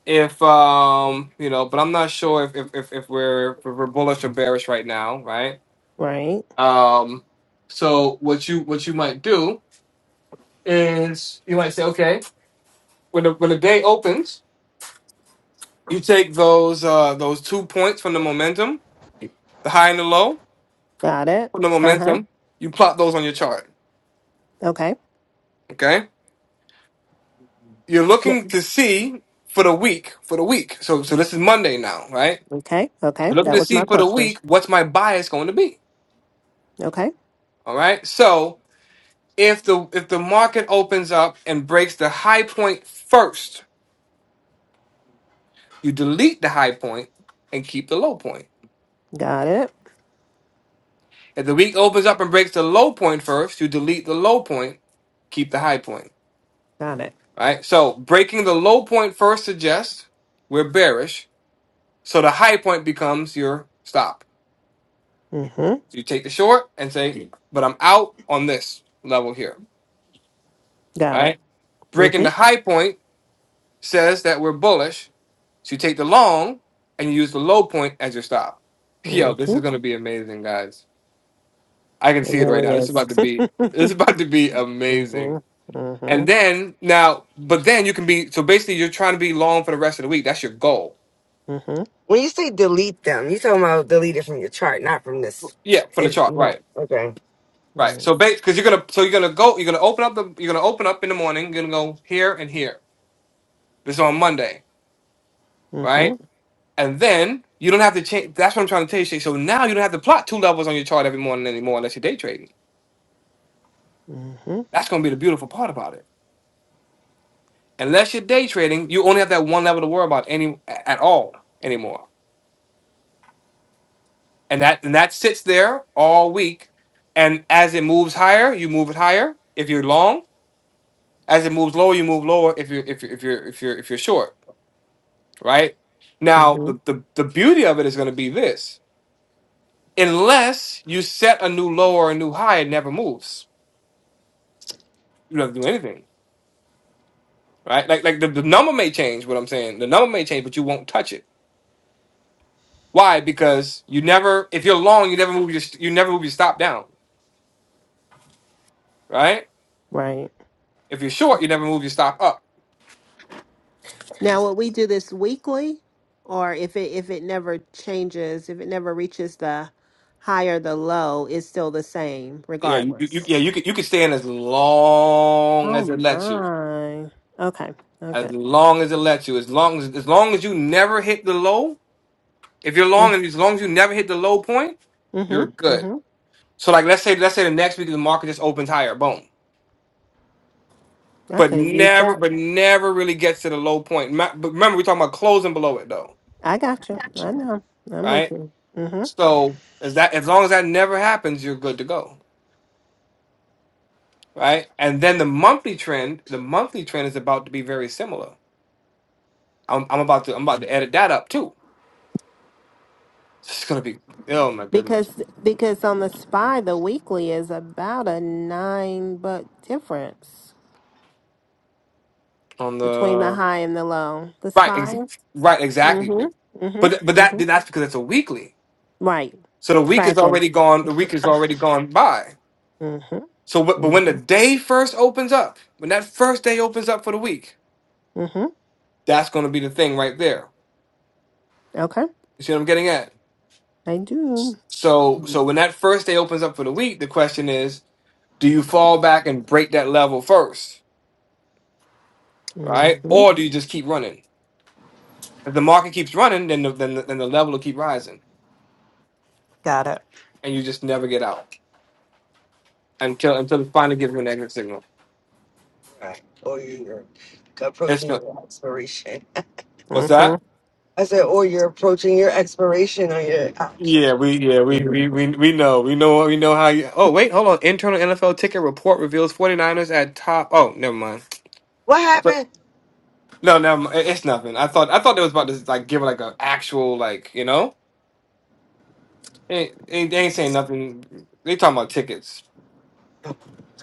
S1: if, um, you know, but I'm not sure if if if, if we're if we're bullish or bearish right now, right?
S8: Right.
S1: Um, so what you what you might do is you might say, okay, when the when the day opens, you take those uh those two points from the momentum, the high and the low
S8: Got it.
S1: from the
S8: Uh huh.
S1: momentum, you plot those on your chart.
S8: Okay.
S1: Okay, you're
S8: Ne-
S1: looking to see for the week for the week. So so this is Monday now, right?
S8: Okay. Okay.
S1: You're looking
S8: That
S1: to
S8: was my
S1: see for the
S8: question.
S1: week what's my bias going to be.
S8: Okay.
S1: All right, so. If the if the market opens up and breaks the high point first, You delete the high point and keep the low point.
S8: Got it.
S1: If the week opens up and breaks the low point first, you delete the low point, keep the high point.
S8: Got it.
S1: Right? So breaking the low point first suggests we're bearish. So the high point becomes your stop.
S8: Mm hmm.
S1: So you take the short and say, but I'm out on this level here.
S8: Got it.
S1: Right?
S8: Mm
S1: Breaking the
S8: hmm.
S1: high point says that we're bullish. So you take the long and you use the low point as your stop. Yo,
S8: Mm
S1: this
S8: hmm.
S1: is gonna be amazing, guys. I can
S8: It
S1: see it right now.
S8: really
S1: This is
S8: is.
S1: about to be this is
S8: mm
S1: about to be
S8: hmm.
S1: amazing.
S8: Mm hmm.
S1: And then now, but then you can be so basically you're trying to be long for the rest of the week. That's your goal.
S8: Mm hmm.
S7: When you say delete them, you talking about delete it from your chart, not from this.
S1: Yeah, from the
S7: And
S1: chart,
S7: you
S1: right,
S7: okay.
S1: right.
S8: Right.
S1: So because you're gonna so you're gonna go you're gonna open up the you're gonna open up in the morning. You're gonna go here and here. This is on Monday,
S8: Mm hmm.
S1: right? And then you don't have to change. That's what I'm trying to tell you. Shay. So now you don't have to plot two levels on your chart every morning anymore unless you're day trading.
S8: Mm hmm.
S1: That's gonna be the beautiful part about it. Unless you're day trading, you only have that one level to worry about any at all anymore and that and that sits there all week. And as it moves higher, you move it higher. If you're long, as it moves lower, you move lower. If you're if you're if you're if you're if you're short, right?
S8: Mm
S1: Now
S8: hmm.
S1: the the, the beauty of it is going to be this: unless you set a new low or a new high, it never moves. You don't have to do anything, right? Like like the, the number may change. What I'm saying, the number may change, but you won't touch it. Why? Because you never. If you're long, you never move your st- you never move your stop down, right?
S8: Right.
S1: If you're short, you never move your stop up
S8: Now, will we do this weekly, or if it if it never changes, if it never reaches the high or the low, it's still the same
S1: Yeah, you, you,
S8: regardless?
S1: yeah, you could you could stay in as long
S8: Oh
S1: as it lets you,
S8: my. Okay.
S1: as
S8: Okay.
S1: long as it lets you, as long as as long as you never hit the low. If you're long
S8: Mm,
S1: and as long as you never hit the low point,
S8: Mm-hmm.
S1: you're good.
S8: Mm-hmm.
S1: So like let's say let's say the next week the market just opens higher, boom.
S8: I
S1: But
S8: could have used
S1: never
S8: that.
S1: but never really gets to the low point. Ma- But remember we're talking about closing below it though,
S8: I got you. I know. I'm with
S1: right?
S8: you. Mm-hmm.
S1: So as that as long as that never happens, you're good to go, right? And then the monthly trend, the monthly trend is about to be very similar. I'm, I'm about to I'm about to edit that up too It's gonna be oh my goodness
S8: Because because on the spy, the weekly is about a nine buck difference
S1: on
S8: between the
S1: the
S8: high and the low. The
S1: right ex-
S8: spy.
S1: right exactly,
S8: Mm-hmm.
S1: but but
S8: Mm-hmm.
S1: that
S8: Mm-hmm.
S1: that's because it's a weekly.
S8: Right.
S1: So the week is
S8: Tracking.
S1: already gone. The week is already gone by.
S8: Mm-hmm.
S1: So but but when the
S8: Mm-hmm.
S1: day first opens up, when that first day opens up for the week,
S8: Mm-hmm.
S1: that's gonna be the thing right there.
S8: Okay.
S1: You see what I'm getting at?
S8: I do.
S1: So so when that first day opens up for the week, the question is, do you fall back and break that level first, right?
S8: Mm-hmm.
S1: Or do you just keep running? If the market keeps running, then the, then the, then the level will keep rising, and you just never get out. until until it finally gives me a negative signal.
S7: Right. Or you're
S1: It's
S7: approaching
S1: good.
S7: your expiration.
S1: What's
S8: Mm-hmm.
S1: that?
S7: I said, or you're approaching your expiration on your option.
S1: Yeah, we yeah we we we we know we know we know how you. Oh wait, hold on. Internal NFL ticket report reveals 49ers at top. Oh, never mind.
S7: What
S1: But
S7: happened?
S1: no, never mind. It- It's nothing. I thought I thought it was about to like give like an actual like you know. They, they, they ain't saying nothing. They talking about tickets.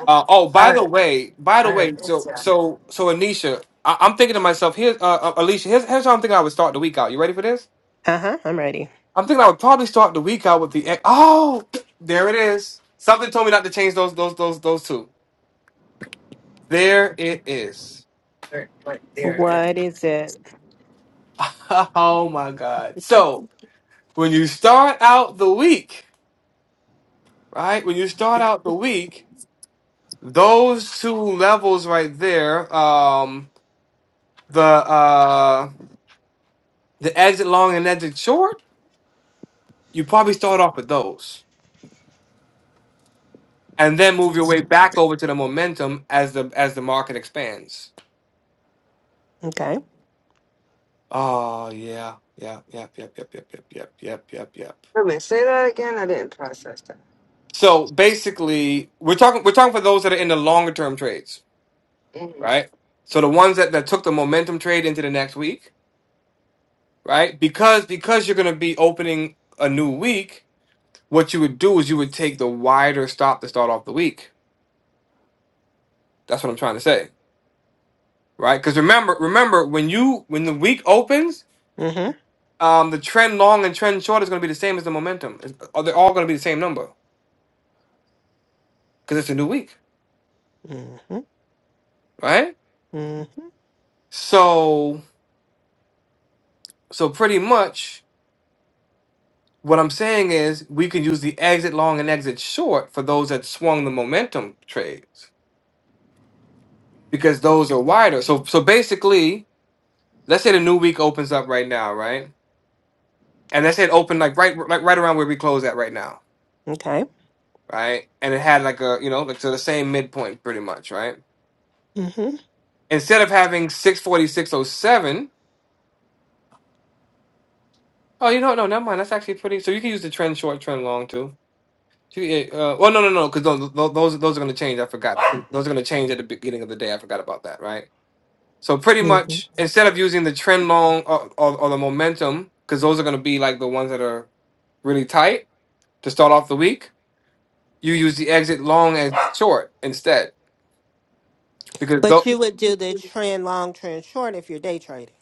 S1: Uh, oh,
S7: I
S1: by the
S7: heard,
S1: way, by the
S7: I heard,
S1: way,
S7: it's,
S1: so
S7: uh,
S1: so so Anisha, I, I'm thinking to myself, here's uh, uh, Alicia, here's here's how I'm thinking I would start the week out. You ready for this?
S8: Uh-huh. I'm ready.
S1: I'm thinking I would probably start the week out with the egg. Oh, there it is. Something told me not to change those those those those two. There it is.
S7: right right there. uh,
S8: What is it?
S1: oh my god. So when you start out the week, right? When you start out the week, those two levels right there, um, the uh the exit long and exit short, you probably start off with those. And then move your way back over to the momentum as the as the market expands.
S8: Okay.
S1: Oh, yeah. Yeah, yep, yep, yep, yep, yep, yep, yep, yep, yep.
S7: Wait a minute, say that again. I didn't process that.
S1: So basically, we're talking we're talking for those that are in the longer term trades,
S7: hmm
S1: right? So the ones that, that took the momentum trade into the next week, right? Because because you're gonna be opening a new week, what you would do is you would take the wider stop to start off the week. That's what I'm trying to say, right? Because remember, remember when you when the week opens,
S8: Mm-hmm.
S1: um, the trend long and trend short is gonna be the same as the momentum. It's- uh, They're all gonna be the same number because it's a new week,
S8: Mm-hmm.
S1: right?
S8: Mm-hmm.
S1: So so pretty much what I'm saying is we can use the exit long and exit short for those that swung the momentum trades because those are wider. So so basically, let's say the new week opens up right now, right? And let's say it opened like right like right around where we close at right now,
S8: Okay.
S1: right? And it had like a you know like to the same midpoint pretty much, right?
S8: Mm-hmm.
S1: Instead of having 646.07, oh seven, oh, you know what? no never mind that's actually pretty. So you can use the trend short, trend long too Two eight. Uh, well, no, no, no, because those those those those are going to change. I forgot. Those are going to change at the beginning of the day. I forgot about that. Right. So pretty
S8: Mm-hmm.
S1: much, instead of using the trend long or, or, or the momentum, because those are going to be like the ones that are really tight to start off the week, you use the exit long and short instead. Because
S8: But
S1: though,
S8: you would do the trend long, trend short if you're day trading.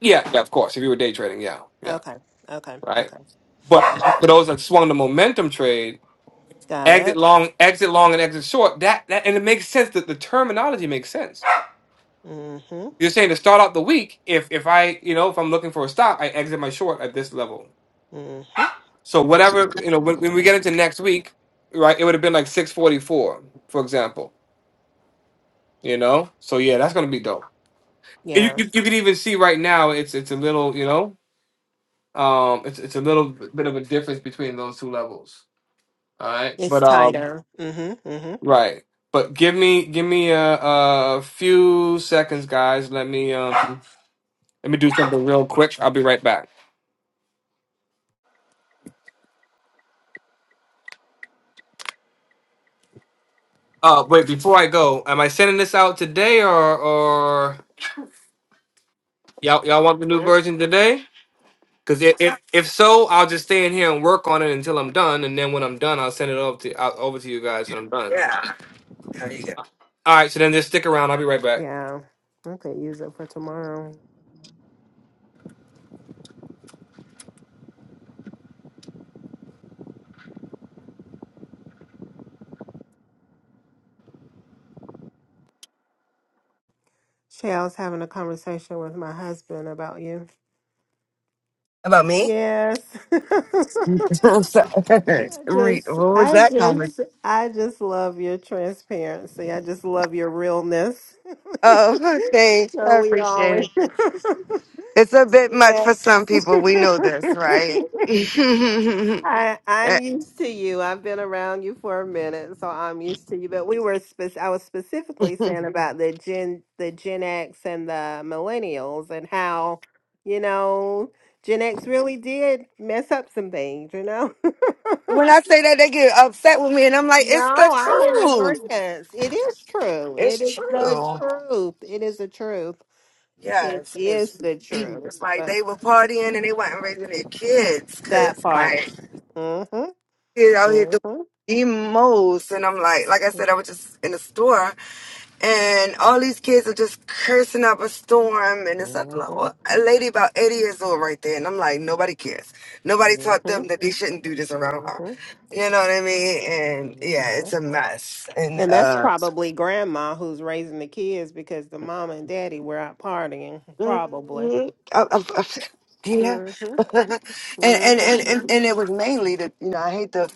S1: yeah, yeah, of course, if you were day trading, yeah, yeah,
S8: Okay. Okay.
S1: right.
S8: Okay.
S1: But for those that swung the momentum trade,
S8: Got
S1: exit
S8: it.
S1: long, exit long, and exit short, that that and it makes sense. That the terminology makes sense
S8: Mm-hmm.
S1: You're saying to start out the week, if if I, you know, if I'm looking for a stop, I exit my short at this level.
S8: Mm-hmm.
S1: So whatever, you know, when, when we get into next week, right, it would have been like 644, for example. You know? So yeah, that's gonna be dope. And You,
S8: Yeah.
S1: you you can even see right now it's it's a little, you know, um it's it's a little bit of a difference between those two levels. All right.
S8: It's
S1: But um
S8: tighter. Mm-hmm. Mm-hmm.
S1: right. But give me give me a, a few seconds, guys. Let me um let me do something real quick. I'll be right back. Uh, wait, before I go, am I sending this out today or or y'all y'all want the new version today? Because if, if if so, I'll just stay in here and work on it until I'm done, and then when I'm done, I'll send it over to out, over to you guys when I'm done.
S7: Yeah. There you go.
S1: All right, so then just stick around. I'll be right back.
S8: Yeah. I could use it for tomorrow. Shay, I was having a conversation with my husband about you.
S7: About me?
S8: Yes.
S7: I'm sorry.
S8: I
S7: Re-
S8: just,
S7: what was
S8: I
S7: that comment?
S8: just, I just love your transparency. I just love your realness.
S7: Oh, thanks. I
S8: so we
S7: appreciate
S8: always,
S7: it. It's a bit much for some
S8: yes.
S7: people. We know this, right? when
S8: I, I'm used to you. I've been around you for a minute, so I'm used to you. But we were, spec- I was specifically saying about the Gen, the Gen X and the Millennials, and how, you know, Gen X really did mess up some things, you know.
S7: I say that, they get upset with me, and I'm like, it's
S8: No,
S7: the
S8: I'm in
S7: truth.
S8: agreement. It is true.
S7: It's
S8: It is the
S7: true.
S8: truth. It is the truth. It
S7: Yes, because
S8: is the truth.
S7: it's like
S8: But
S7: they were partying and they weren't raising their kids
S8: that
S7: because,
S8: part.
S7: like,
S8: Mm-hmm.
S7: kids out here doing
S8: Mm-hmm.
S7: the most. And I'm like, like I said, I was just in the store and all these kids are just cursing up a storm and it's like
S8: Mm-hmm.
S7: like, a lady about 80 years old right there and i'm like nobody cares nobody taught them that they shouldn't do this around her
S8: Mm-hmm.
S7: you know what i mean and yeah
S8: Mm-hmm.
S7: it's a mess and
S8: And that's
S7: uh
S8: probably grandma who's raising the kids because the mom and daddy were out partying, probably.
S7: Mhm. I- I- I- Yeah,
S8: Mm-hmm.
S7: and, and and
S8: Mm-hmm.
S7: and and it was mainly the you know I hate to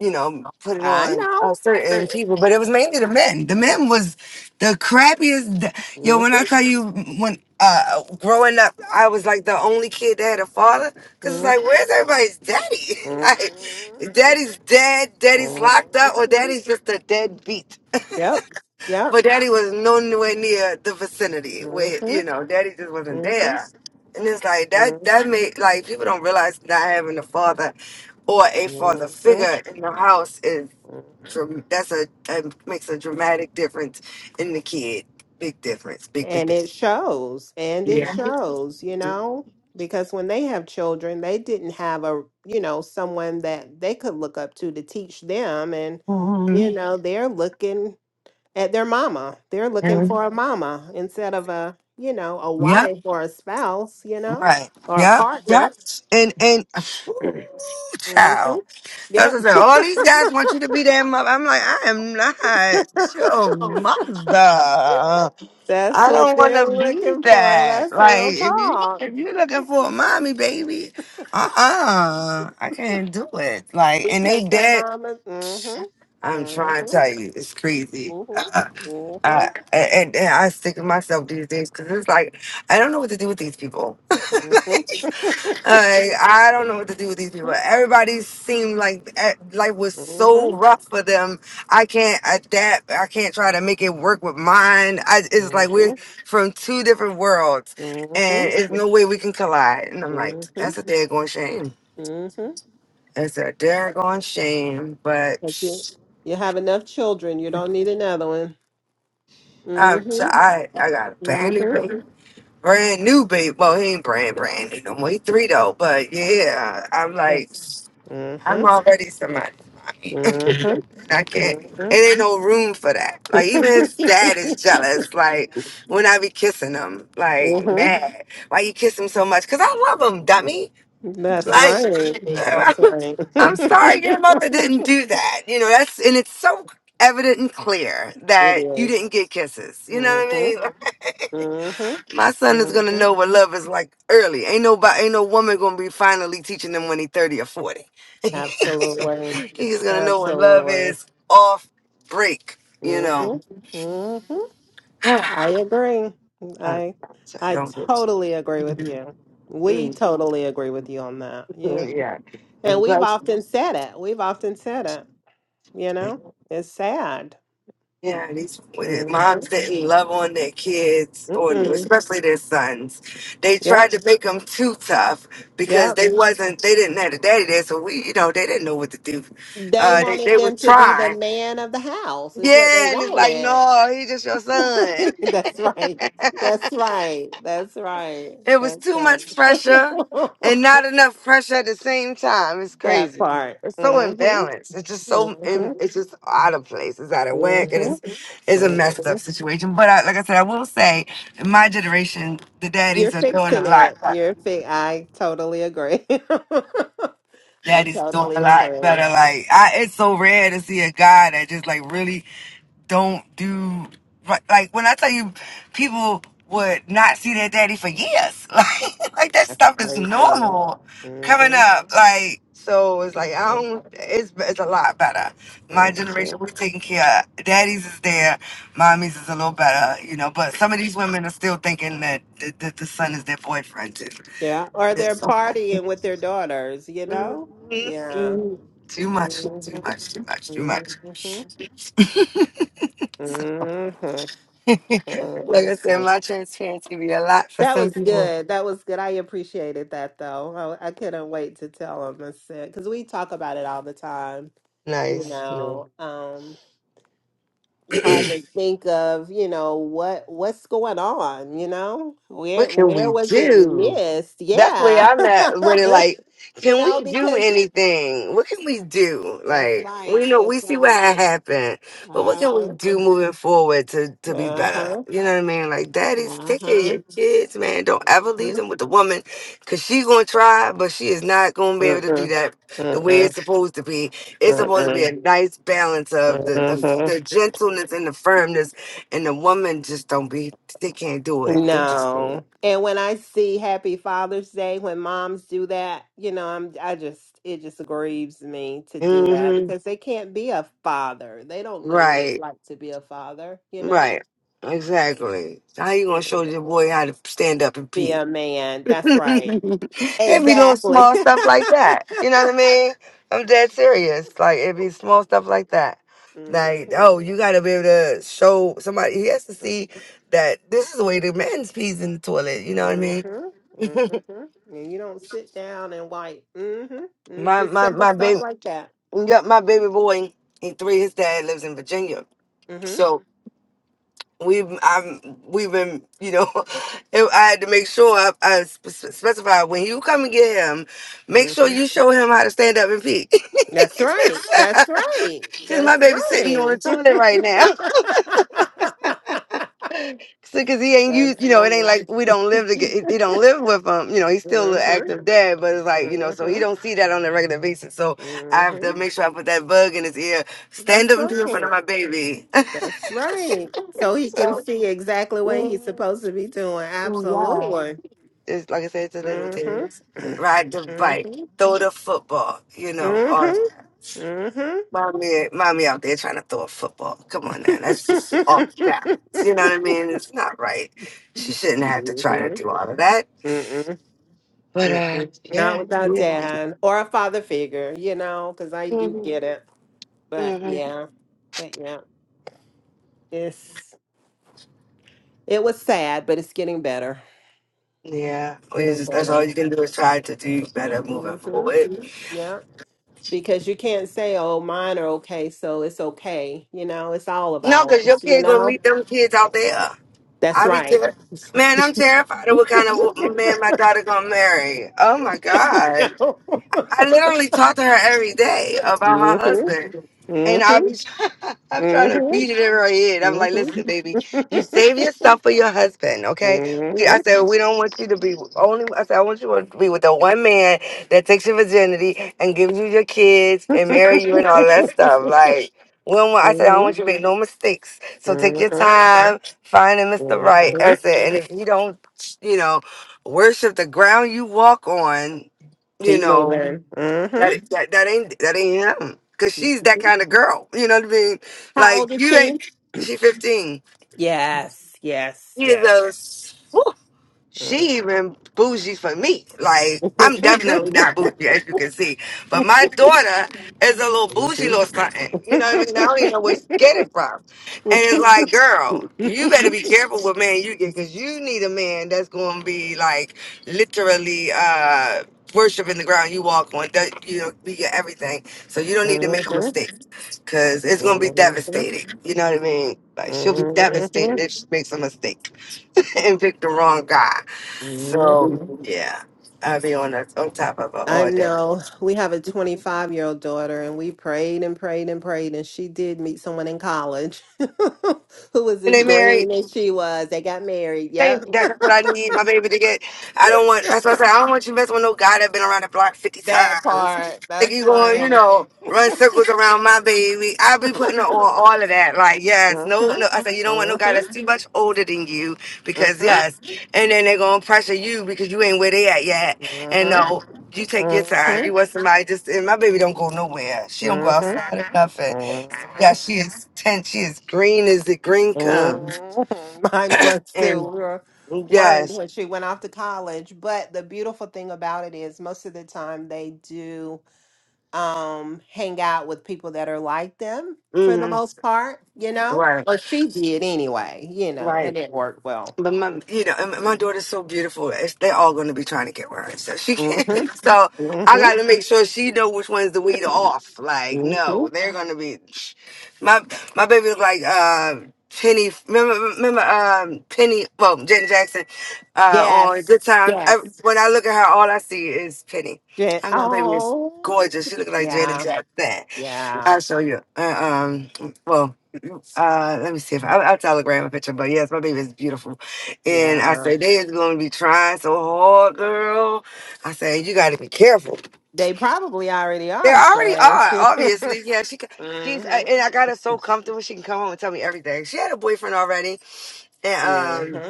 S7: you know put it
S8: I
S7: on
S8: know.
S7: uh, certain people, but it was mainly the men. The men was the crappiest. d- Yo,
S8: mm
S7: when I tell you mm, when uh growing up, I was like the only kid that had a father because it's
S8: Mhm,
S7: like where's everybody's daddy?
S8: mm
S7: like
S8: mhm,
S7: daddy's dead, daddy's locked up, or
S8: mhm, mhm.
S7: daddy's just a deadbeat.
S8: Yep. Yep.
S7: But daddy was nowhere near the vicinity where,
S8: Mm-hmm.
S7: you know, daddy just wasn't
S8: Mm-hmm.
S7: there. And it's like that, that
S8: Mm-hmm.
S7: made, like, people don't realize not having a father or a father
S8: Mm-hmm.
S7: figure in the house is,
S8: hmm
S7: dram- that's a, that makes a dramatic difference in the kid. Big difference. Big, big
S8: And it
S7: difference.
S8: shows. And it shows, you know, because when they have children, they didn't have a, you know, someone that they could look up to to teach them. And, you know, they're looking at their mama. They're looking for a mama instead of a, you know, a
S7: Yep.
S8: wife or a spouse, you know,
S7: Right.
S8: or a
S7: Yep. Yep.
S8: partner.
S7: And, and, whew,
S8: hmm
S7: child. That's
S8: Yep.
S7: what I said. All these guys want you to be their mother. I'm like, I am not your mother.
S8: That's
S7: I
S8: what
S7: don't want
S8: they're
S7: to be
S8: looking for.
S7: that.
S8: That's
S7: Like,
S8: real
S7: if you
S8: talk.
S7: if you're looking for a mommy, baby, uh uh I can't do it. Like, and they
S8: Because the
S7: dead.
S8: mama, mm-hmm,
S7: I'm trying to
S8: mm-hmm,
S7: tell you, it's crazy.
S8: mm-hmm,
S7: I, and, and I stick to myself these days because it's like I don't know what to do with these people. like,
S8: mm-hmm,
S7: I don't know what to do with these people.
S8: mm-hmm.
S7: Everybody seemed like eh, life was so rough for them. I can't adapt. I can't try to make it work with mine. I, it's like we're from two different worlds,
S8: hmm,
S7: and it's no way we can collide. And I'm like,
S8: hmm, hmm,
S7: that's a daggone shame.
S8: hmm.
S7: That's a daggone shame. But
S8: That's it. You have enough children. You don't need another one.
S7: I'm,
S8: Mm-hmm,
S7: I I got a
S8: mm-hmm.
S7: band brand new baby. Well, he ain't brand brand new no more. He three though, but yeah, I'm like,
S8: Yes.
S7: I'm
S8: Mm-hmm,
S7: already somebody. mommy.
S8: mm-hmm,
S7: I can't. It ain't no room for that. Like even his dad is jealous. Like when I be kissing him,
S8: mm-hmm.
S7: like mad. Why you kiss him so much? Cause I love him, dummy.
S8: That's
S7: Like
S8: right. That's right.
S7: I'm sorry, your mother didn't do that. You know that's and it's so evident and clear
S8: It
S7: that you
S8: is.
S7: didn't get kisses. You know what I
S8: Mm-hmm.
S7: mean?
S8: Mm-hmm.
S7: My son is gonna
S8: Mm-hmm.
S7: know what love is like early. Ain't nobody, ain't no woman gonna be finally teaching him when he's thirty or forty.
S8: Absolutely.
S7: He's gonna know what love
S8: Absolutely.
S7: is off break. You know.
S8: Mm-hmm. Mm-hmm.
S7: I,
S8: I agree. I
S7: so
S8: I
S7: don't bitch.
S8: totally agree with you. We
S7: Mm,
S8: totally agree with you on that. You
S7: yeah.
S8: and
S7: And
S8: we've
S7: Plus,
S8: often said it. We've often said it. You know, it's sad.
S7: yeah, these
S8: Mm-hmm.
S7: moms didn't love on their kids, or
S8: Mm-mm.
S7: especially their sons. They
S8: Yep.
S7: tried to make them too tough
S8: Yep.
S7: because they wasn't, they didn't have a daddy there, so we, you know, they didn't know what to do.
S8: They
S7: Uh, they,
S8: wanted
S7: they were
S8: them to be the
S7: trying.
S8: man of the house, is what they
S7: Yeah, and it's like,
S8: wanted.
S7: no, he's just your son.
S8: That's right. That's right. That's right.
S7: it was
S8: That's
S7: too much pressure
S8: right.
S7: and not enough pressure at the same time. It's
S8: that
S7: crazy.
S8: part.
S7: It's so
S8: hmm
S7: imbalanced. It's just so
S8: hmm
S7: im- it's just out of place. It's out of
S8: hmm
S7: whack. It is it's a messed
S8: hmm
S7: up situation. But I, like I said, I will say, in my generation, the
S8: You're
S7: daddies are doing a
S8: fixing
S7: lot
S8: it.
S7: better.
S8: You're fi- I totally agree. I
S7: Daddy's doing a
S8: totally
S7: lot better.
S8: agree.
S7: Like I, it's so rare to see a guy that just like really don't do right. Like when I tell you, people would not see their daddy for years. Like like that
S8: That's
S7: stuff is
S8: crazy.
S7: normal
S8: hmm
S7: coming up. Like so, it's like I don't. It's it's a lot better. My
S8: hmm
S7: generation was taking care. Daddies is there. Mommies is a little better, you know. But some of these women are still thinking that that, that the son is their boyfriend too.
S8: Yeah. Or
S7: It's-
S8: they're
S7: so-
S8: partying with their daughters, you know?
S7: Mhm.
S8: Yeah.
S7: mhm. Too much, too
S8: Mhm,
S7: much, too much, too
S8: mhm,
S7: much.
S8: mhm,
S7: like I said,
S8: mhm.
S7: my transparency be a lot for
S8: That
S7: some
S8: was
S7: people,
S8: good. That was good. I appreciated that though. I, I couldn't wait to tell him. I said because we talk about it all the time. You
S7: Nice. No.
S8: know, um, trying to think of you know what what's going on. You know,
S7: What
S8: where
S7: can
S8: where
S7: we
S8: was it
S7: do?
S8: missed?
S7: That's where
S8: Yeah,
S7: I'm at with it. Like,
S8: you
S7: can
S8: know
S7: we do
S8: because
S7: anything? What can we do?
S8: that's
S7: Like,
S8: right.
S7: we know
S8: That's
S7: we see what
S8: right.
S7: had happened, but what
S8: Uh
S7: can
S8: huh.
S7: we do moving forward to to be
S8: Uh
S7: better?
S8: huh.
S7: You know what I mean? Like, daddy's taking your
S8: Uh
S7: kids, man. Don't ever leave them
S8: huh.
S7: with the woman, cause she's gonna try, but she is not gonna be able to do
S8: Mm-mm.
S7: that the way
S8: Mm-mm.
S7: it's supposed to be. It's supposed to be a
S8: Mm-mm.
S7: nice balance of the
S8: Mm-hmm.
S7: the, the gentleness and the firmness, and the woman just don't be. They can't do it. They just can't.
S8: No. And when I see Happy Father's Day, when moms do that, you know, I'm I just it just grieves me to do that
S7: hmm
S8: because they can't be a father. They don't know what it's
S7: Right.
S8: like to be a father, you know?
S7: Right. Exactly. How you gonna show your
S8: Mhm.
S7: boy how to stand up and
S8: Be
S7: pee?
S8: a man. That's right.
S7: it be little
S8: Exactly.
S7: small stuff like that. You know what I mean? I'm dead serious. Like it be small stuff like that. Like,
S8: hmm
S7: oh, you gotta be able to show somebody he has to see that this is the way the man's pees in the toilet, you know what I mean?
S8: Mm-hmm. Mm-hmm. And you don't sit down and like, mm-hmm. Mm,
S7: my
S8: just
S7: my
S8: simple
S7: my
S8: stuff
S7: baby
S8: like that.
S7: yeah, my baby boy, he three, his dad lives in Virginia.
S8: Mm-hmm.
S7: So. we've i have we've been you know it- I had to make sure I, I spe- specified when you come and get him, make sure
S8: Mm-hmm.
S7: you show him how to stand up and pee.
S8: That's right. That's right.
S7: Cause my
S8: That's
S7: baby's sitting on
S8: right.
S7: the toilet right now. So, cause he ain't
S8: That's
S7: used, you know, it
S8: right.
S7: ain't like we don't live
S8: Mm-hmm.
S7: together. He don't live with him. You know, he's still an
S8: Mm-hmm.
S7: active dad, but it's like, you know, so he don't see that on a regular basis. So I have
S8: Mm-hmm.
S7: to make sure I put that bug in his ear. Stand
S8: That's
S7: up and pee in front
S8: right.
S7: of my baby.
S8: That's right. So he can see exactly what he's supposed to be doing. Absolutely.
S7: it's like I said, it's the little things.
S8: Mm-hmm.
S7: Ride the bike,
S8: Mm-hmm.
S7: throw the football, you know, or
S8: Mm-hmm. Mm-hmm.
S7: mommy, mommy out there trying to throw a football. Come on now, that's just off balance.
S8: Mhm.
S7: You know what I mean? It's not right. She shouldn't have to try to do all of that.
S8: Mm-mm.
S7: But uh,
S8: Mm-mm. Not
S7: yeah,
S8: without
S7: yeah,
S8: dad or a father figure, you know, because I do
S7: hmm
S8: get it. But
S7: hmm
S8: yeah, but yeah, it's it was sad, but it's getting better,
S7: yeah. We
S8: getting
S7: just, that's all
S8: better.
S7: you can do is try to do better moving
S8: hmm
S7: forward.
S8: Yeah, because you can't say, "Oh, mine are okay, so it's okay." You know, it's all of
S7: No, because your
S8: ours. You
S7: kid gonna
S8: know,
S7: meet them kids out there.
S8: that's
S7: I be
S8: right.
S7: ter- man, I'm terrified of what kind of wo- man my daughter gonna marry. Oh my god. I literally talk to her every day about
S8: hmm
S7: her husband.
S8: hmm
S7: And I be, I'm trying to beat it in her head. I'm
S8: hmm
S7: like, listen, baby,
S8: hmm
S7: you save yourself for your husband, okay? We, I
S8: Mhm.
S7: said, we don't want you to be only. I said, I want you to be with the one man that takes your virginity and gives you your kids and marry you and all that stuff. Like, we don't want, I said, I don't
S8: Mhm.
S7: want you to make no mistakes. So take your
S8: Mhm.
S7: time, finding Mr. Right. I
S8: Mhm.
S7: said, and if you don't, you know, worship the ground you walk on, you
S8: Keep
S7: know,
S8: moving. hmm
S7: that, that that ain't that ain't him. Cause she's that
S8: Mhm.
S7: kind of girl. You know what I mean?
S8: How
S7: Like
S8: old is
S7: you
S8: she?
S7: ain't. She fifteen.
S8: Yes, yes,
S7: He is
S8: yes.
S7: a
S8: Mhm.
S7: she even bougie for me. Like I'm definitely not bougie as you can see, but my
S8: Mhm.
S7: daughter is a little bougie little something. You know what I mean? I don't even know where to get it from. And it's like, girl, you better be careful what man you get because you need a man that's going to be like literally uh worshiping the ground you walk on. That you know, be your everything. So you don't need to make a
S8: Mhm.
S7: mistake because it's going to be
S8: Mhm.
S7: devastating. You know what I mean? Like she'll be devastated
S8: Mhm.
S7: if she makes a mistake. and pick the wrong guy.
S8: Mhm.
S7: So yeah, I'd be on the, on top of her
S8: I
S7: all day.
S8: know we have a 25 year old daughter, and we prayed and prayed and prayed, and she did meet someone in college who was
S7: And
S8: as
S7: they married.
S8: green as she was. They got married.
S7: Thank-
S8: Yep.
S7: that- That's what I need my baby to get. I don't want. That's what I said. I don't want you messing with no guy that been around the block fifty
S8: That
S7: times.
S8: part.
S7: Like
S8: That's
S7: you going, you
S8: right.
S7: know, run circles around my baby. I be putting her on all of that. Like yes, no,
S8: Mhm,
S7: no. I said you don't want no guy that's
S8: mhm,
S7: too much older than you
S8: mhm,
S7: because yes, and then they're gonna pressure you because you ain't where they at yet. And
S8: mhm,
S7: no, you take your time. You
S8: mhm,
S7: want somebody just and my baby don't go nowhere. She don't go
S8: mhm,
S7: outside or nothing. So, yeah,
S8: mhm,
S7: she is ten. She is green as the green comes.
S8: mhm. Mine was too.
S7: And
S8: We were worried
S7: yes,
S8: when she went off to college. But the beautiful thing about it is, most of the time, they do. um, hang out with people that are like them for the
S7: hmm
S8: most part, you know?
S7: Right,
S8: Or she did anyway, you know,
S7: right.
S8: and it worked well.
S7: But my, you know, and my daughter's so beautiful. It's, they're all going to be trying to get her So She
S8: hmm
S7: can't. So
S8: hmm
S7: I got to make sure she know which one's the weed off. Like,
S8: hmm
S7: no, they're going to be. My my baby was like uh, Penny. Remember, remember um, Penny? Well, Jen Jackson uh, on
S8: Yes.
S7: Good Times. I,
S8: Yes.
S7: when I look at her, all I see is Penny.
S8: Yeah.
S7: And my baby is
S8: Oh.
S7: gorgeous. She look like Janet
S8: Yeah.
S7: Jackson.
S8: Yeah.
S7: I'll show you. Uh, um, well, uh, let me see if I, I'll telegram a picture. But yes, my baby is beautiful, and I
S8: Yeah.
S7: say they is going to be trying so hard, girl. I say you got to be careful.
S8: They probably already
S7: They
S8: are,
S7: already
S8: Shay.
S7: are, obviously. Yeah, she ca- she's uh,
S8: hmm
S7: and I got her so comfortable. She can come home and tell me everything. She had a boyfriend already
S8: hmm
S7: and, um,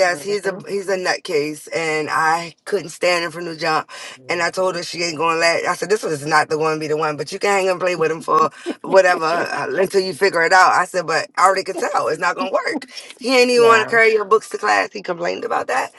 S8: hmm
S7: he's a he's a nutcase, and I couldn't stand him from the jump. And I told her she ain't gonna let. I said this was not the one, be the one, but you can hang and play with him for whatever uh, until you figure it out. I said, but I already can tell it's not gonna work. He ain't even want to
S8: Yeah.
S7: carry your books to class. He complained about that.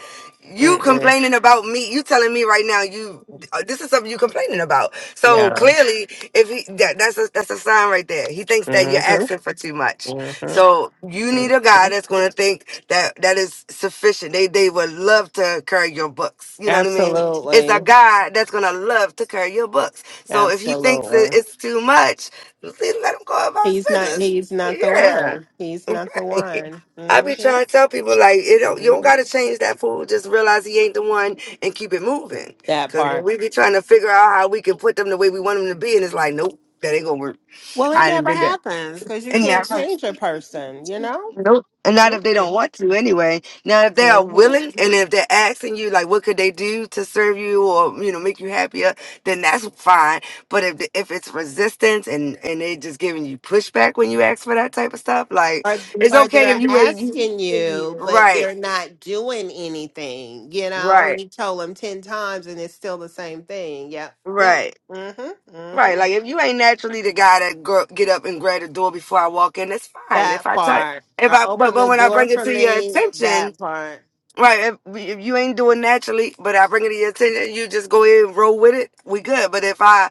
S7: You
S8: Mm-mm.
S7: complaining about me? You telling me right now you uh, this is something you complaining about? So
S8: Yeah.
S7: clearly, if he that, that's a that's a sign right there. He thinks that you're
S8: hmm
S7: asking for too much.
S8: hmm
S7: So you need a guy that's going to think that that is sufficient. They they would love to carry your books. You know what I mean? It's a
S8: Absolutely.
S7: guy that's going to love to carry your books. So if he thinks that
S8: Absolutely.
S7: it's too much, then let him go about his
S8: He's not
S7: business.
S8: he's not the
S7: Yeah,
S8: one. He's not the
S7: right.
S8: one.
S7: I
S8: hmm
S7: be trying to tell people like it don't you don't
S8: hmm
S7: got to change that fool. Just realize he ain't the one and keep it moving.
S8: That
S7: Cause when
S8: part.
S7: we be trying to figure out how we can put them the way we want them to be, and it's like nope, that ain't gonna work.
S8: Well, it
S7: I didn't
S8: never
S7: do
S8: happens because you can't
S7: that.
S8: change a person, you know?
S7: Nope. And not if they
S8: Mm-mm.
S7: don't want to anyway. Now, if they are
S8: hmm
S7: willing and if they're asking you, like, what could they do to serve you or, you know, make you happier, then that's fine. But if the, if it's resistance and and they just giving you pushback when you ask for that type of stuff, like,
S8: Or,
S7: it's
S8: or
S7: okay if
S8: they're
S7: you ain't, you,
S8: asking you, but
S7: right,
S8: they're not doing anything. You know,
S7: right,
S8: you told them 10 times and it's still the same thing. Yep. Yep.
S7: right.
S8: hmm hmm
S7: Right, like if you ain't naturally the guy that gr- get up and grab the door before I walk in, it's fine. If
S8: That
S7: I tell,
S8: part.
S7: if
S8: Or
S7: I, but
S8: open
S7: but
S8: the
S7: when I
S8: door
S7: bring it
S8: for
S7: to your
S8: me.
S7: attention,
S8: That part.
S7: Right. If, we- if you ain't doing naturally, but I bring it to your attention, you just go ahead and roll with it. We good. But if I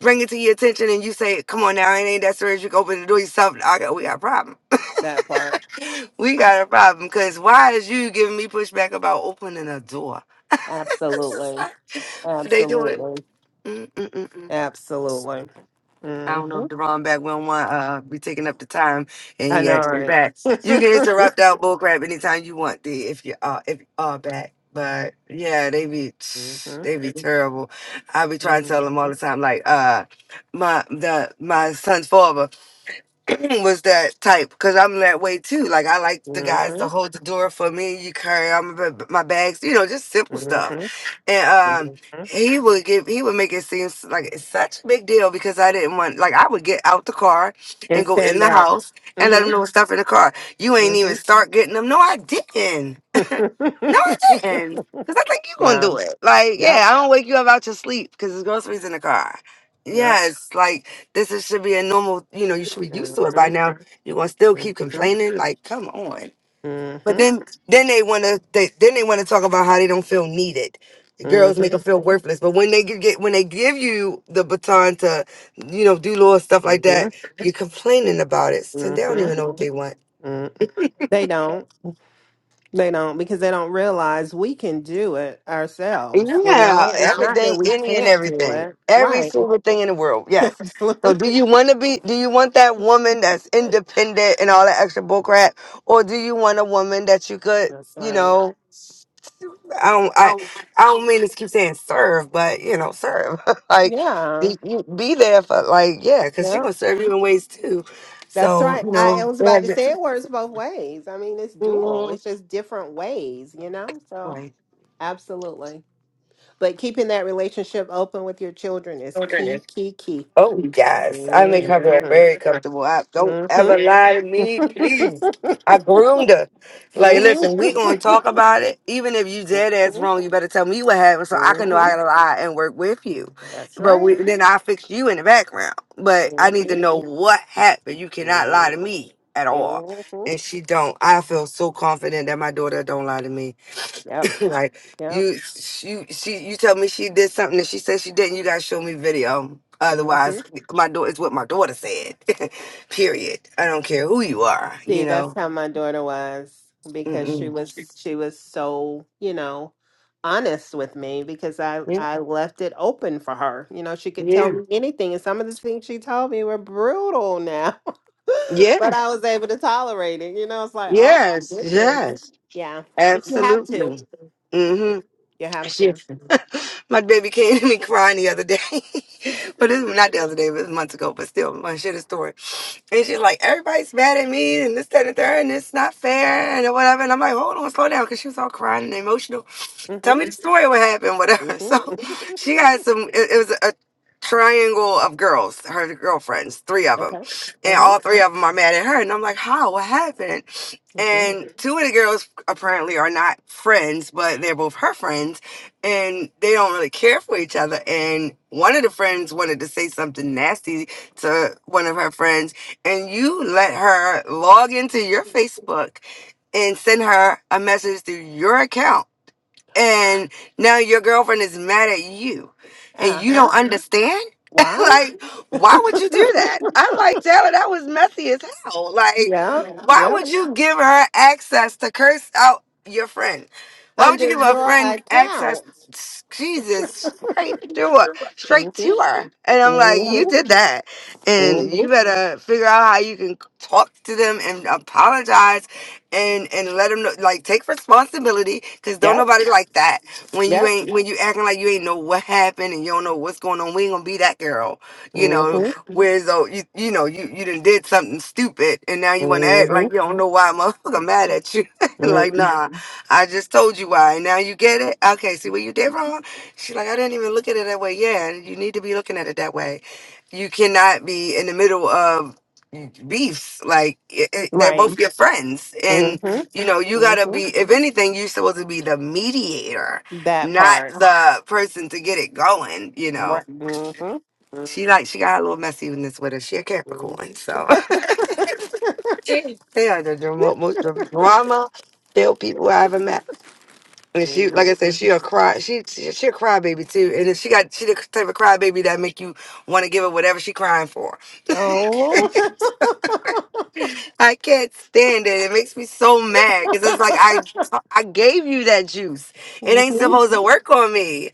S7: bring it to your attention and you say, "Come on now, it ain't that serious," you can open the door yourself. I got, we got a problem.
S8: That part.
S7: we
S8: A-
S7: got a problem. Cause why is you giving me pushback about opening a door?
S8: Absolutely.
S7: They do it.
S8: Absolutely.
S7: Mm, mm, mm, mm.
S8: Absolutely.
S7: I
S8: hmm
S7: don't know if Deron back We don't want uh be taking up the time and
S8: I
S7: he
S8: know,
S7: actually
S8: right?
S7: back. You can interrupt out bullcrap anytime you want, D, if you are if you are back. But yeah, they be
S8: hmm
S7: they be terrible. I be trying to tell
S8: Mhm,
S7: them all the time, like uh my the my son's father. was that type because I'm that way too. Like I like the guys to
S8: mhm,
S7: hold the door for me. You carry all my, ba- my bags, you know, just simple stuff.
S8: mhm,
S7: And um,
S8: mhm.
S7: he would give, he would make it seem s- like it's such a big deal because I didn't want. Like I would get out the car and
S8: And
S7: go in
S8: stand
S7: the
S8: up.
S7: house and let him
S8: hmm
S7: know stuff in the car. You ain't even
S8: hmm
S7: start getting them. No, I didn't. No, I didn't. Cause I think you gonna
S8: yeah.
S7: do it. Like,
S8: Yep.
S7: yeah, I don't wake you up out your sleep because there's groceries in the car.
S8: Yep.
S7: Yes, like this is, should be a normal. You know, you should be used
S8: hmm
S7: to it by
S8: hmm
S7: now. You're gonna still keep complaining. Like, come on.
S8: hmm
S7: But then, then they wanna, they, then they wanna talk about how they don't feel needed. Girls make them feel worthless. But when they gi- get, when they give you the baton to, you know, do little stuff like that,
S8: hmm
S7: you're complaining about it. So they don't
S8: hmm
S7: even know what they want.
S8: hmm They don't. They don't because they don't realize we can do it ourselves. You
S7: Yeah,
S8: know, it's not that
S7: everything,
S8: we
S7: any and
S8: can't do
S7: everything,
S8: it.
S7: every
S8: Right.
S7: single thing in the world. Yes. So,
S8: Absolutely.
S7: do you want to be? Do you want that woman that's independent and all that extra bullcrap, or do you want a woman that you could,
S8: That's
S7: you
S8: right.
S7: know, I don't, I,
S8: Oh,
S7: I don't mean to keep saying serve, but you know, serve like
S8: yeah.
S7: be you be there for like yeah, because she's
S8: Yeah.
S7: gonna serve you in ways too.
S8: That's
S7: So
S8: right.
S7: you
S8: I, I
S7: know,
S8: was
S7: yeah,
S8: about to
S7: yeah.
S8: say it works both ways. I mean, it's dual, it's
S7: Mhm.
S8: just different ways, you know? So, absolutely. But keeping that relationship open with your children is key, key, key.
S7: Oh yes, I make her feel
S8: Mm-hmm.
S7: very comfortable. I don't
S8: Mm-hmm.
S7: ever lie to me, please. I groomed her. Like, listen, we gonna talk about it. Even if you dead ass wrong, you better tell me what happened so I
S8: mm-hmm.
S7: can know I gotta lie and work with you.
S8: That's
S7: But
S8: right.
S7: we, then I fix you in the background. But I need to
S8: Mm-hmm.
S7: know what happened. You cannot lie to
S8: Mm-hmm.
S7: me at all.
S8: Mm-hmm.
S7: And she don't. I feel so confident that my daughter don't lie to me.
S8: Yep.
S7: like
S8: Yep.
S7: you, you, she, you tell me she did something and she said she didn't. You gotta show me video.
S8: Mm-hmm.
S7: Otherwise, my daughter is what my daughter said. Period. I don't care who you are. You
S8: See, that's
S7: know.
S8: how my daughter was because she
S7: Mm-mm.
S8: was she was so, you know, honest with me because I
S7: Yeah.
S8: I left it open for her. You know, she could tell
S7: Yeah.
S8: me anything and some of the things she told me were brutal now.
S7: Yeah.
S8: but I was able to tolerate it. You know, it's like, oh my
S7: Yes.
S8: goodness.
S7: Yes.
S8: Yeah. But you have to.
S7: Absolutely. Mm-hmm.
S8: You have to.
S7: Shit. my baby came to me crying the other day. but this not the other day, but it was months ago, but still my shit is story. And she's like, Everybody's mad at me and this, that, and the third, and it's not fair and whatever. And I'm like, hold on, slow down, because she was all crying and emotional tell
S8: Mm-hmm.
S7: me the story of what happened, whatever. So
S8: Mm-hmm.
S7: she had some, it, it was a triangle of girls, her girlfriends, three of them.
S8: Okay.
S7: And
S8: Uh-huh.
S7: all three of them are mad at her. And I'm like, how? What happened?
S8: Mm-hmm.
S7: And two of the girls apparently are not friends, but they're both her friends and they don't really care for each other. And one of the friends wanted to say something nasty to one of her friends, and you let her log into your Facebook and send her a message through your account and now your girlfriend is mad at you and you
S8: Uh-huh.
S7: don't understand
S8: Why?
S7: like why would you do that i'm like taylor that was messy as hell like
S8: Yeah.
S7: why
S8: Yeah.
S7: would you give her access to curse out your friend why would you
S8: Under
S7: give a
S8: your
S7: friend access
S8: account.
S7: jesus straight to her straight
S8: Mm-hmm.
S7: to her and i'm like you
S8: Mm-hmm.
S7: did that and you
S8: Mm-hmm.
S7: better figure out how you can talk to them and apologize and and let them know like take responsibility because don't
S8: Yep.
S7: nobody like that when you
S8: Yep.
S7: ain't when you acting like you ain't know what happened and you don't know what's going on we ain't gonna be that girl you know
S8: Mm-hmm.
S7: whereas though you you know you you done did something stupid and now you want to act
S8: Mm-hmm.
S7: like you don't know why a motherfucker mad at you like
S8: mm-hmm.
S7: nah i just told you why and now you get it okay see what you did wrong She's like i didn't even look at it that way yeah you need to be looking at it that way you cannot be in the middle of beefs like it, it, they're
S8: Right.
S7: both your friends and
S8: Mm-hmm.
S7: you know you gotta
S8: Mm-hmm.
S7: be if anything you're supposed to be the mediator
S8: That
S7: not
S8: part.
S7: the person to get it going you know
S8: Right. Mm-hmm.
S7: she like she
S8: Mm-hmm.
S7: got a little messy in this with her she a capricorn so they are the drama, most drama filled people i ever met and she like
S8: Mm-hmm.
S7: i said she a cry she, she she a crybaby too and then she got she the type of crybaby that make you want to give her whatever she crying for
S8: Oh.
S7: I can't stand it. It makes me so mad because it's like I I gave you that juice. It ain't
S8: mm-hmm.
S7: supposed to work on me.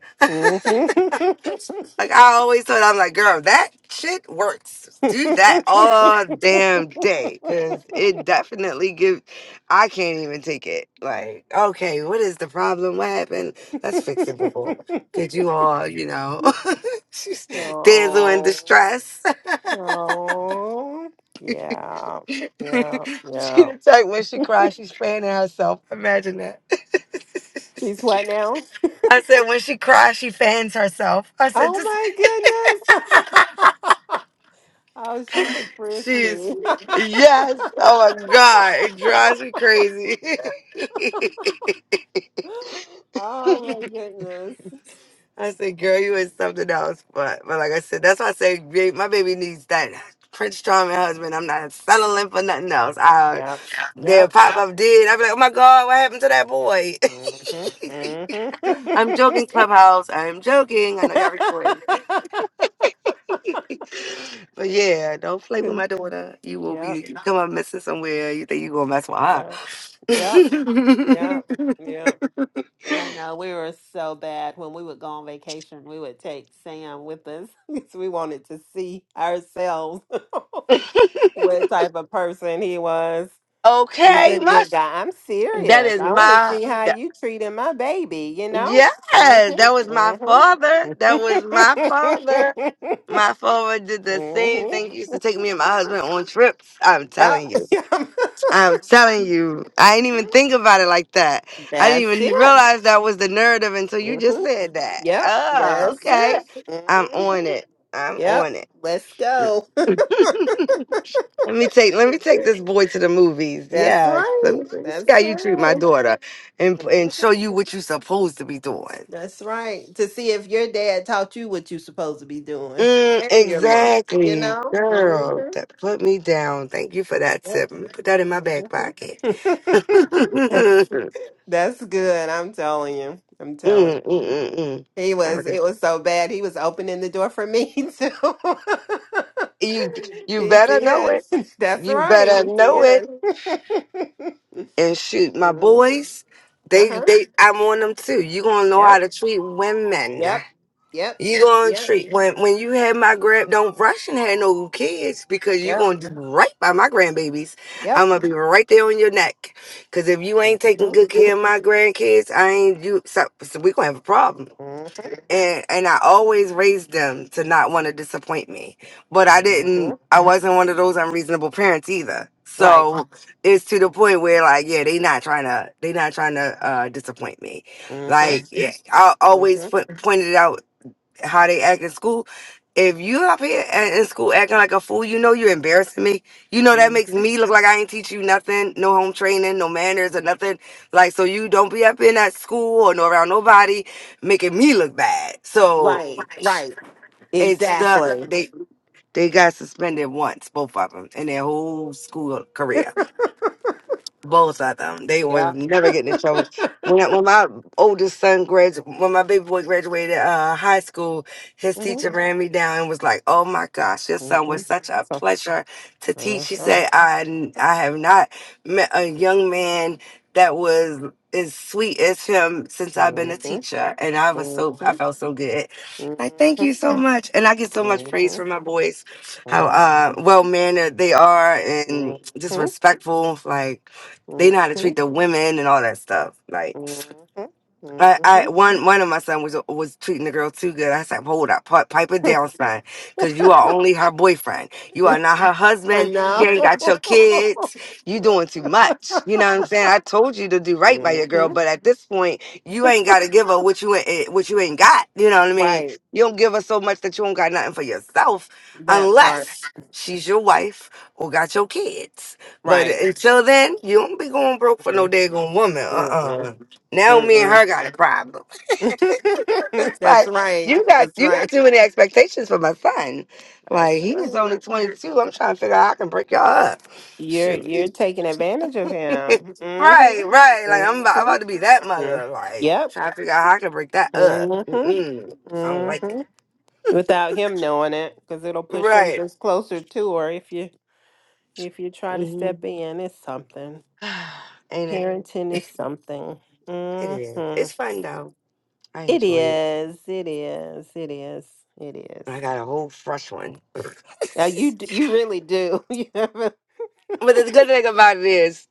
S7: Like I always thought, I'm like, girl, that shit works. Do that all damn day
S8: Mm-hmm.
S7: because it definitely gives. I can't even take it. Like, okay, what is the problem? What happened? That's fixable. Could you all, you know, just dazzle in
S8: No,
S7: distress?
S8: no. Yeah, yeah,
S7: she
S8: yeah.
S7: the type when she cries, she's fanning herself. Imagine that.
S8: She's what now?
S7: I said when she cries, she fans herself. I said just
S8: Oh my goodness. Oh, she's
S7: she's
S8: prissy.
S7: yes. Oh my god, it drives me crazy.
S8: Oh my goodness.
S7: I said, girl, you is something else. But but like I said, that's why I say ba- my baby needs that. Prince Charming husband, I'm not settling for nothing else. I,
S8: Yep,
S7: then
S8: yep.
S7: pop up did. I'd be like, oh my god, what happened to that boy?
S8: hmm hmm
S7: I'm joking, Clubhouse. I'm joking. I know y'all recording. but yeah, don't play with my daughter. You will
S8: Yep,
S7: be you come up missing somewhere. You think you gonna mess with
S8: yep, yep. Yeah.
S7: her.
S8: Yeah. I know we were so bad when we would go on vacation. We would take Sam with us because we wanted to see ourselves what type of person he was. He's
S7: okay,
S8: a
S7: my
S8: good guy. I'm
S7: that
S8: serious.
S7: is
S8: I want to
S7: my
S8: see how
S7: that,
S8: you treating my baby. You know.
S7: yeah,
S8: Mhm.
S7: that was my
S8: Mhm.
S7: father. That was my father. My father did the same
S8: mhm.
S7: thing. He used to take me and my husband on trips. I'm
S8: Yep.
S7: telling you. I'm telling you, I didn't even
S8: mhm.
S7: think about it like that. I didn't
S8: That's
S7: even
S8: it.
S7: realize that was the narrative until you
S8: Mm-hmm.
S7: just said that.
S8: Yep,
S7: Oh,
S8: that's it.
S7: okay. I'm on
S8: hmm
S7: it. I'm
S8: Yep,
S7: on it.
S8: let's go.
S7: Let me take let me take this boy to the movies.
S8: That's
S7: Yeah, let
S8: right.
S7: me, let me see how
S8: That's
S7: you treat my
S8: right.
S7: daughter, and and show you
S8: Mhm.
S7: what you're supposed to be doing.
S8: That's right. To see if your dad taught you what you're supposed to be doing
S7: Mm,
S8: and your mom, you
S7: exactly,
S8: know?
S7: girl.
S8: hmm
S7: That put me down. Thank you for that tip. Let me put that in my back pocket. mm,
S8: That's, that's good. I'm telling you. I'm telling you.
S7: mm, mm,
S8: He was,
S7: mm.
S8: it was so bad. He was opening the door for me too.
S7: you you
S8: He
S7: better know
S8: did.
S7: it.
S8: That's
S7: You
S8: right.
S7: better
S8: He
S7: know
S8: did.
S7: it. And shoot, my
S8: Mhm.
S7: boys, they
S8: Uh-huh.
S7: they I want them too. You gonna know
S8: Yep.
S7: how to treat women.
S8: Yep. Yep.
S7: You gonna
S8: Yep.
S7: treat when when you had my grand don't rush and have no kids because you
S8: Yep.
S7: gonna do right by my grandbabies.
S8: Yep.
S7: I'm gonna be right there on your neck. Cause if you ain't taking
S8: Mhm.
S7: good care of my grandkids, I ain't you so, so we gonna have a problem
S8: Mhm.
S7: and and I always raised them to not want to disappoint me. But I didn't
S8: Mhm.
S7: I wasn't one of those unreasonable parents either.
S8: Right.
S7: So it's to the point where like yeah, they not trying to they not trying to uh disappoint me.
S8: Mhm.
S7: Like yeah, I always
S8: Mhm.
S7: put, pointed out how they act in school. If you up here a- in school acting like a fool, you know you're embarrassing me. You know that makes
S8: Mhm.
S7: me look like I ain't teach you nothing, no home training, no manners or nothing. Like so, you don't be up in that school or no around nobody, making me look bad. So
S8: Right. Right.
S7: it's stuck.
S8: Exactly.
S7: they they got suspended once, both of them, in their whole school career both of them. They
S8: Yeah.
S7: was never getting in trouble. When I, when my oldest son graduated, when my baby boy graduated uh, high school, his
S8: Mhm.
S7: teacher ran me down and was like, "Oh my gosh, your son was
S8: Mhm.
S7: such a
S8: So.
S7: pleasure to teach."
S8: Mhm.
S7: She said, "I I have not met a young man that was as sweet as him since I've been a
S8: Mhm.
S7: teacher," and I was
S8: Mhm.
S7: so I
S8: Mhm.
S7: felt so good. Like, thank you so much, and I get so much praise
S8: Mhm.
S7: from my boys, how
S8: Mhm.
S7: uh, well mannered they are and
S8: Mhm,
S7: just respectful, like. They know how to treat
S8: mhm,
S7: the women and all that stuff. Like,
S8: mhm,
S7: I, I
S8: mhm.
S7: one one of my son was was treating the girl too good. I said, "Hold up, pi- pipe it down, son, because you are only her boyfriend. You are not her
S8: I
S7: husband. She ain't
S8: know.
S7: got your kids. You doing too much. You know what I'm saying? I told you to do right by your girl,
S8: Mhm.
S7: but at this point, you ain't got to give her what you ain't eh, what you ain't got. You know what I mean?
S8: Right.
S7: You don't give her so much that you don't got nothing for yourself,
S8: That part.
S7: unless she's your wife or got your kids. But
S8: Right.
S7: until then, you don't be going broke for no
S8: Mhm,
S7: daggone woman. Uh
S8: mhm,
S7: uh now me and
S8: mhm.
S7: her got a problem. it's
S8: That's
S7: like
S8: right.
S7: you got
S8: That's
S7: you got
S8: right.
S7: too many expectations for my son. Like
S8: That's
S7: he is only
S8: right.
S7: twenty two. I'm trying to figure out how I can break y'all up.
S8: You're
S7: Shoot.
S8: you're taking advantage of him.
S7: right,
S8: Mhm,
S7: right. Like I'm about, I'm
S8: mhm,
S7: about to be that
S8: mhm.
S7: mother. Like
S8: Yep.
S7: trying to figure out how I can break that up.
S8: Mhm,
S7: Mm-mm. I don't like it.
S8: mhm. Without him knowing it, because it'll push him
S7: Right.
S8: just closer to her if you If you try to
S7: hmm
S8: step in, it's something.
S7: Ain't
S8: Parenting
S7: it?
S8: is something.
S7: It is. It's
S8: Mhm.
S7: fun though. I
S8: It
S7: enjoy it.
S8: is. It is. It is. It is.
S7: I got a whole fresh one.
S8: Now you d- you really do. You have a-
S7: But the good thing about it is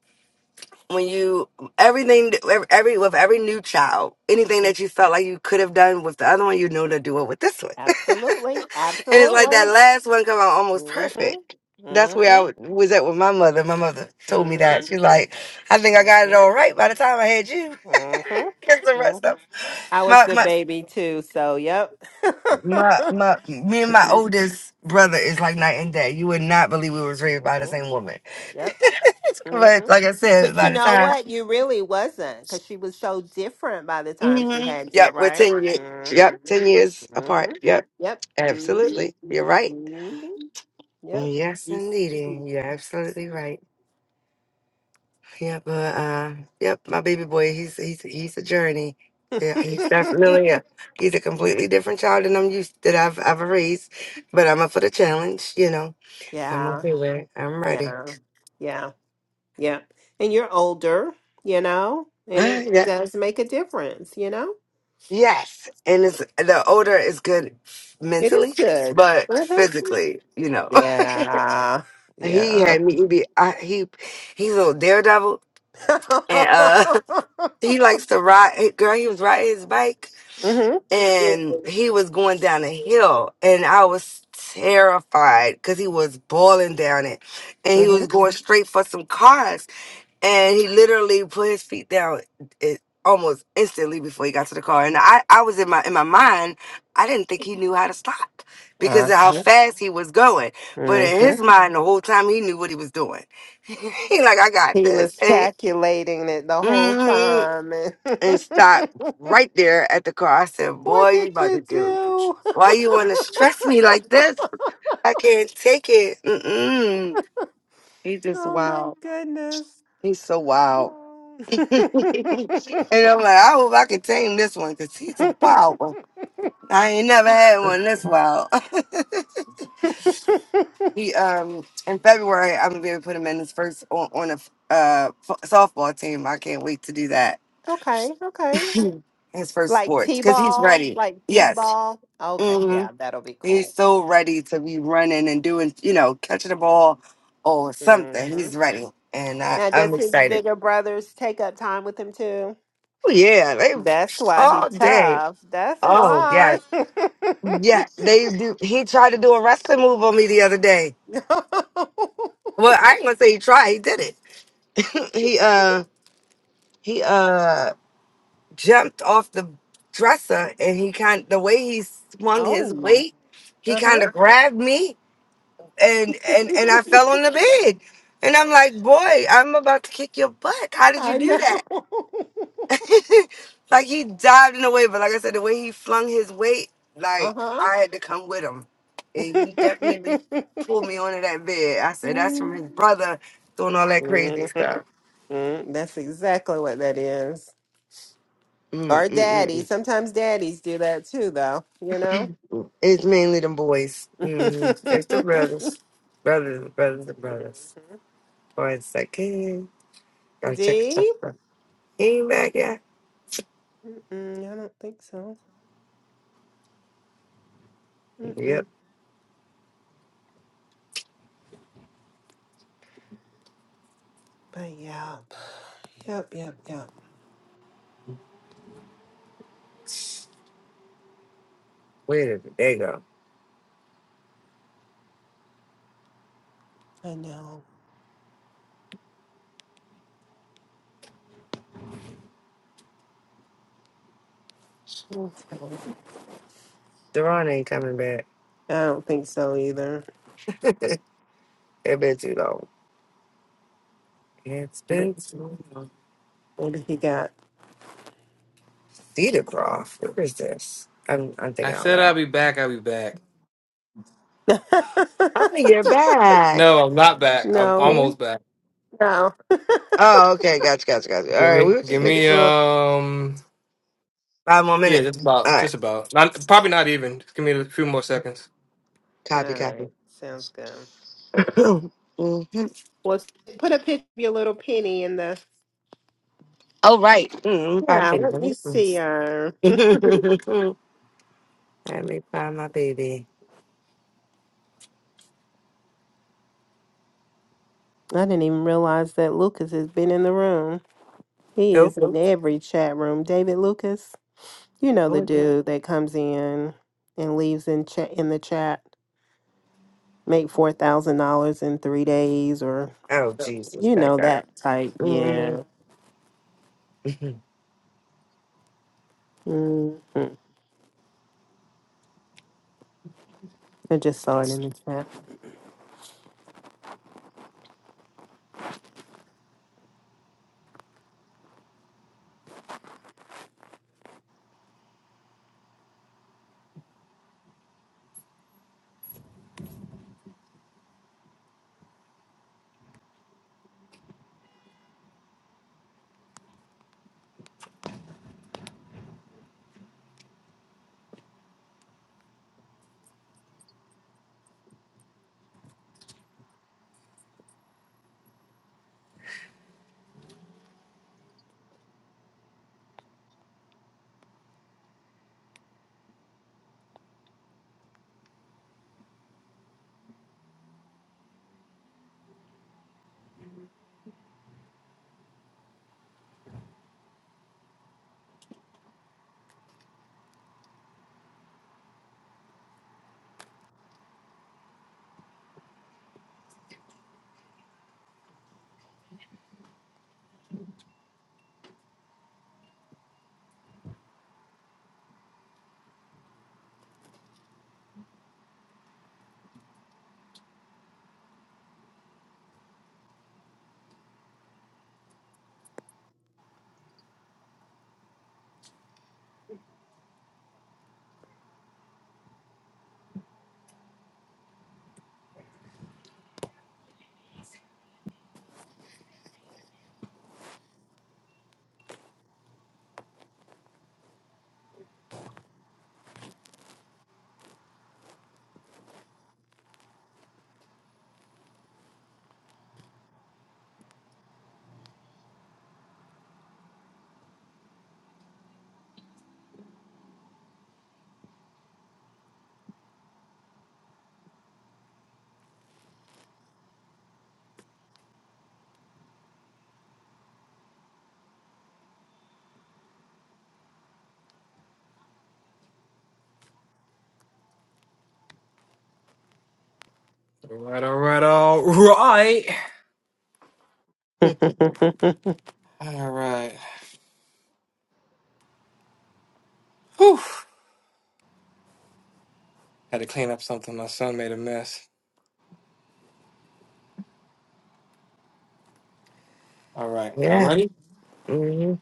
S7: when you everything every with every new child anything that you felt like you could have done with the other one you know to do it with this one
S8: absolutely.
S7: and it's like that
S8: Absolutely.
S7: last one come out almost
S8: Mhm.
S7: perfect that's where i
S8: Mhm.
S7: wa- was at with my mother my mother told me that
S8: Mhm.
S7: she's like i think i got it
S8: Mhm.
S7: all right by the time i had you
S8: Mhm.
S7: because the rest
S8: Mhm.
S7: of
S8: I was
S7: my,
S8: the
S7: my
S8: baby too, so yep.
S7: my my me and my
S8: mhm.
S7: oldest brother is like night and day you would not believe we was raised by the same woman
S8: Yep. hmm
S7: but like i said
S8: But you
S7: by the
S8: know
S7: time
S8: what? You really wasn't because she was so different by the time she
S7: hmm
S8: had you,
S7: Yep, we're
S8: right?
S7: 10 years.
S8: Mm-hmm.
S7: Yep, 10 years
S8: Mm-hmm.
S7: apart. Yep,
S8: Yep.
S7: absolutely.
S8: Mm-hmm.
S7: You're right.
S8: Mm-hmm. Yep.
S7: Yes, indeedy. You're absolutely right. Yep, uh, uh, yep, my baby boy, he's he's he's a journey. Yeah, he's definitely a he's a completely different child than I'm used that I've I've raised, but I'm up for the challenge, you know. I'm
S8: yeah.
S7: okay with it. I'm ready.
S8: Yeah. Yeah. Yeah. And you're older, you know, and it
S7: yeah.
S8: does make a difference, you know?
S7: Yes. And it's the older is good
S8: It is
S7: mentally,
S8: good.
S7: but
S8: Mhm.
S7: physically, you know.
S8: Yeah.
S7: he
S8: Yeah.
S7: had me be I, he he's a daredevil and uh he likes to ride he- girl he was riding his bike
S8: Mm-hmm.
S7: and he was going down a hill and i was terrified because he was boiling down it and he
S8: Mm-hmm.
S7: was going Mhm. straight for some cars and he literally put his feet down it, almost instantly before he got to the car. And I, I was in my in my mind, I didn't think he knew how to stop because
S8: Uh-huh.
S7: of how fast he was going. But in
S8: Mm-hmm.
S7: his mind, the whole time he knew what he was doing. he like, I got
S8: He
S7: this,
S8: was
S7: and
S8: calculating it the whole
S7: mm
S8: time. and
S7: and stopped right there at the car. I said, Boy,
S8: what
S7: you
S8: did
S7: about to
S8: you
S7: do. it.
S8: do?
S7: Why you want to stress me like this? I can't take it. Mm-mm. He's just
S8: Oh my
S7: wild.
S8: goodness.
S7: He's so wild.
S8: Oh.
S7: and I'm like, I hope I can tame this one because he's a wild one. I ain't never had one this wild. he um in February I'm gonna be able to put him in his first on, on a f- uh f- softball team. I can't wait to do that.
S8: okay, okay.
S7: His first
S8: Like
S7: sports
S8: T
S7: because he's
S8: ball,
S7: ready.
S8: like T
S7: Yes,
S8: ball. Okay,
S7: hmm
S8: yeah, that'll be
S7: he's
S8: cool.
S7: so ready to be running and doing you know catching the ball or
S8: hmm
S7: something. He's ready, and I,
S8: Now,
S7: I'm
S8: does his
S7: excited.
S8: bigger brothers take up time with him too?
S7: Oh yeah, they
S8: That's why he
S7: all day.
S8: tough. That's
S7: Oh yes.
S8: why.
S7: Yeah, they do. He tried to do a wrestling move on me the other day. Well, I ain't gonna say he tried. He did it. he uh he uh jumped off the dresser and he kind the way he swung his
S8: oh,
S7: weight, he
S8: uh huh.
S7: kind of grabbed me and and and I fell on the bed. And I'm like, boy, I'm about to kick your butt. How did you
S8: I
S7: do
S8: know.
S7: that? like he dived in a way, but like I said, the way he flung his weight,
S8: uh
S7: like
S8: huh.
S7: I had to come with him, and he definitely pulled me onto that bed. I said that's from his brother doing all that crazy stuff.
S8: mm-hmm. That's exactly what that is.
S7: mm
S8: Or
S7: mm mm,
S8: daddy.
S7: mm.
S8: Sometimes daddies do that too, though. You know.
S7: It's mainly them boys. hmm It's the
S8: Mhm.
S7: brothers, brothers, brothers, and brothers. Boys it's like, hey, gotta check it
S8: D.
S7: out. He ain't back yet.
S8: Mm-mm, I don't think so.
S7: Yep.
S8: Mm-mm. But yeah. Yep, yep, yep.
S7: Wait a minute. There you go.
S8: I know. I
S7: Deron ain't coming back.
S8: don't think so either.
S7: it has been too long. It's
S8: Maybe,
S7: been too long.
S8: maybe he got.
S7: Cedar Croft. Where is this? I'm I'm
S1: I
S7: thinking out
S1: said I'll
S7: loud.
S1: be back. I'll be back.
S7: Oh, you're back.
S1: No, I'm not back. I'm
S7: Hmm.
S8: no, no.
S1: almost back.
S8: All
S7: Oh, okay. Gotcha, gotcha, gotcha. All
S1: Give
S7: right,
S1: me,
S7: we were just
S1: give
S7: making
S1: me,
S7: sure.
S1: um,
S7: Five more
S1: yeah,
S7: minutes.
S1: just
S7: All
S1: about,
S7: right.
S1: just about. Not probably not even. Just give me a few more seconds.
S7: Copy, copy.
S8: right, sounds good.
S7: mm-hmm.
S8: Well, put a picture of your little penny in the.
S7: Oh, right. Mm-hmm. Find
S8: Yeah,
S7: baby.
S8: let
S7: Let me
S8: me see her.
S7: find- Let me find my baby.
S8: I didn't even realize that Lucas has been in the room. He
S7: Who?
S8: is in every chat room. David Lucas, you know
S7: Who
S8: the
S7: is that?
S8: dude that comes in and leaves in chat in the chat, make four thousand dollars in three days, or
S7: Oh, Jesus,
S8: you
S7: that
S8: know
S7: guy.
S8: that type. Yeah.
S7: Mm-hmm.
S8: hmm I just saw it in the chat.
S1: All right, all right, all right, all right. Whew. Had to clean up something. My son made a mess. All right, y'all
S7: yeah.
S1: ready?
S7: Mm-hmm.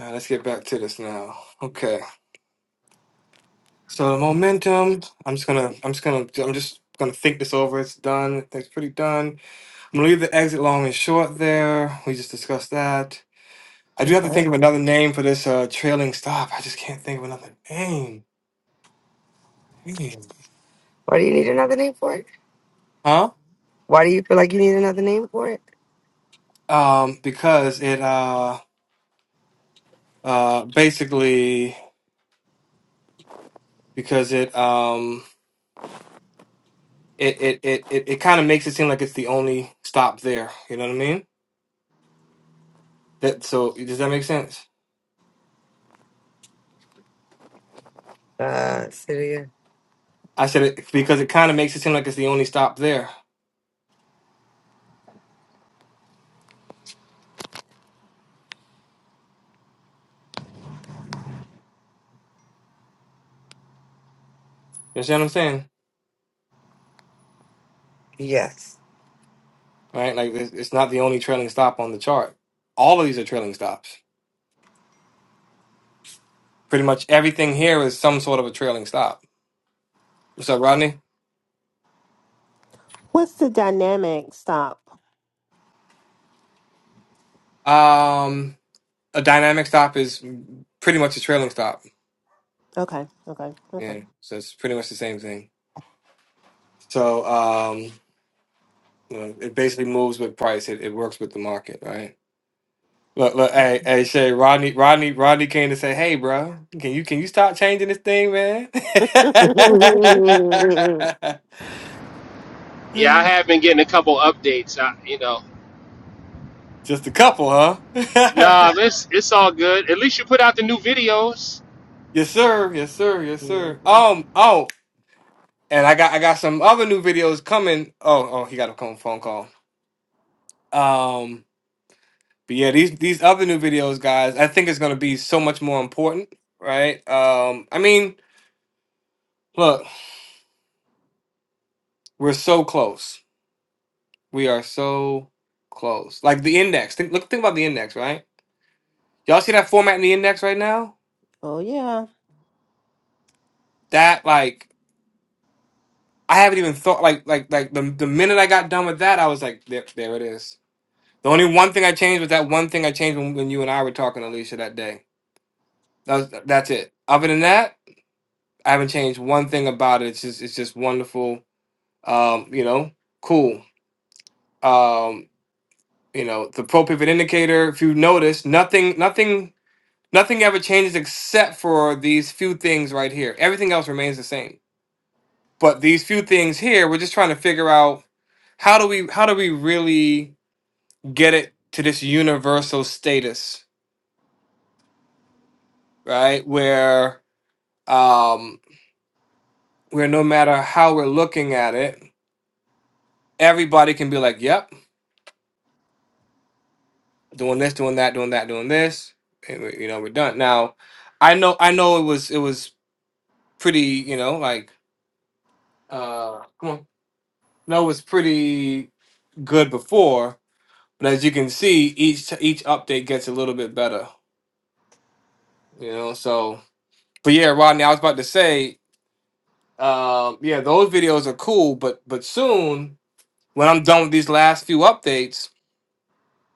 S1: Uh, let's get back to this now. Okay. So the momentum. I'm just gonna. I'm just gonna. I'm just gonna think this over. It's done. It's pretty done. I'm gonna leave the exit long and short there. We just discussed that. I do have to
S8: okay.
S1: think of another name for this uh, trailing stop. I just can't think of another name. Hmm.
S7: Why do you need another name for it?
S1: Huh?
S7: Why do you feel like you need another name for it?
S1: Um, because it uh uh basically because it um it it it it, it kind of makes it seem like it's the only stop there. You know what I mean? That so does that make sense?
S7: Uh, Syria.
S1: I said it because it kind of makes it seem like it's the only stop there. You understand what I'm saying?
S7: Yes.
S1: Right? Like it's, it's not the only trailing stop on the chart. All of these are trailing stops. Pretty much everything here is some sort of a trailing stop. What's up, Rodney?
S8: What's the dynamic? Stop.
S1: Um, a dynamic stop is pretty much a trailing stop.
S8: Okay. Okay. Okay.
S1: Yeah, so it's pretty much the same thing. So um, you know, it basically moves with price. It, it works with the market, right? Look, look, hey,
S8: Mhm.
S1: hey, Shay, Rodney, Rodney, Rodney came to say, "Hey, bro, can you can you stop changing this thing, man?"
S7: right.
S9: Yeah, I have been getting a couple updates. I, you know,
S1: Just a couple, huh?
S9: nah, it's it's all good. At least you put out the new videos.
S1: yes, sir. Yes, sir. Yes, sir.
S8: Mhm.
S1: Um. Oh, and I got I got some other new videos coming. Oh, oh, he got a co- phone call. Um. But yeah, these these other new videos, guys, I think it's gonna be so much more important, right? Um. I mean, look, we're so close We are so close. Like the index. Think look think about the index, right? Y'all see that format in the index right now?
S8: Oh yeah.
S1: That like I haven't even thought like like like the the minute I got done with that, I was like, there, there it is. The only one thing I changed was that one thing I changed when, when you and I were talking, Alicia, that day. That was, that's it. Other than that, I haven't changed one thing about it. It's just it's just wonderful. Um, you know, cool. Um, you know, the pro pivot indicator, if you notice, nothing nothing Nothing ever changes except for these few things right here. Everything else remains the same. But these few things here, we're just trying to figure out how do we how do we really get it to this universal status, right? Where um where no matter how we're looking at it, everybody can be like, "Yep, doing this, doing that, doing that, doing this." And we, you know, we're done. Now, I know I know it was it was pretty, you know, like uh come on. No, it was pretty good before, But as you can see, each each update gets a little bit better, you know. So, but yeah, Rodney, I was about to say, um, yeah, those videos are cool, but but soon when I'm done with these last few updates,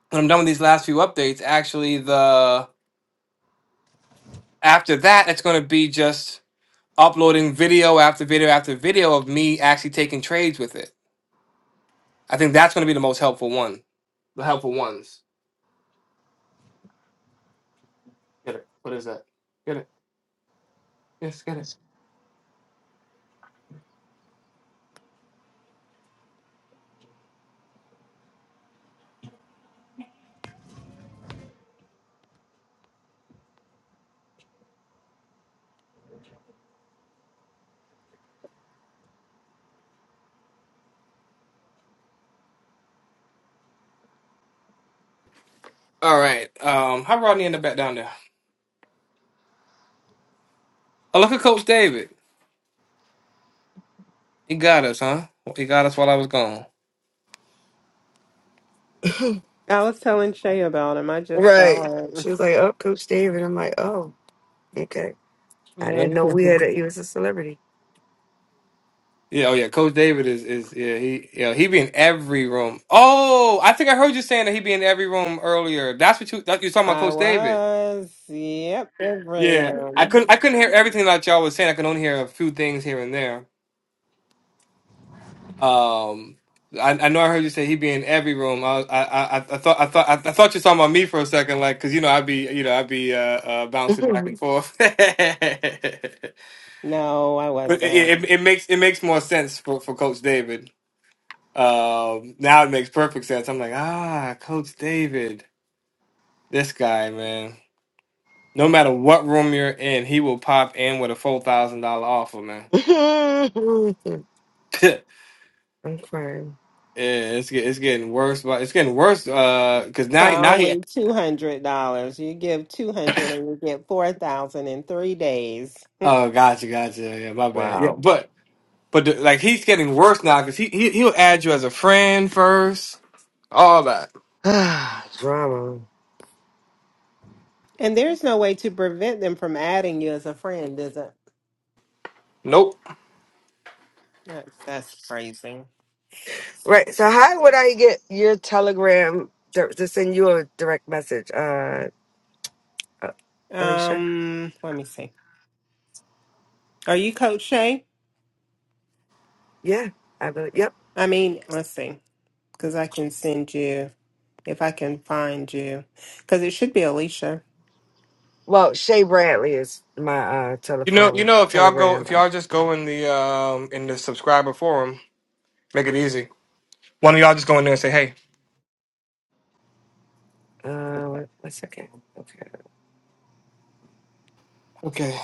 S1: when I'm done with these last few updates, actually the after that, it's going to be just uploading video after video after video of me actually taking trades with it. I think that's going to be the most helpful one, the helpful ones. Get it? What is that? Get it? Yes, get it. All right. Um, how Rodney end up back down there? Oh, look at Coach David. He got us, huh? He got us while I was gone.
S8: I was telling Shay about him. I just saw him.
S7: She was like, "Oh, Coach David." I'm like, "Oh, okay. I
S1: yeah,
S7: didn't know we had a, he was a celebrity."
S1: Yeah, oh yeah. Coach David is is yeah, he yeah, he be in every room. Oh, I think I heard you saying that he be in every room earlier. That's what you that you were talking about
S8: I
S1: Coach David.
S8: was. Yep.
S1: Yeah. I
S8: Everyone.
S1: couldn't I couldn't hear everything that y'all was saying. I could only hear a few things here and there. Um I, I know I heard you say he be in every room. I, was- I, I, I thought I thought I, I thought you were talking about me for a second, like because you know I'd be you know I'd be uh, uh, bouncing back and
S7: I'm
S1: forth.
S8: No, I
S1: But it,
S8: wasn't.
S1: it, it makes it makes more sense for, for Coach David. Um, now it makes perfect sense. I'm like, ah, Coach David, this guy, man. No matter what room you're in, he will pop in with a four thousand dollar offer, man. yeah,
S7: crying.
S1: it's get, it's getting worse, but it's getting worse. Uh, because
S8: For
S1: now now he.
S8: only two hundred dollars, you give two hundred and you get four thousand in three days.
S1: Oh, gotcha, gotcha. Yeah, my bad. Yeah,
S7: Wow,
S1: but but the, like he's getting worse now because he, he he'll add you as a friend first, all that.
S7: drama.
S8: And there's no way to prevent them from adding you as a friend, is it?
S1: Nope.
S8: That's, that's crazy.
S7: Right. So, how would I get your telegram dir- to send you a direct message, uh, uh Alicia?
S8: Um, let me see. Are you Coach Shay?
S7: Yeah, I believe. Yep.
S8: I mean, let's see, because I can send you if I can find you, because it should be Alicia.
S7: Well, Shay Bradley is my uh
S1: You know, you
S7: telephone
S1: know, if y'all go,
S7: telegram.
S1: if y'all
S7: Uh,
S1: just go in the um in the subscriber forum, make it easy. One of y'all just go in there and say, "Hey,
S7: uh, wait a one second. Okay.
S1: okay."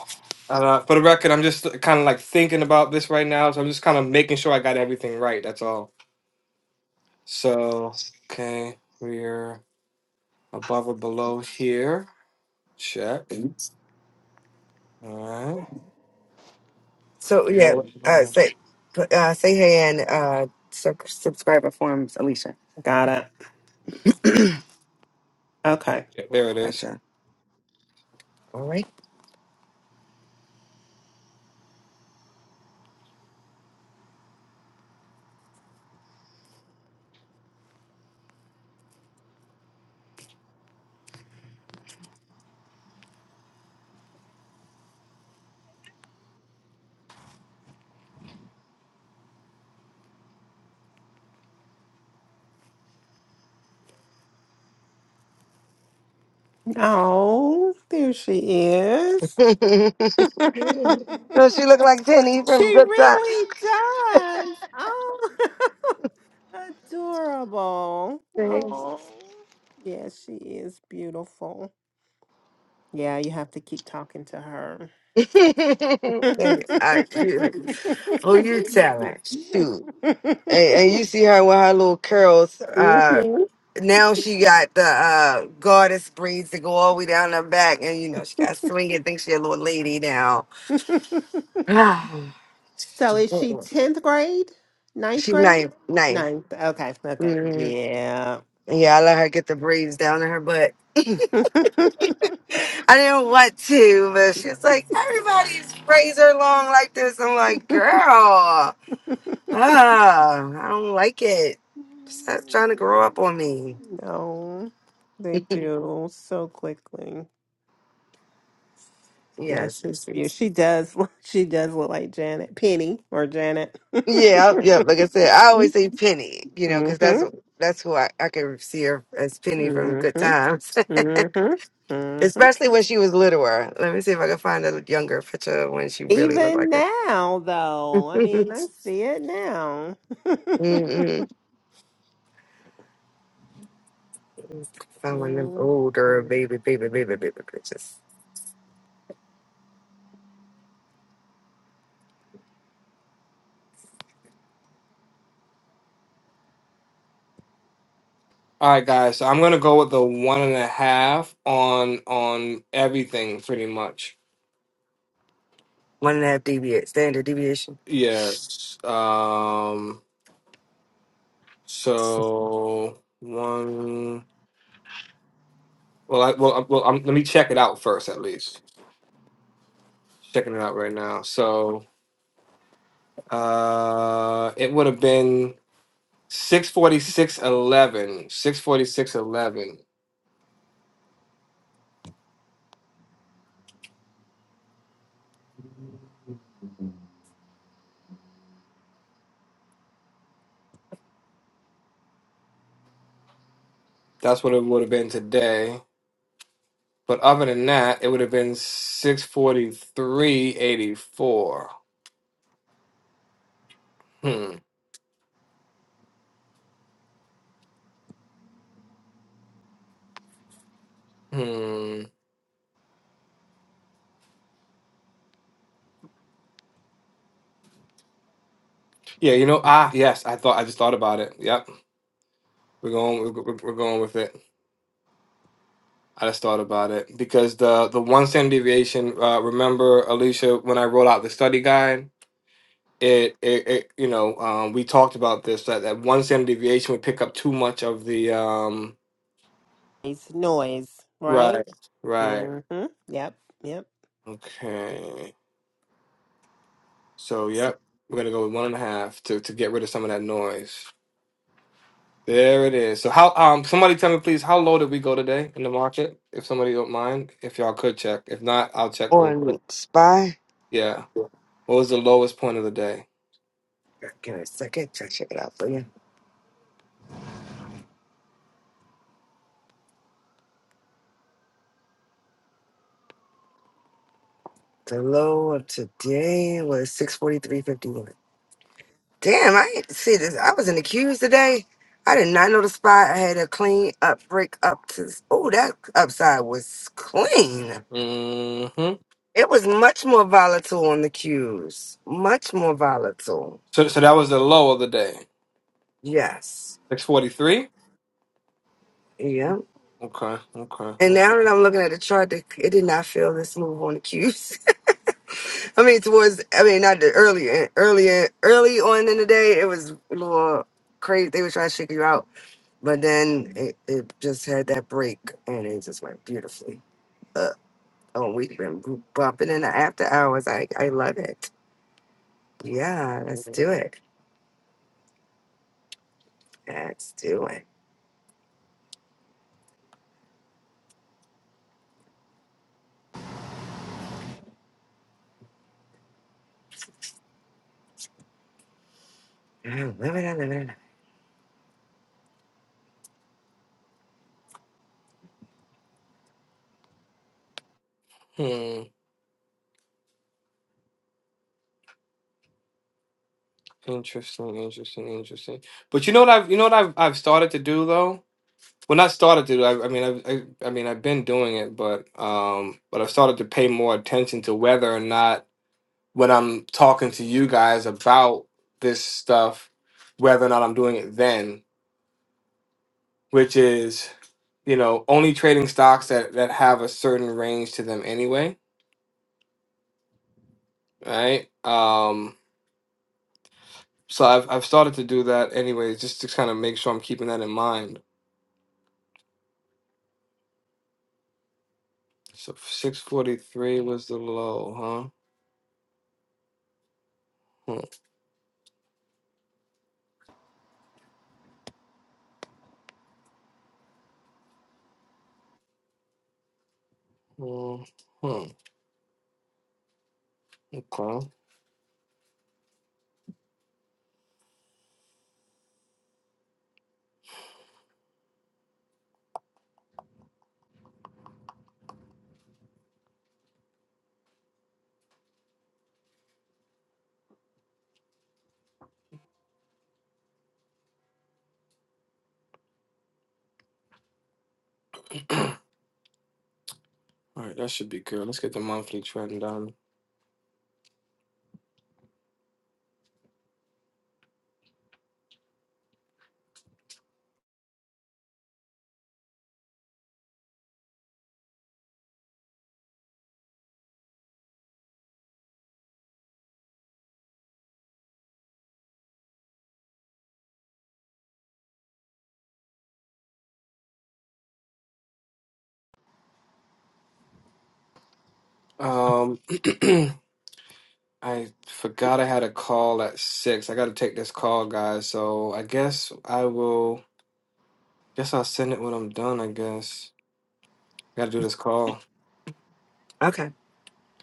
S1: Uh, for the record, I'm just kind of like thinking about this right now, so I'm just kind of making sure I got everything right. That's all. So, okay, we're above or below here. Check. All right,
S7: So yeah,
S1: below it. below
S7: uh, say uh, say hey and uh, sub- subscriber forms, Alicia.
S8: Got it. Okay.
S1: Yeah, there it is.
S7: Gotcha. All right.
S8: Oh, there she is.
S7: no, she look like Tenny
S8: she
S7: from Good Time.
S8: really does. Oh, adorable.
S7: Thanks.
S8: Oh, yes, she is beautiful. Yeah, you have to keep talking to her.
S7: I, you, who you telling? Shoot. And, and you see her with her little curls. Uh,
S8: Mhm.
S7: now she got the uh, goddess braids that go all the way down her back, and you know she got swinging. Think she a little lady now.
S8: so is she 10th grade? Ninth
S7: She's
S8: grade?
S7: nice, nice.
S8: Ninth. Okay. Okay.
S7: Mm,
S8: Yeah.
S7: yeah, I let her get the braids down in her butt. I didn't want to, but she's like, everybody's braids are long like this. I'm like, girl, ah, I don't like it. Stop trying to grow up on me.
S8: no, they do so quickly. Yeah,
S7: Yes,
S8: she's
S7: it's-
S8: beautiful.
S7: it's-
S8: She does. look- She does look like Janet Penny or Janet.
S7: yeah, yeah. Like I said, I always say Penny, you know, because that's
S8: Mm-hmm.
S7: that's who I I can see her as Penny from Good
S8: Mm-hmm.
S7: Times,
S8: Mm-hmm. Mm-hmm.
S7: especially when she was littler. Let me see if I can find a younger picture of when she really looked
S8: Even
S7: like it.
S8: now, though, I mean, I see it now.
S7: Mm-mm. Find one of them
S8: hmm
S7: older baby, baby, baby, baby pictures.
S1: All right, guys. So I'm gonna go with the one and a half on on everything, pretty much.
S7: One and a half deviate, standard deviation.
S1: Yeah. Um. So one. Well, I, well, I, well. I'm, let me check it out first, at least. Checking it out right now. So uh, it would have been six forty six eleven. Six forty six eleven. That's what it would have been today. But other than that, it would have been six forty three eighty four. Hmm. Hmm. Yeah. You know. Ah. Yes. I thought. I just thought about it. Yep. We're going. We're, we're we're going with it. I just thought about it because the the one standard deviation. Uh, remember, Alicia, when I rolled out the study guide, it it, it you know um, we talked about this that that one standard deviation would pick up too much of the um
S8: It's noise,
S1: right
S8: right?
S1: right
S8: Mm-hmm. Yep. Yep.
S1: okay so yep we're gonna go with one and a half to to get rid of some of that noise. There it is. So how um somebody tell me please how low did we go today in the market? If somebody don't mind, if y'all could check. If not, I'll check real quick.
S7: On spy.
S1: Yeah. What was the lowest point of the day?
S7: Give me a second. Try to check it out for you. The low of today was six forty three fifty one. Damn, I ain't see this. I was in the queues today. I did not know the spot. I had a clean up break up to. Oh, that upside was clean.
S1: Mm-hmm.
S7: It was much more volatile on the queues. Much more volatile.
S1: So, so that was the low of the day.
S7: Yes.
S1: Six forty-three.
S7: Yep.
S1: Okay. Okay.
S7: And now that I'm looking at the chart, the- it did not feel this move on the cues. I mean, towards I mean, not the earlier, earlier, early on in the day, it was a little crazy. They were trying to shake you out, but then it, it just had that break, and it just went beautifully up. Oh, we've been bumping in the after hours. I I love it. Yeah, let's do
S1: okay.
S7: it. Let's do it. I love it. I love it. I love it.
S1: Hmm. Interesting. Interesting. Interesting. But you know what I've you know what I've I've started to do though. Well, not started to do. I, I mean, I've, I, I mean, I've been doing it, but um, but I've started to pay more attention to whether or not when I'm talking to you guys about this stuff, whether or not I'm doing it then, which is you know only trading stocks that that have a certain range to them anyway right? Um, so I've I've started to do that anyways, just to kind of make sure I'm keeping that in mind. So six forty three was the low, huh? Hmm. Hmm. hmm, Okay. All right, that should be good. Let's get the monthly trend done. Um, I forgot I had a call at six. I got to take this call, guys. So I guess I will. Guess I'll send it when I'm done. I guess I got to do this call.
S7: Okay.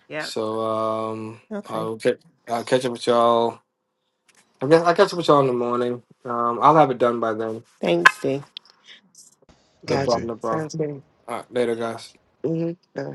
S8: Yep.
S1: So um,
S8: Okay.
S1: I'll ca- I'll catch up with y'all I guess I catch up with y'all in the morning. Um, I'll have it done by then.
S8: Thanks, Dee.
S3: All
S1: No
S3: right, D.
S1: problem, no problem. All right, later, guys.
S7: Mm-hmm.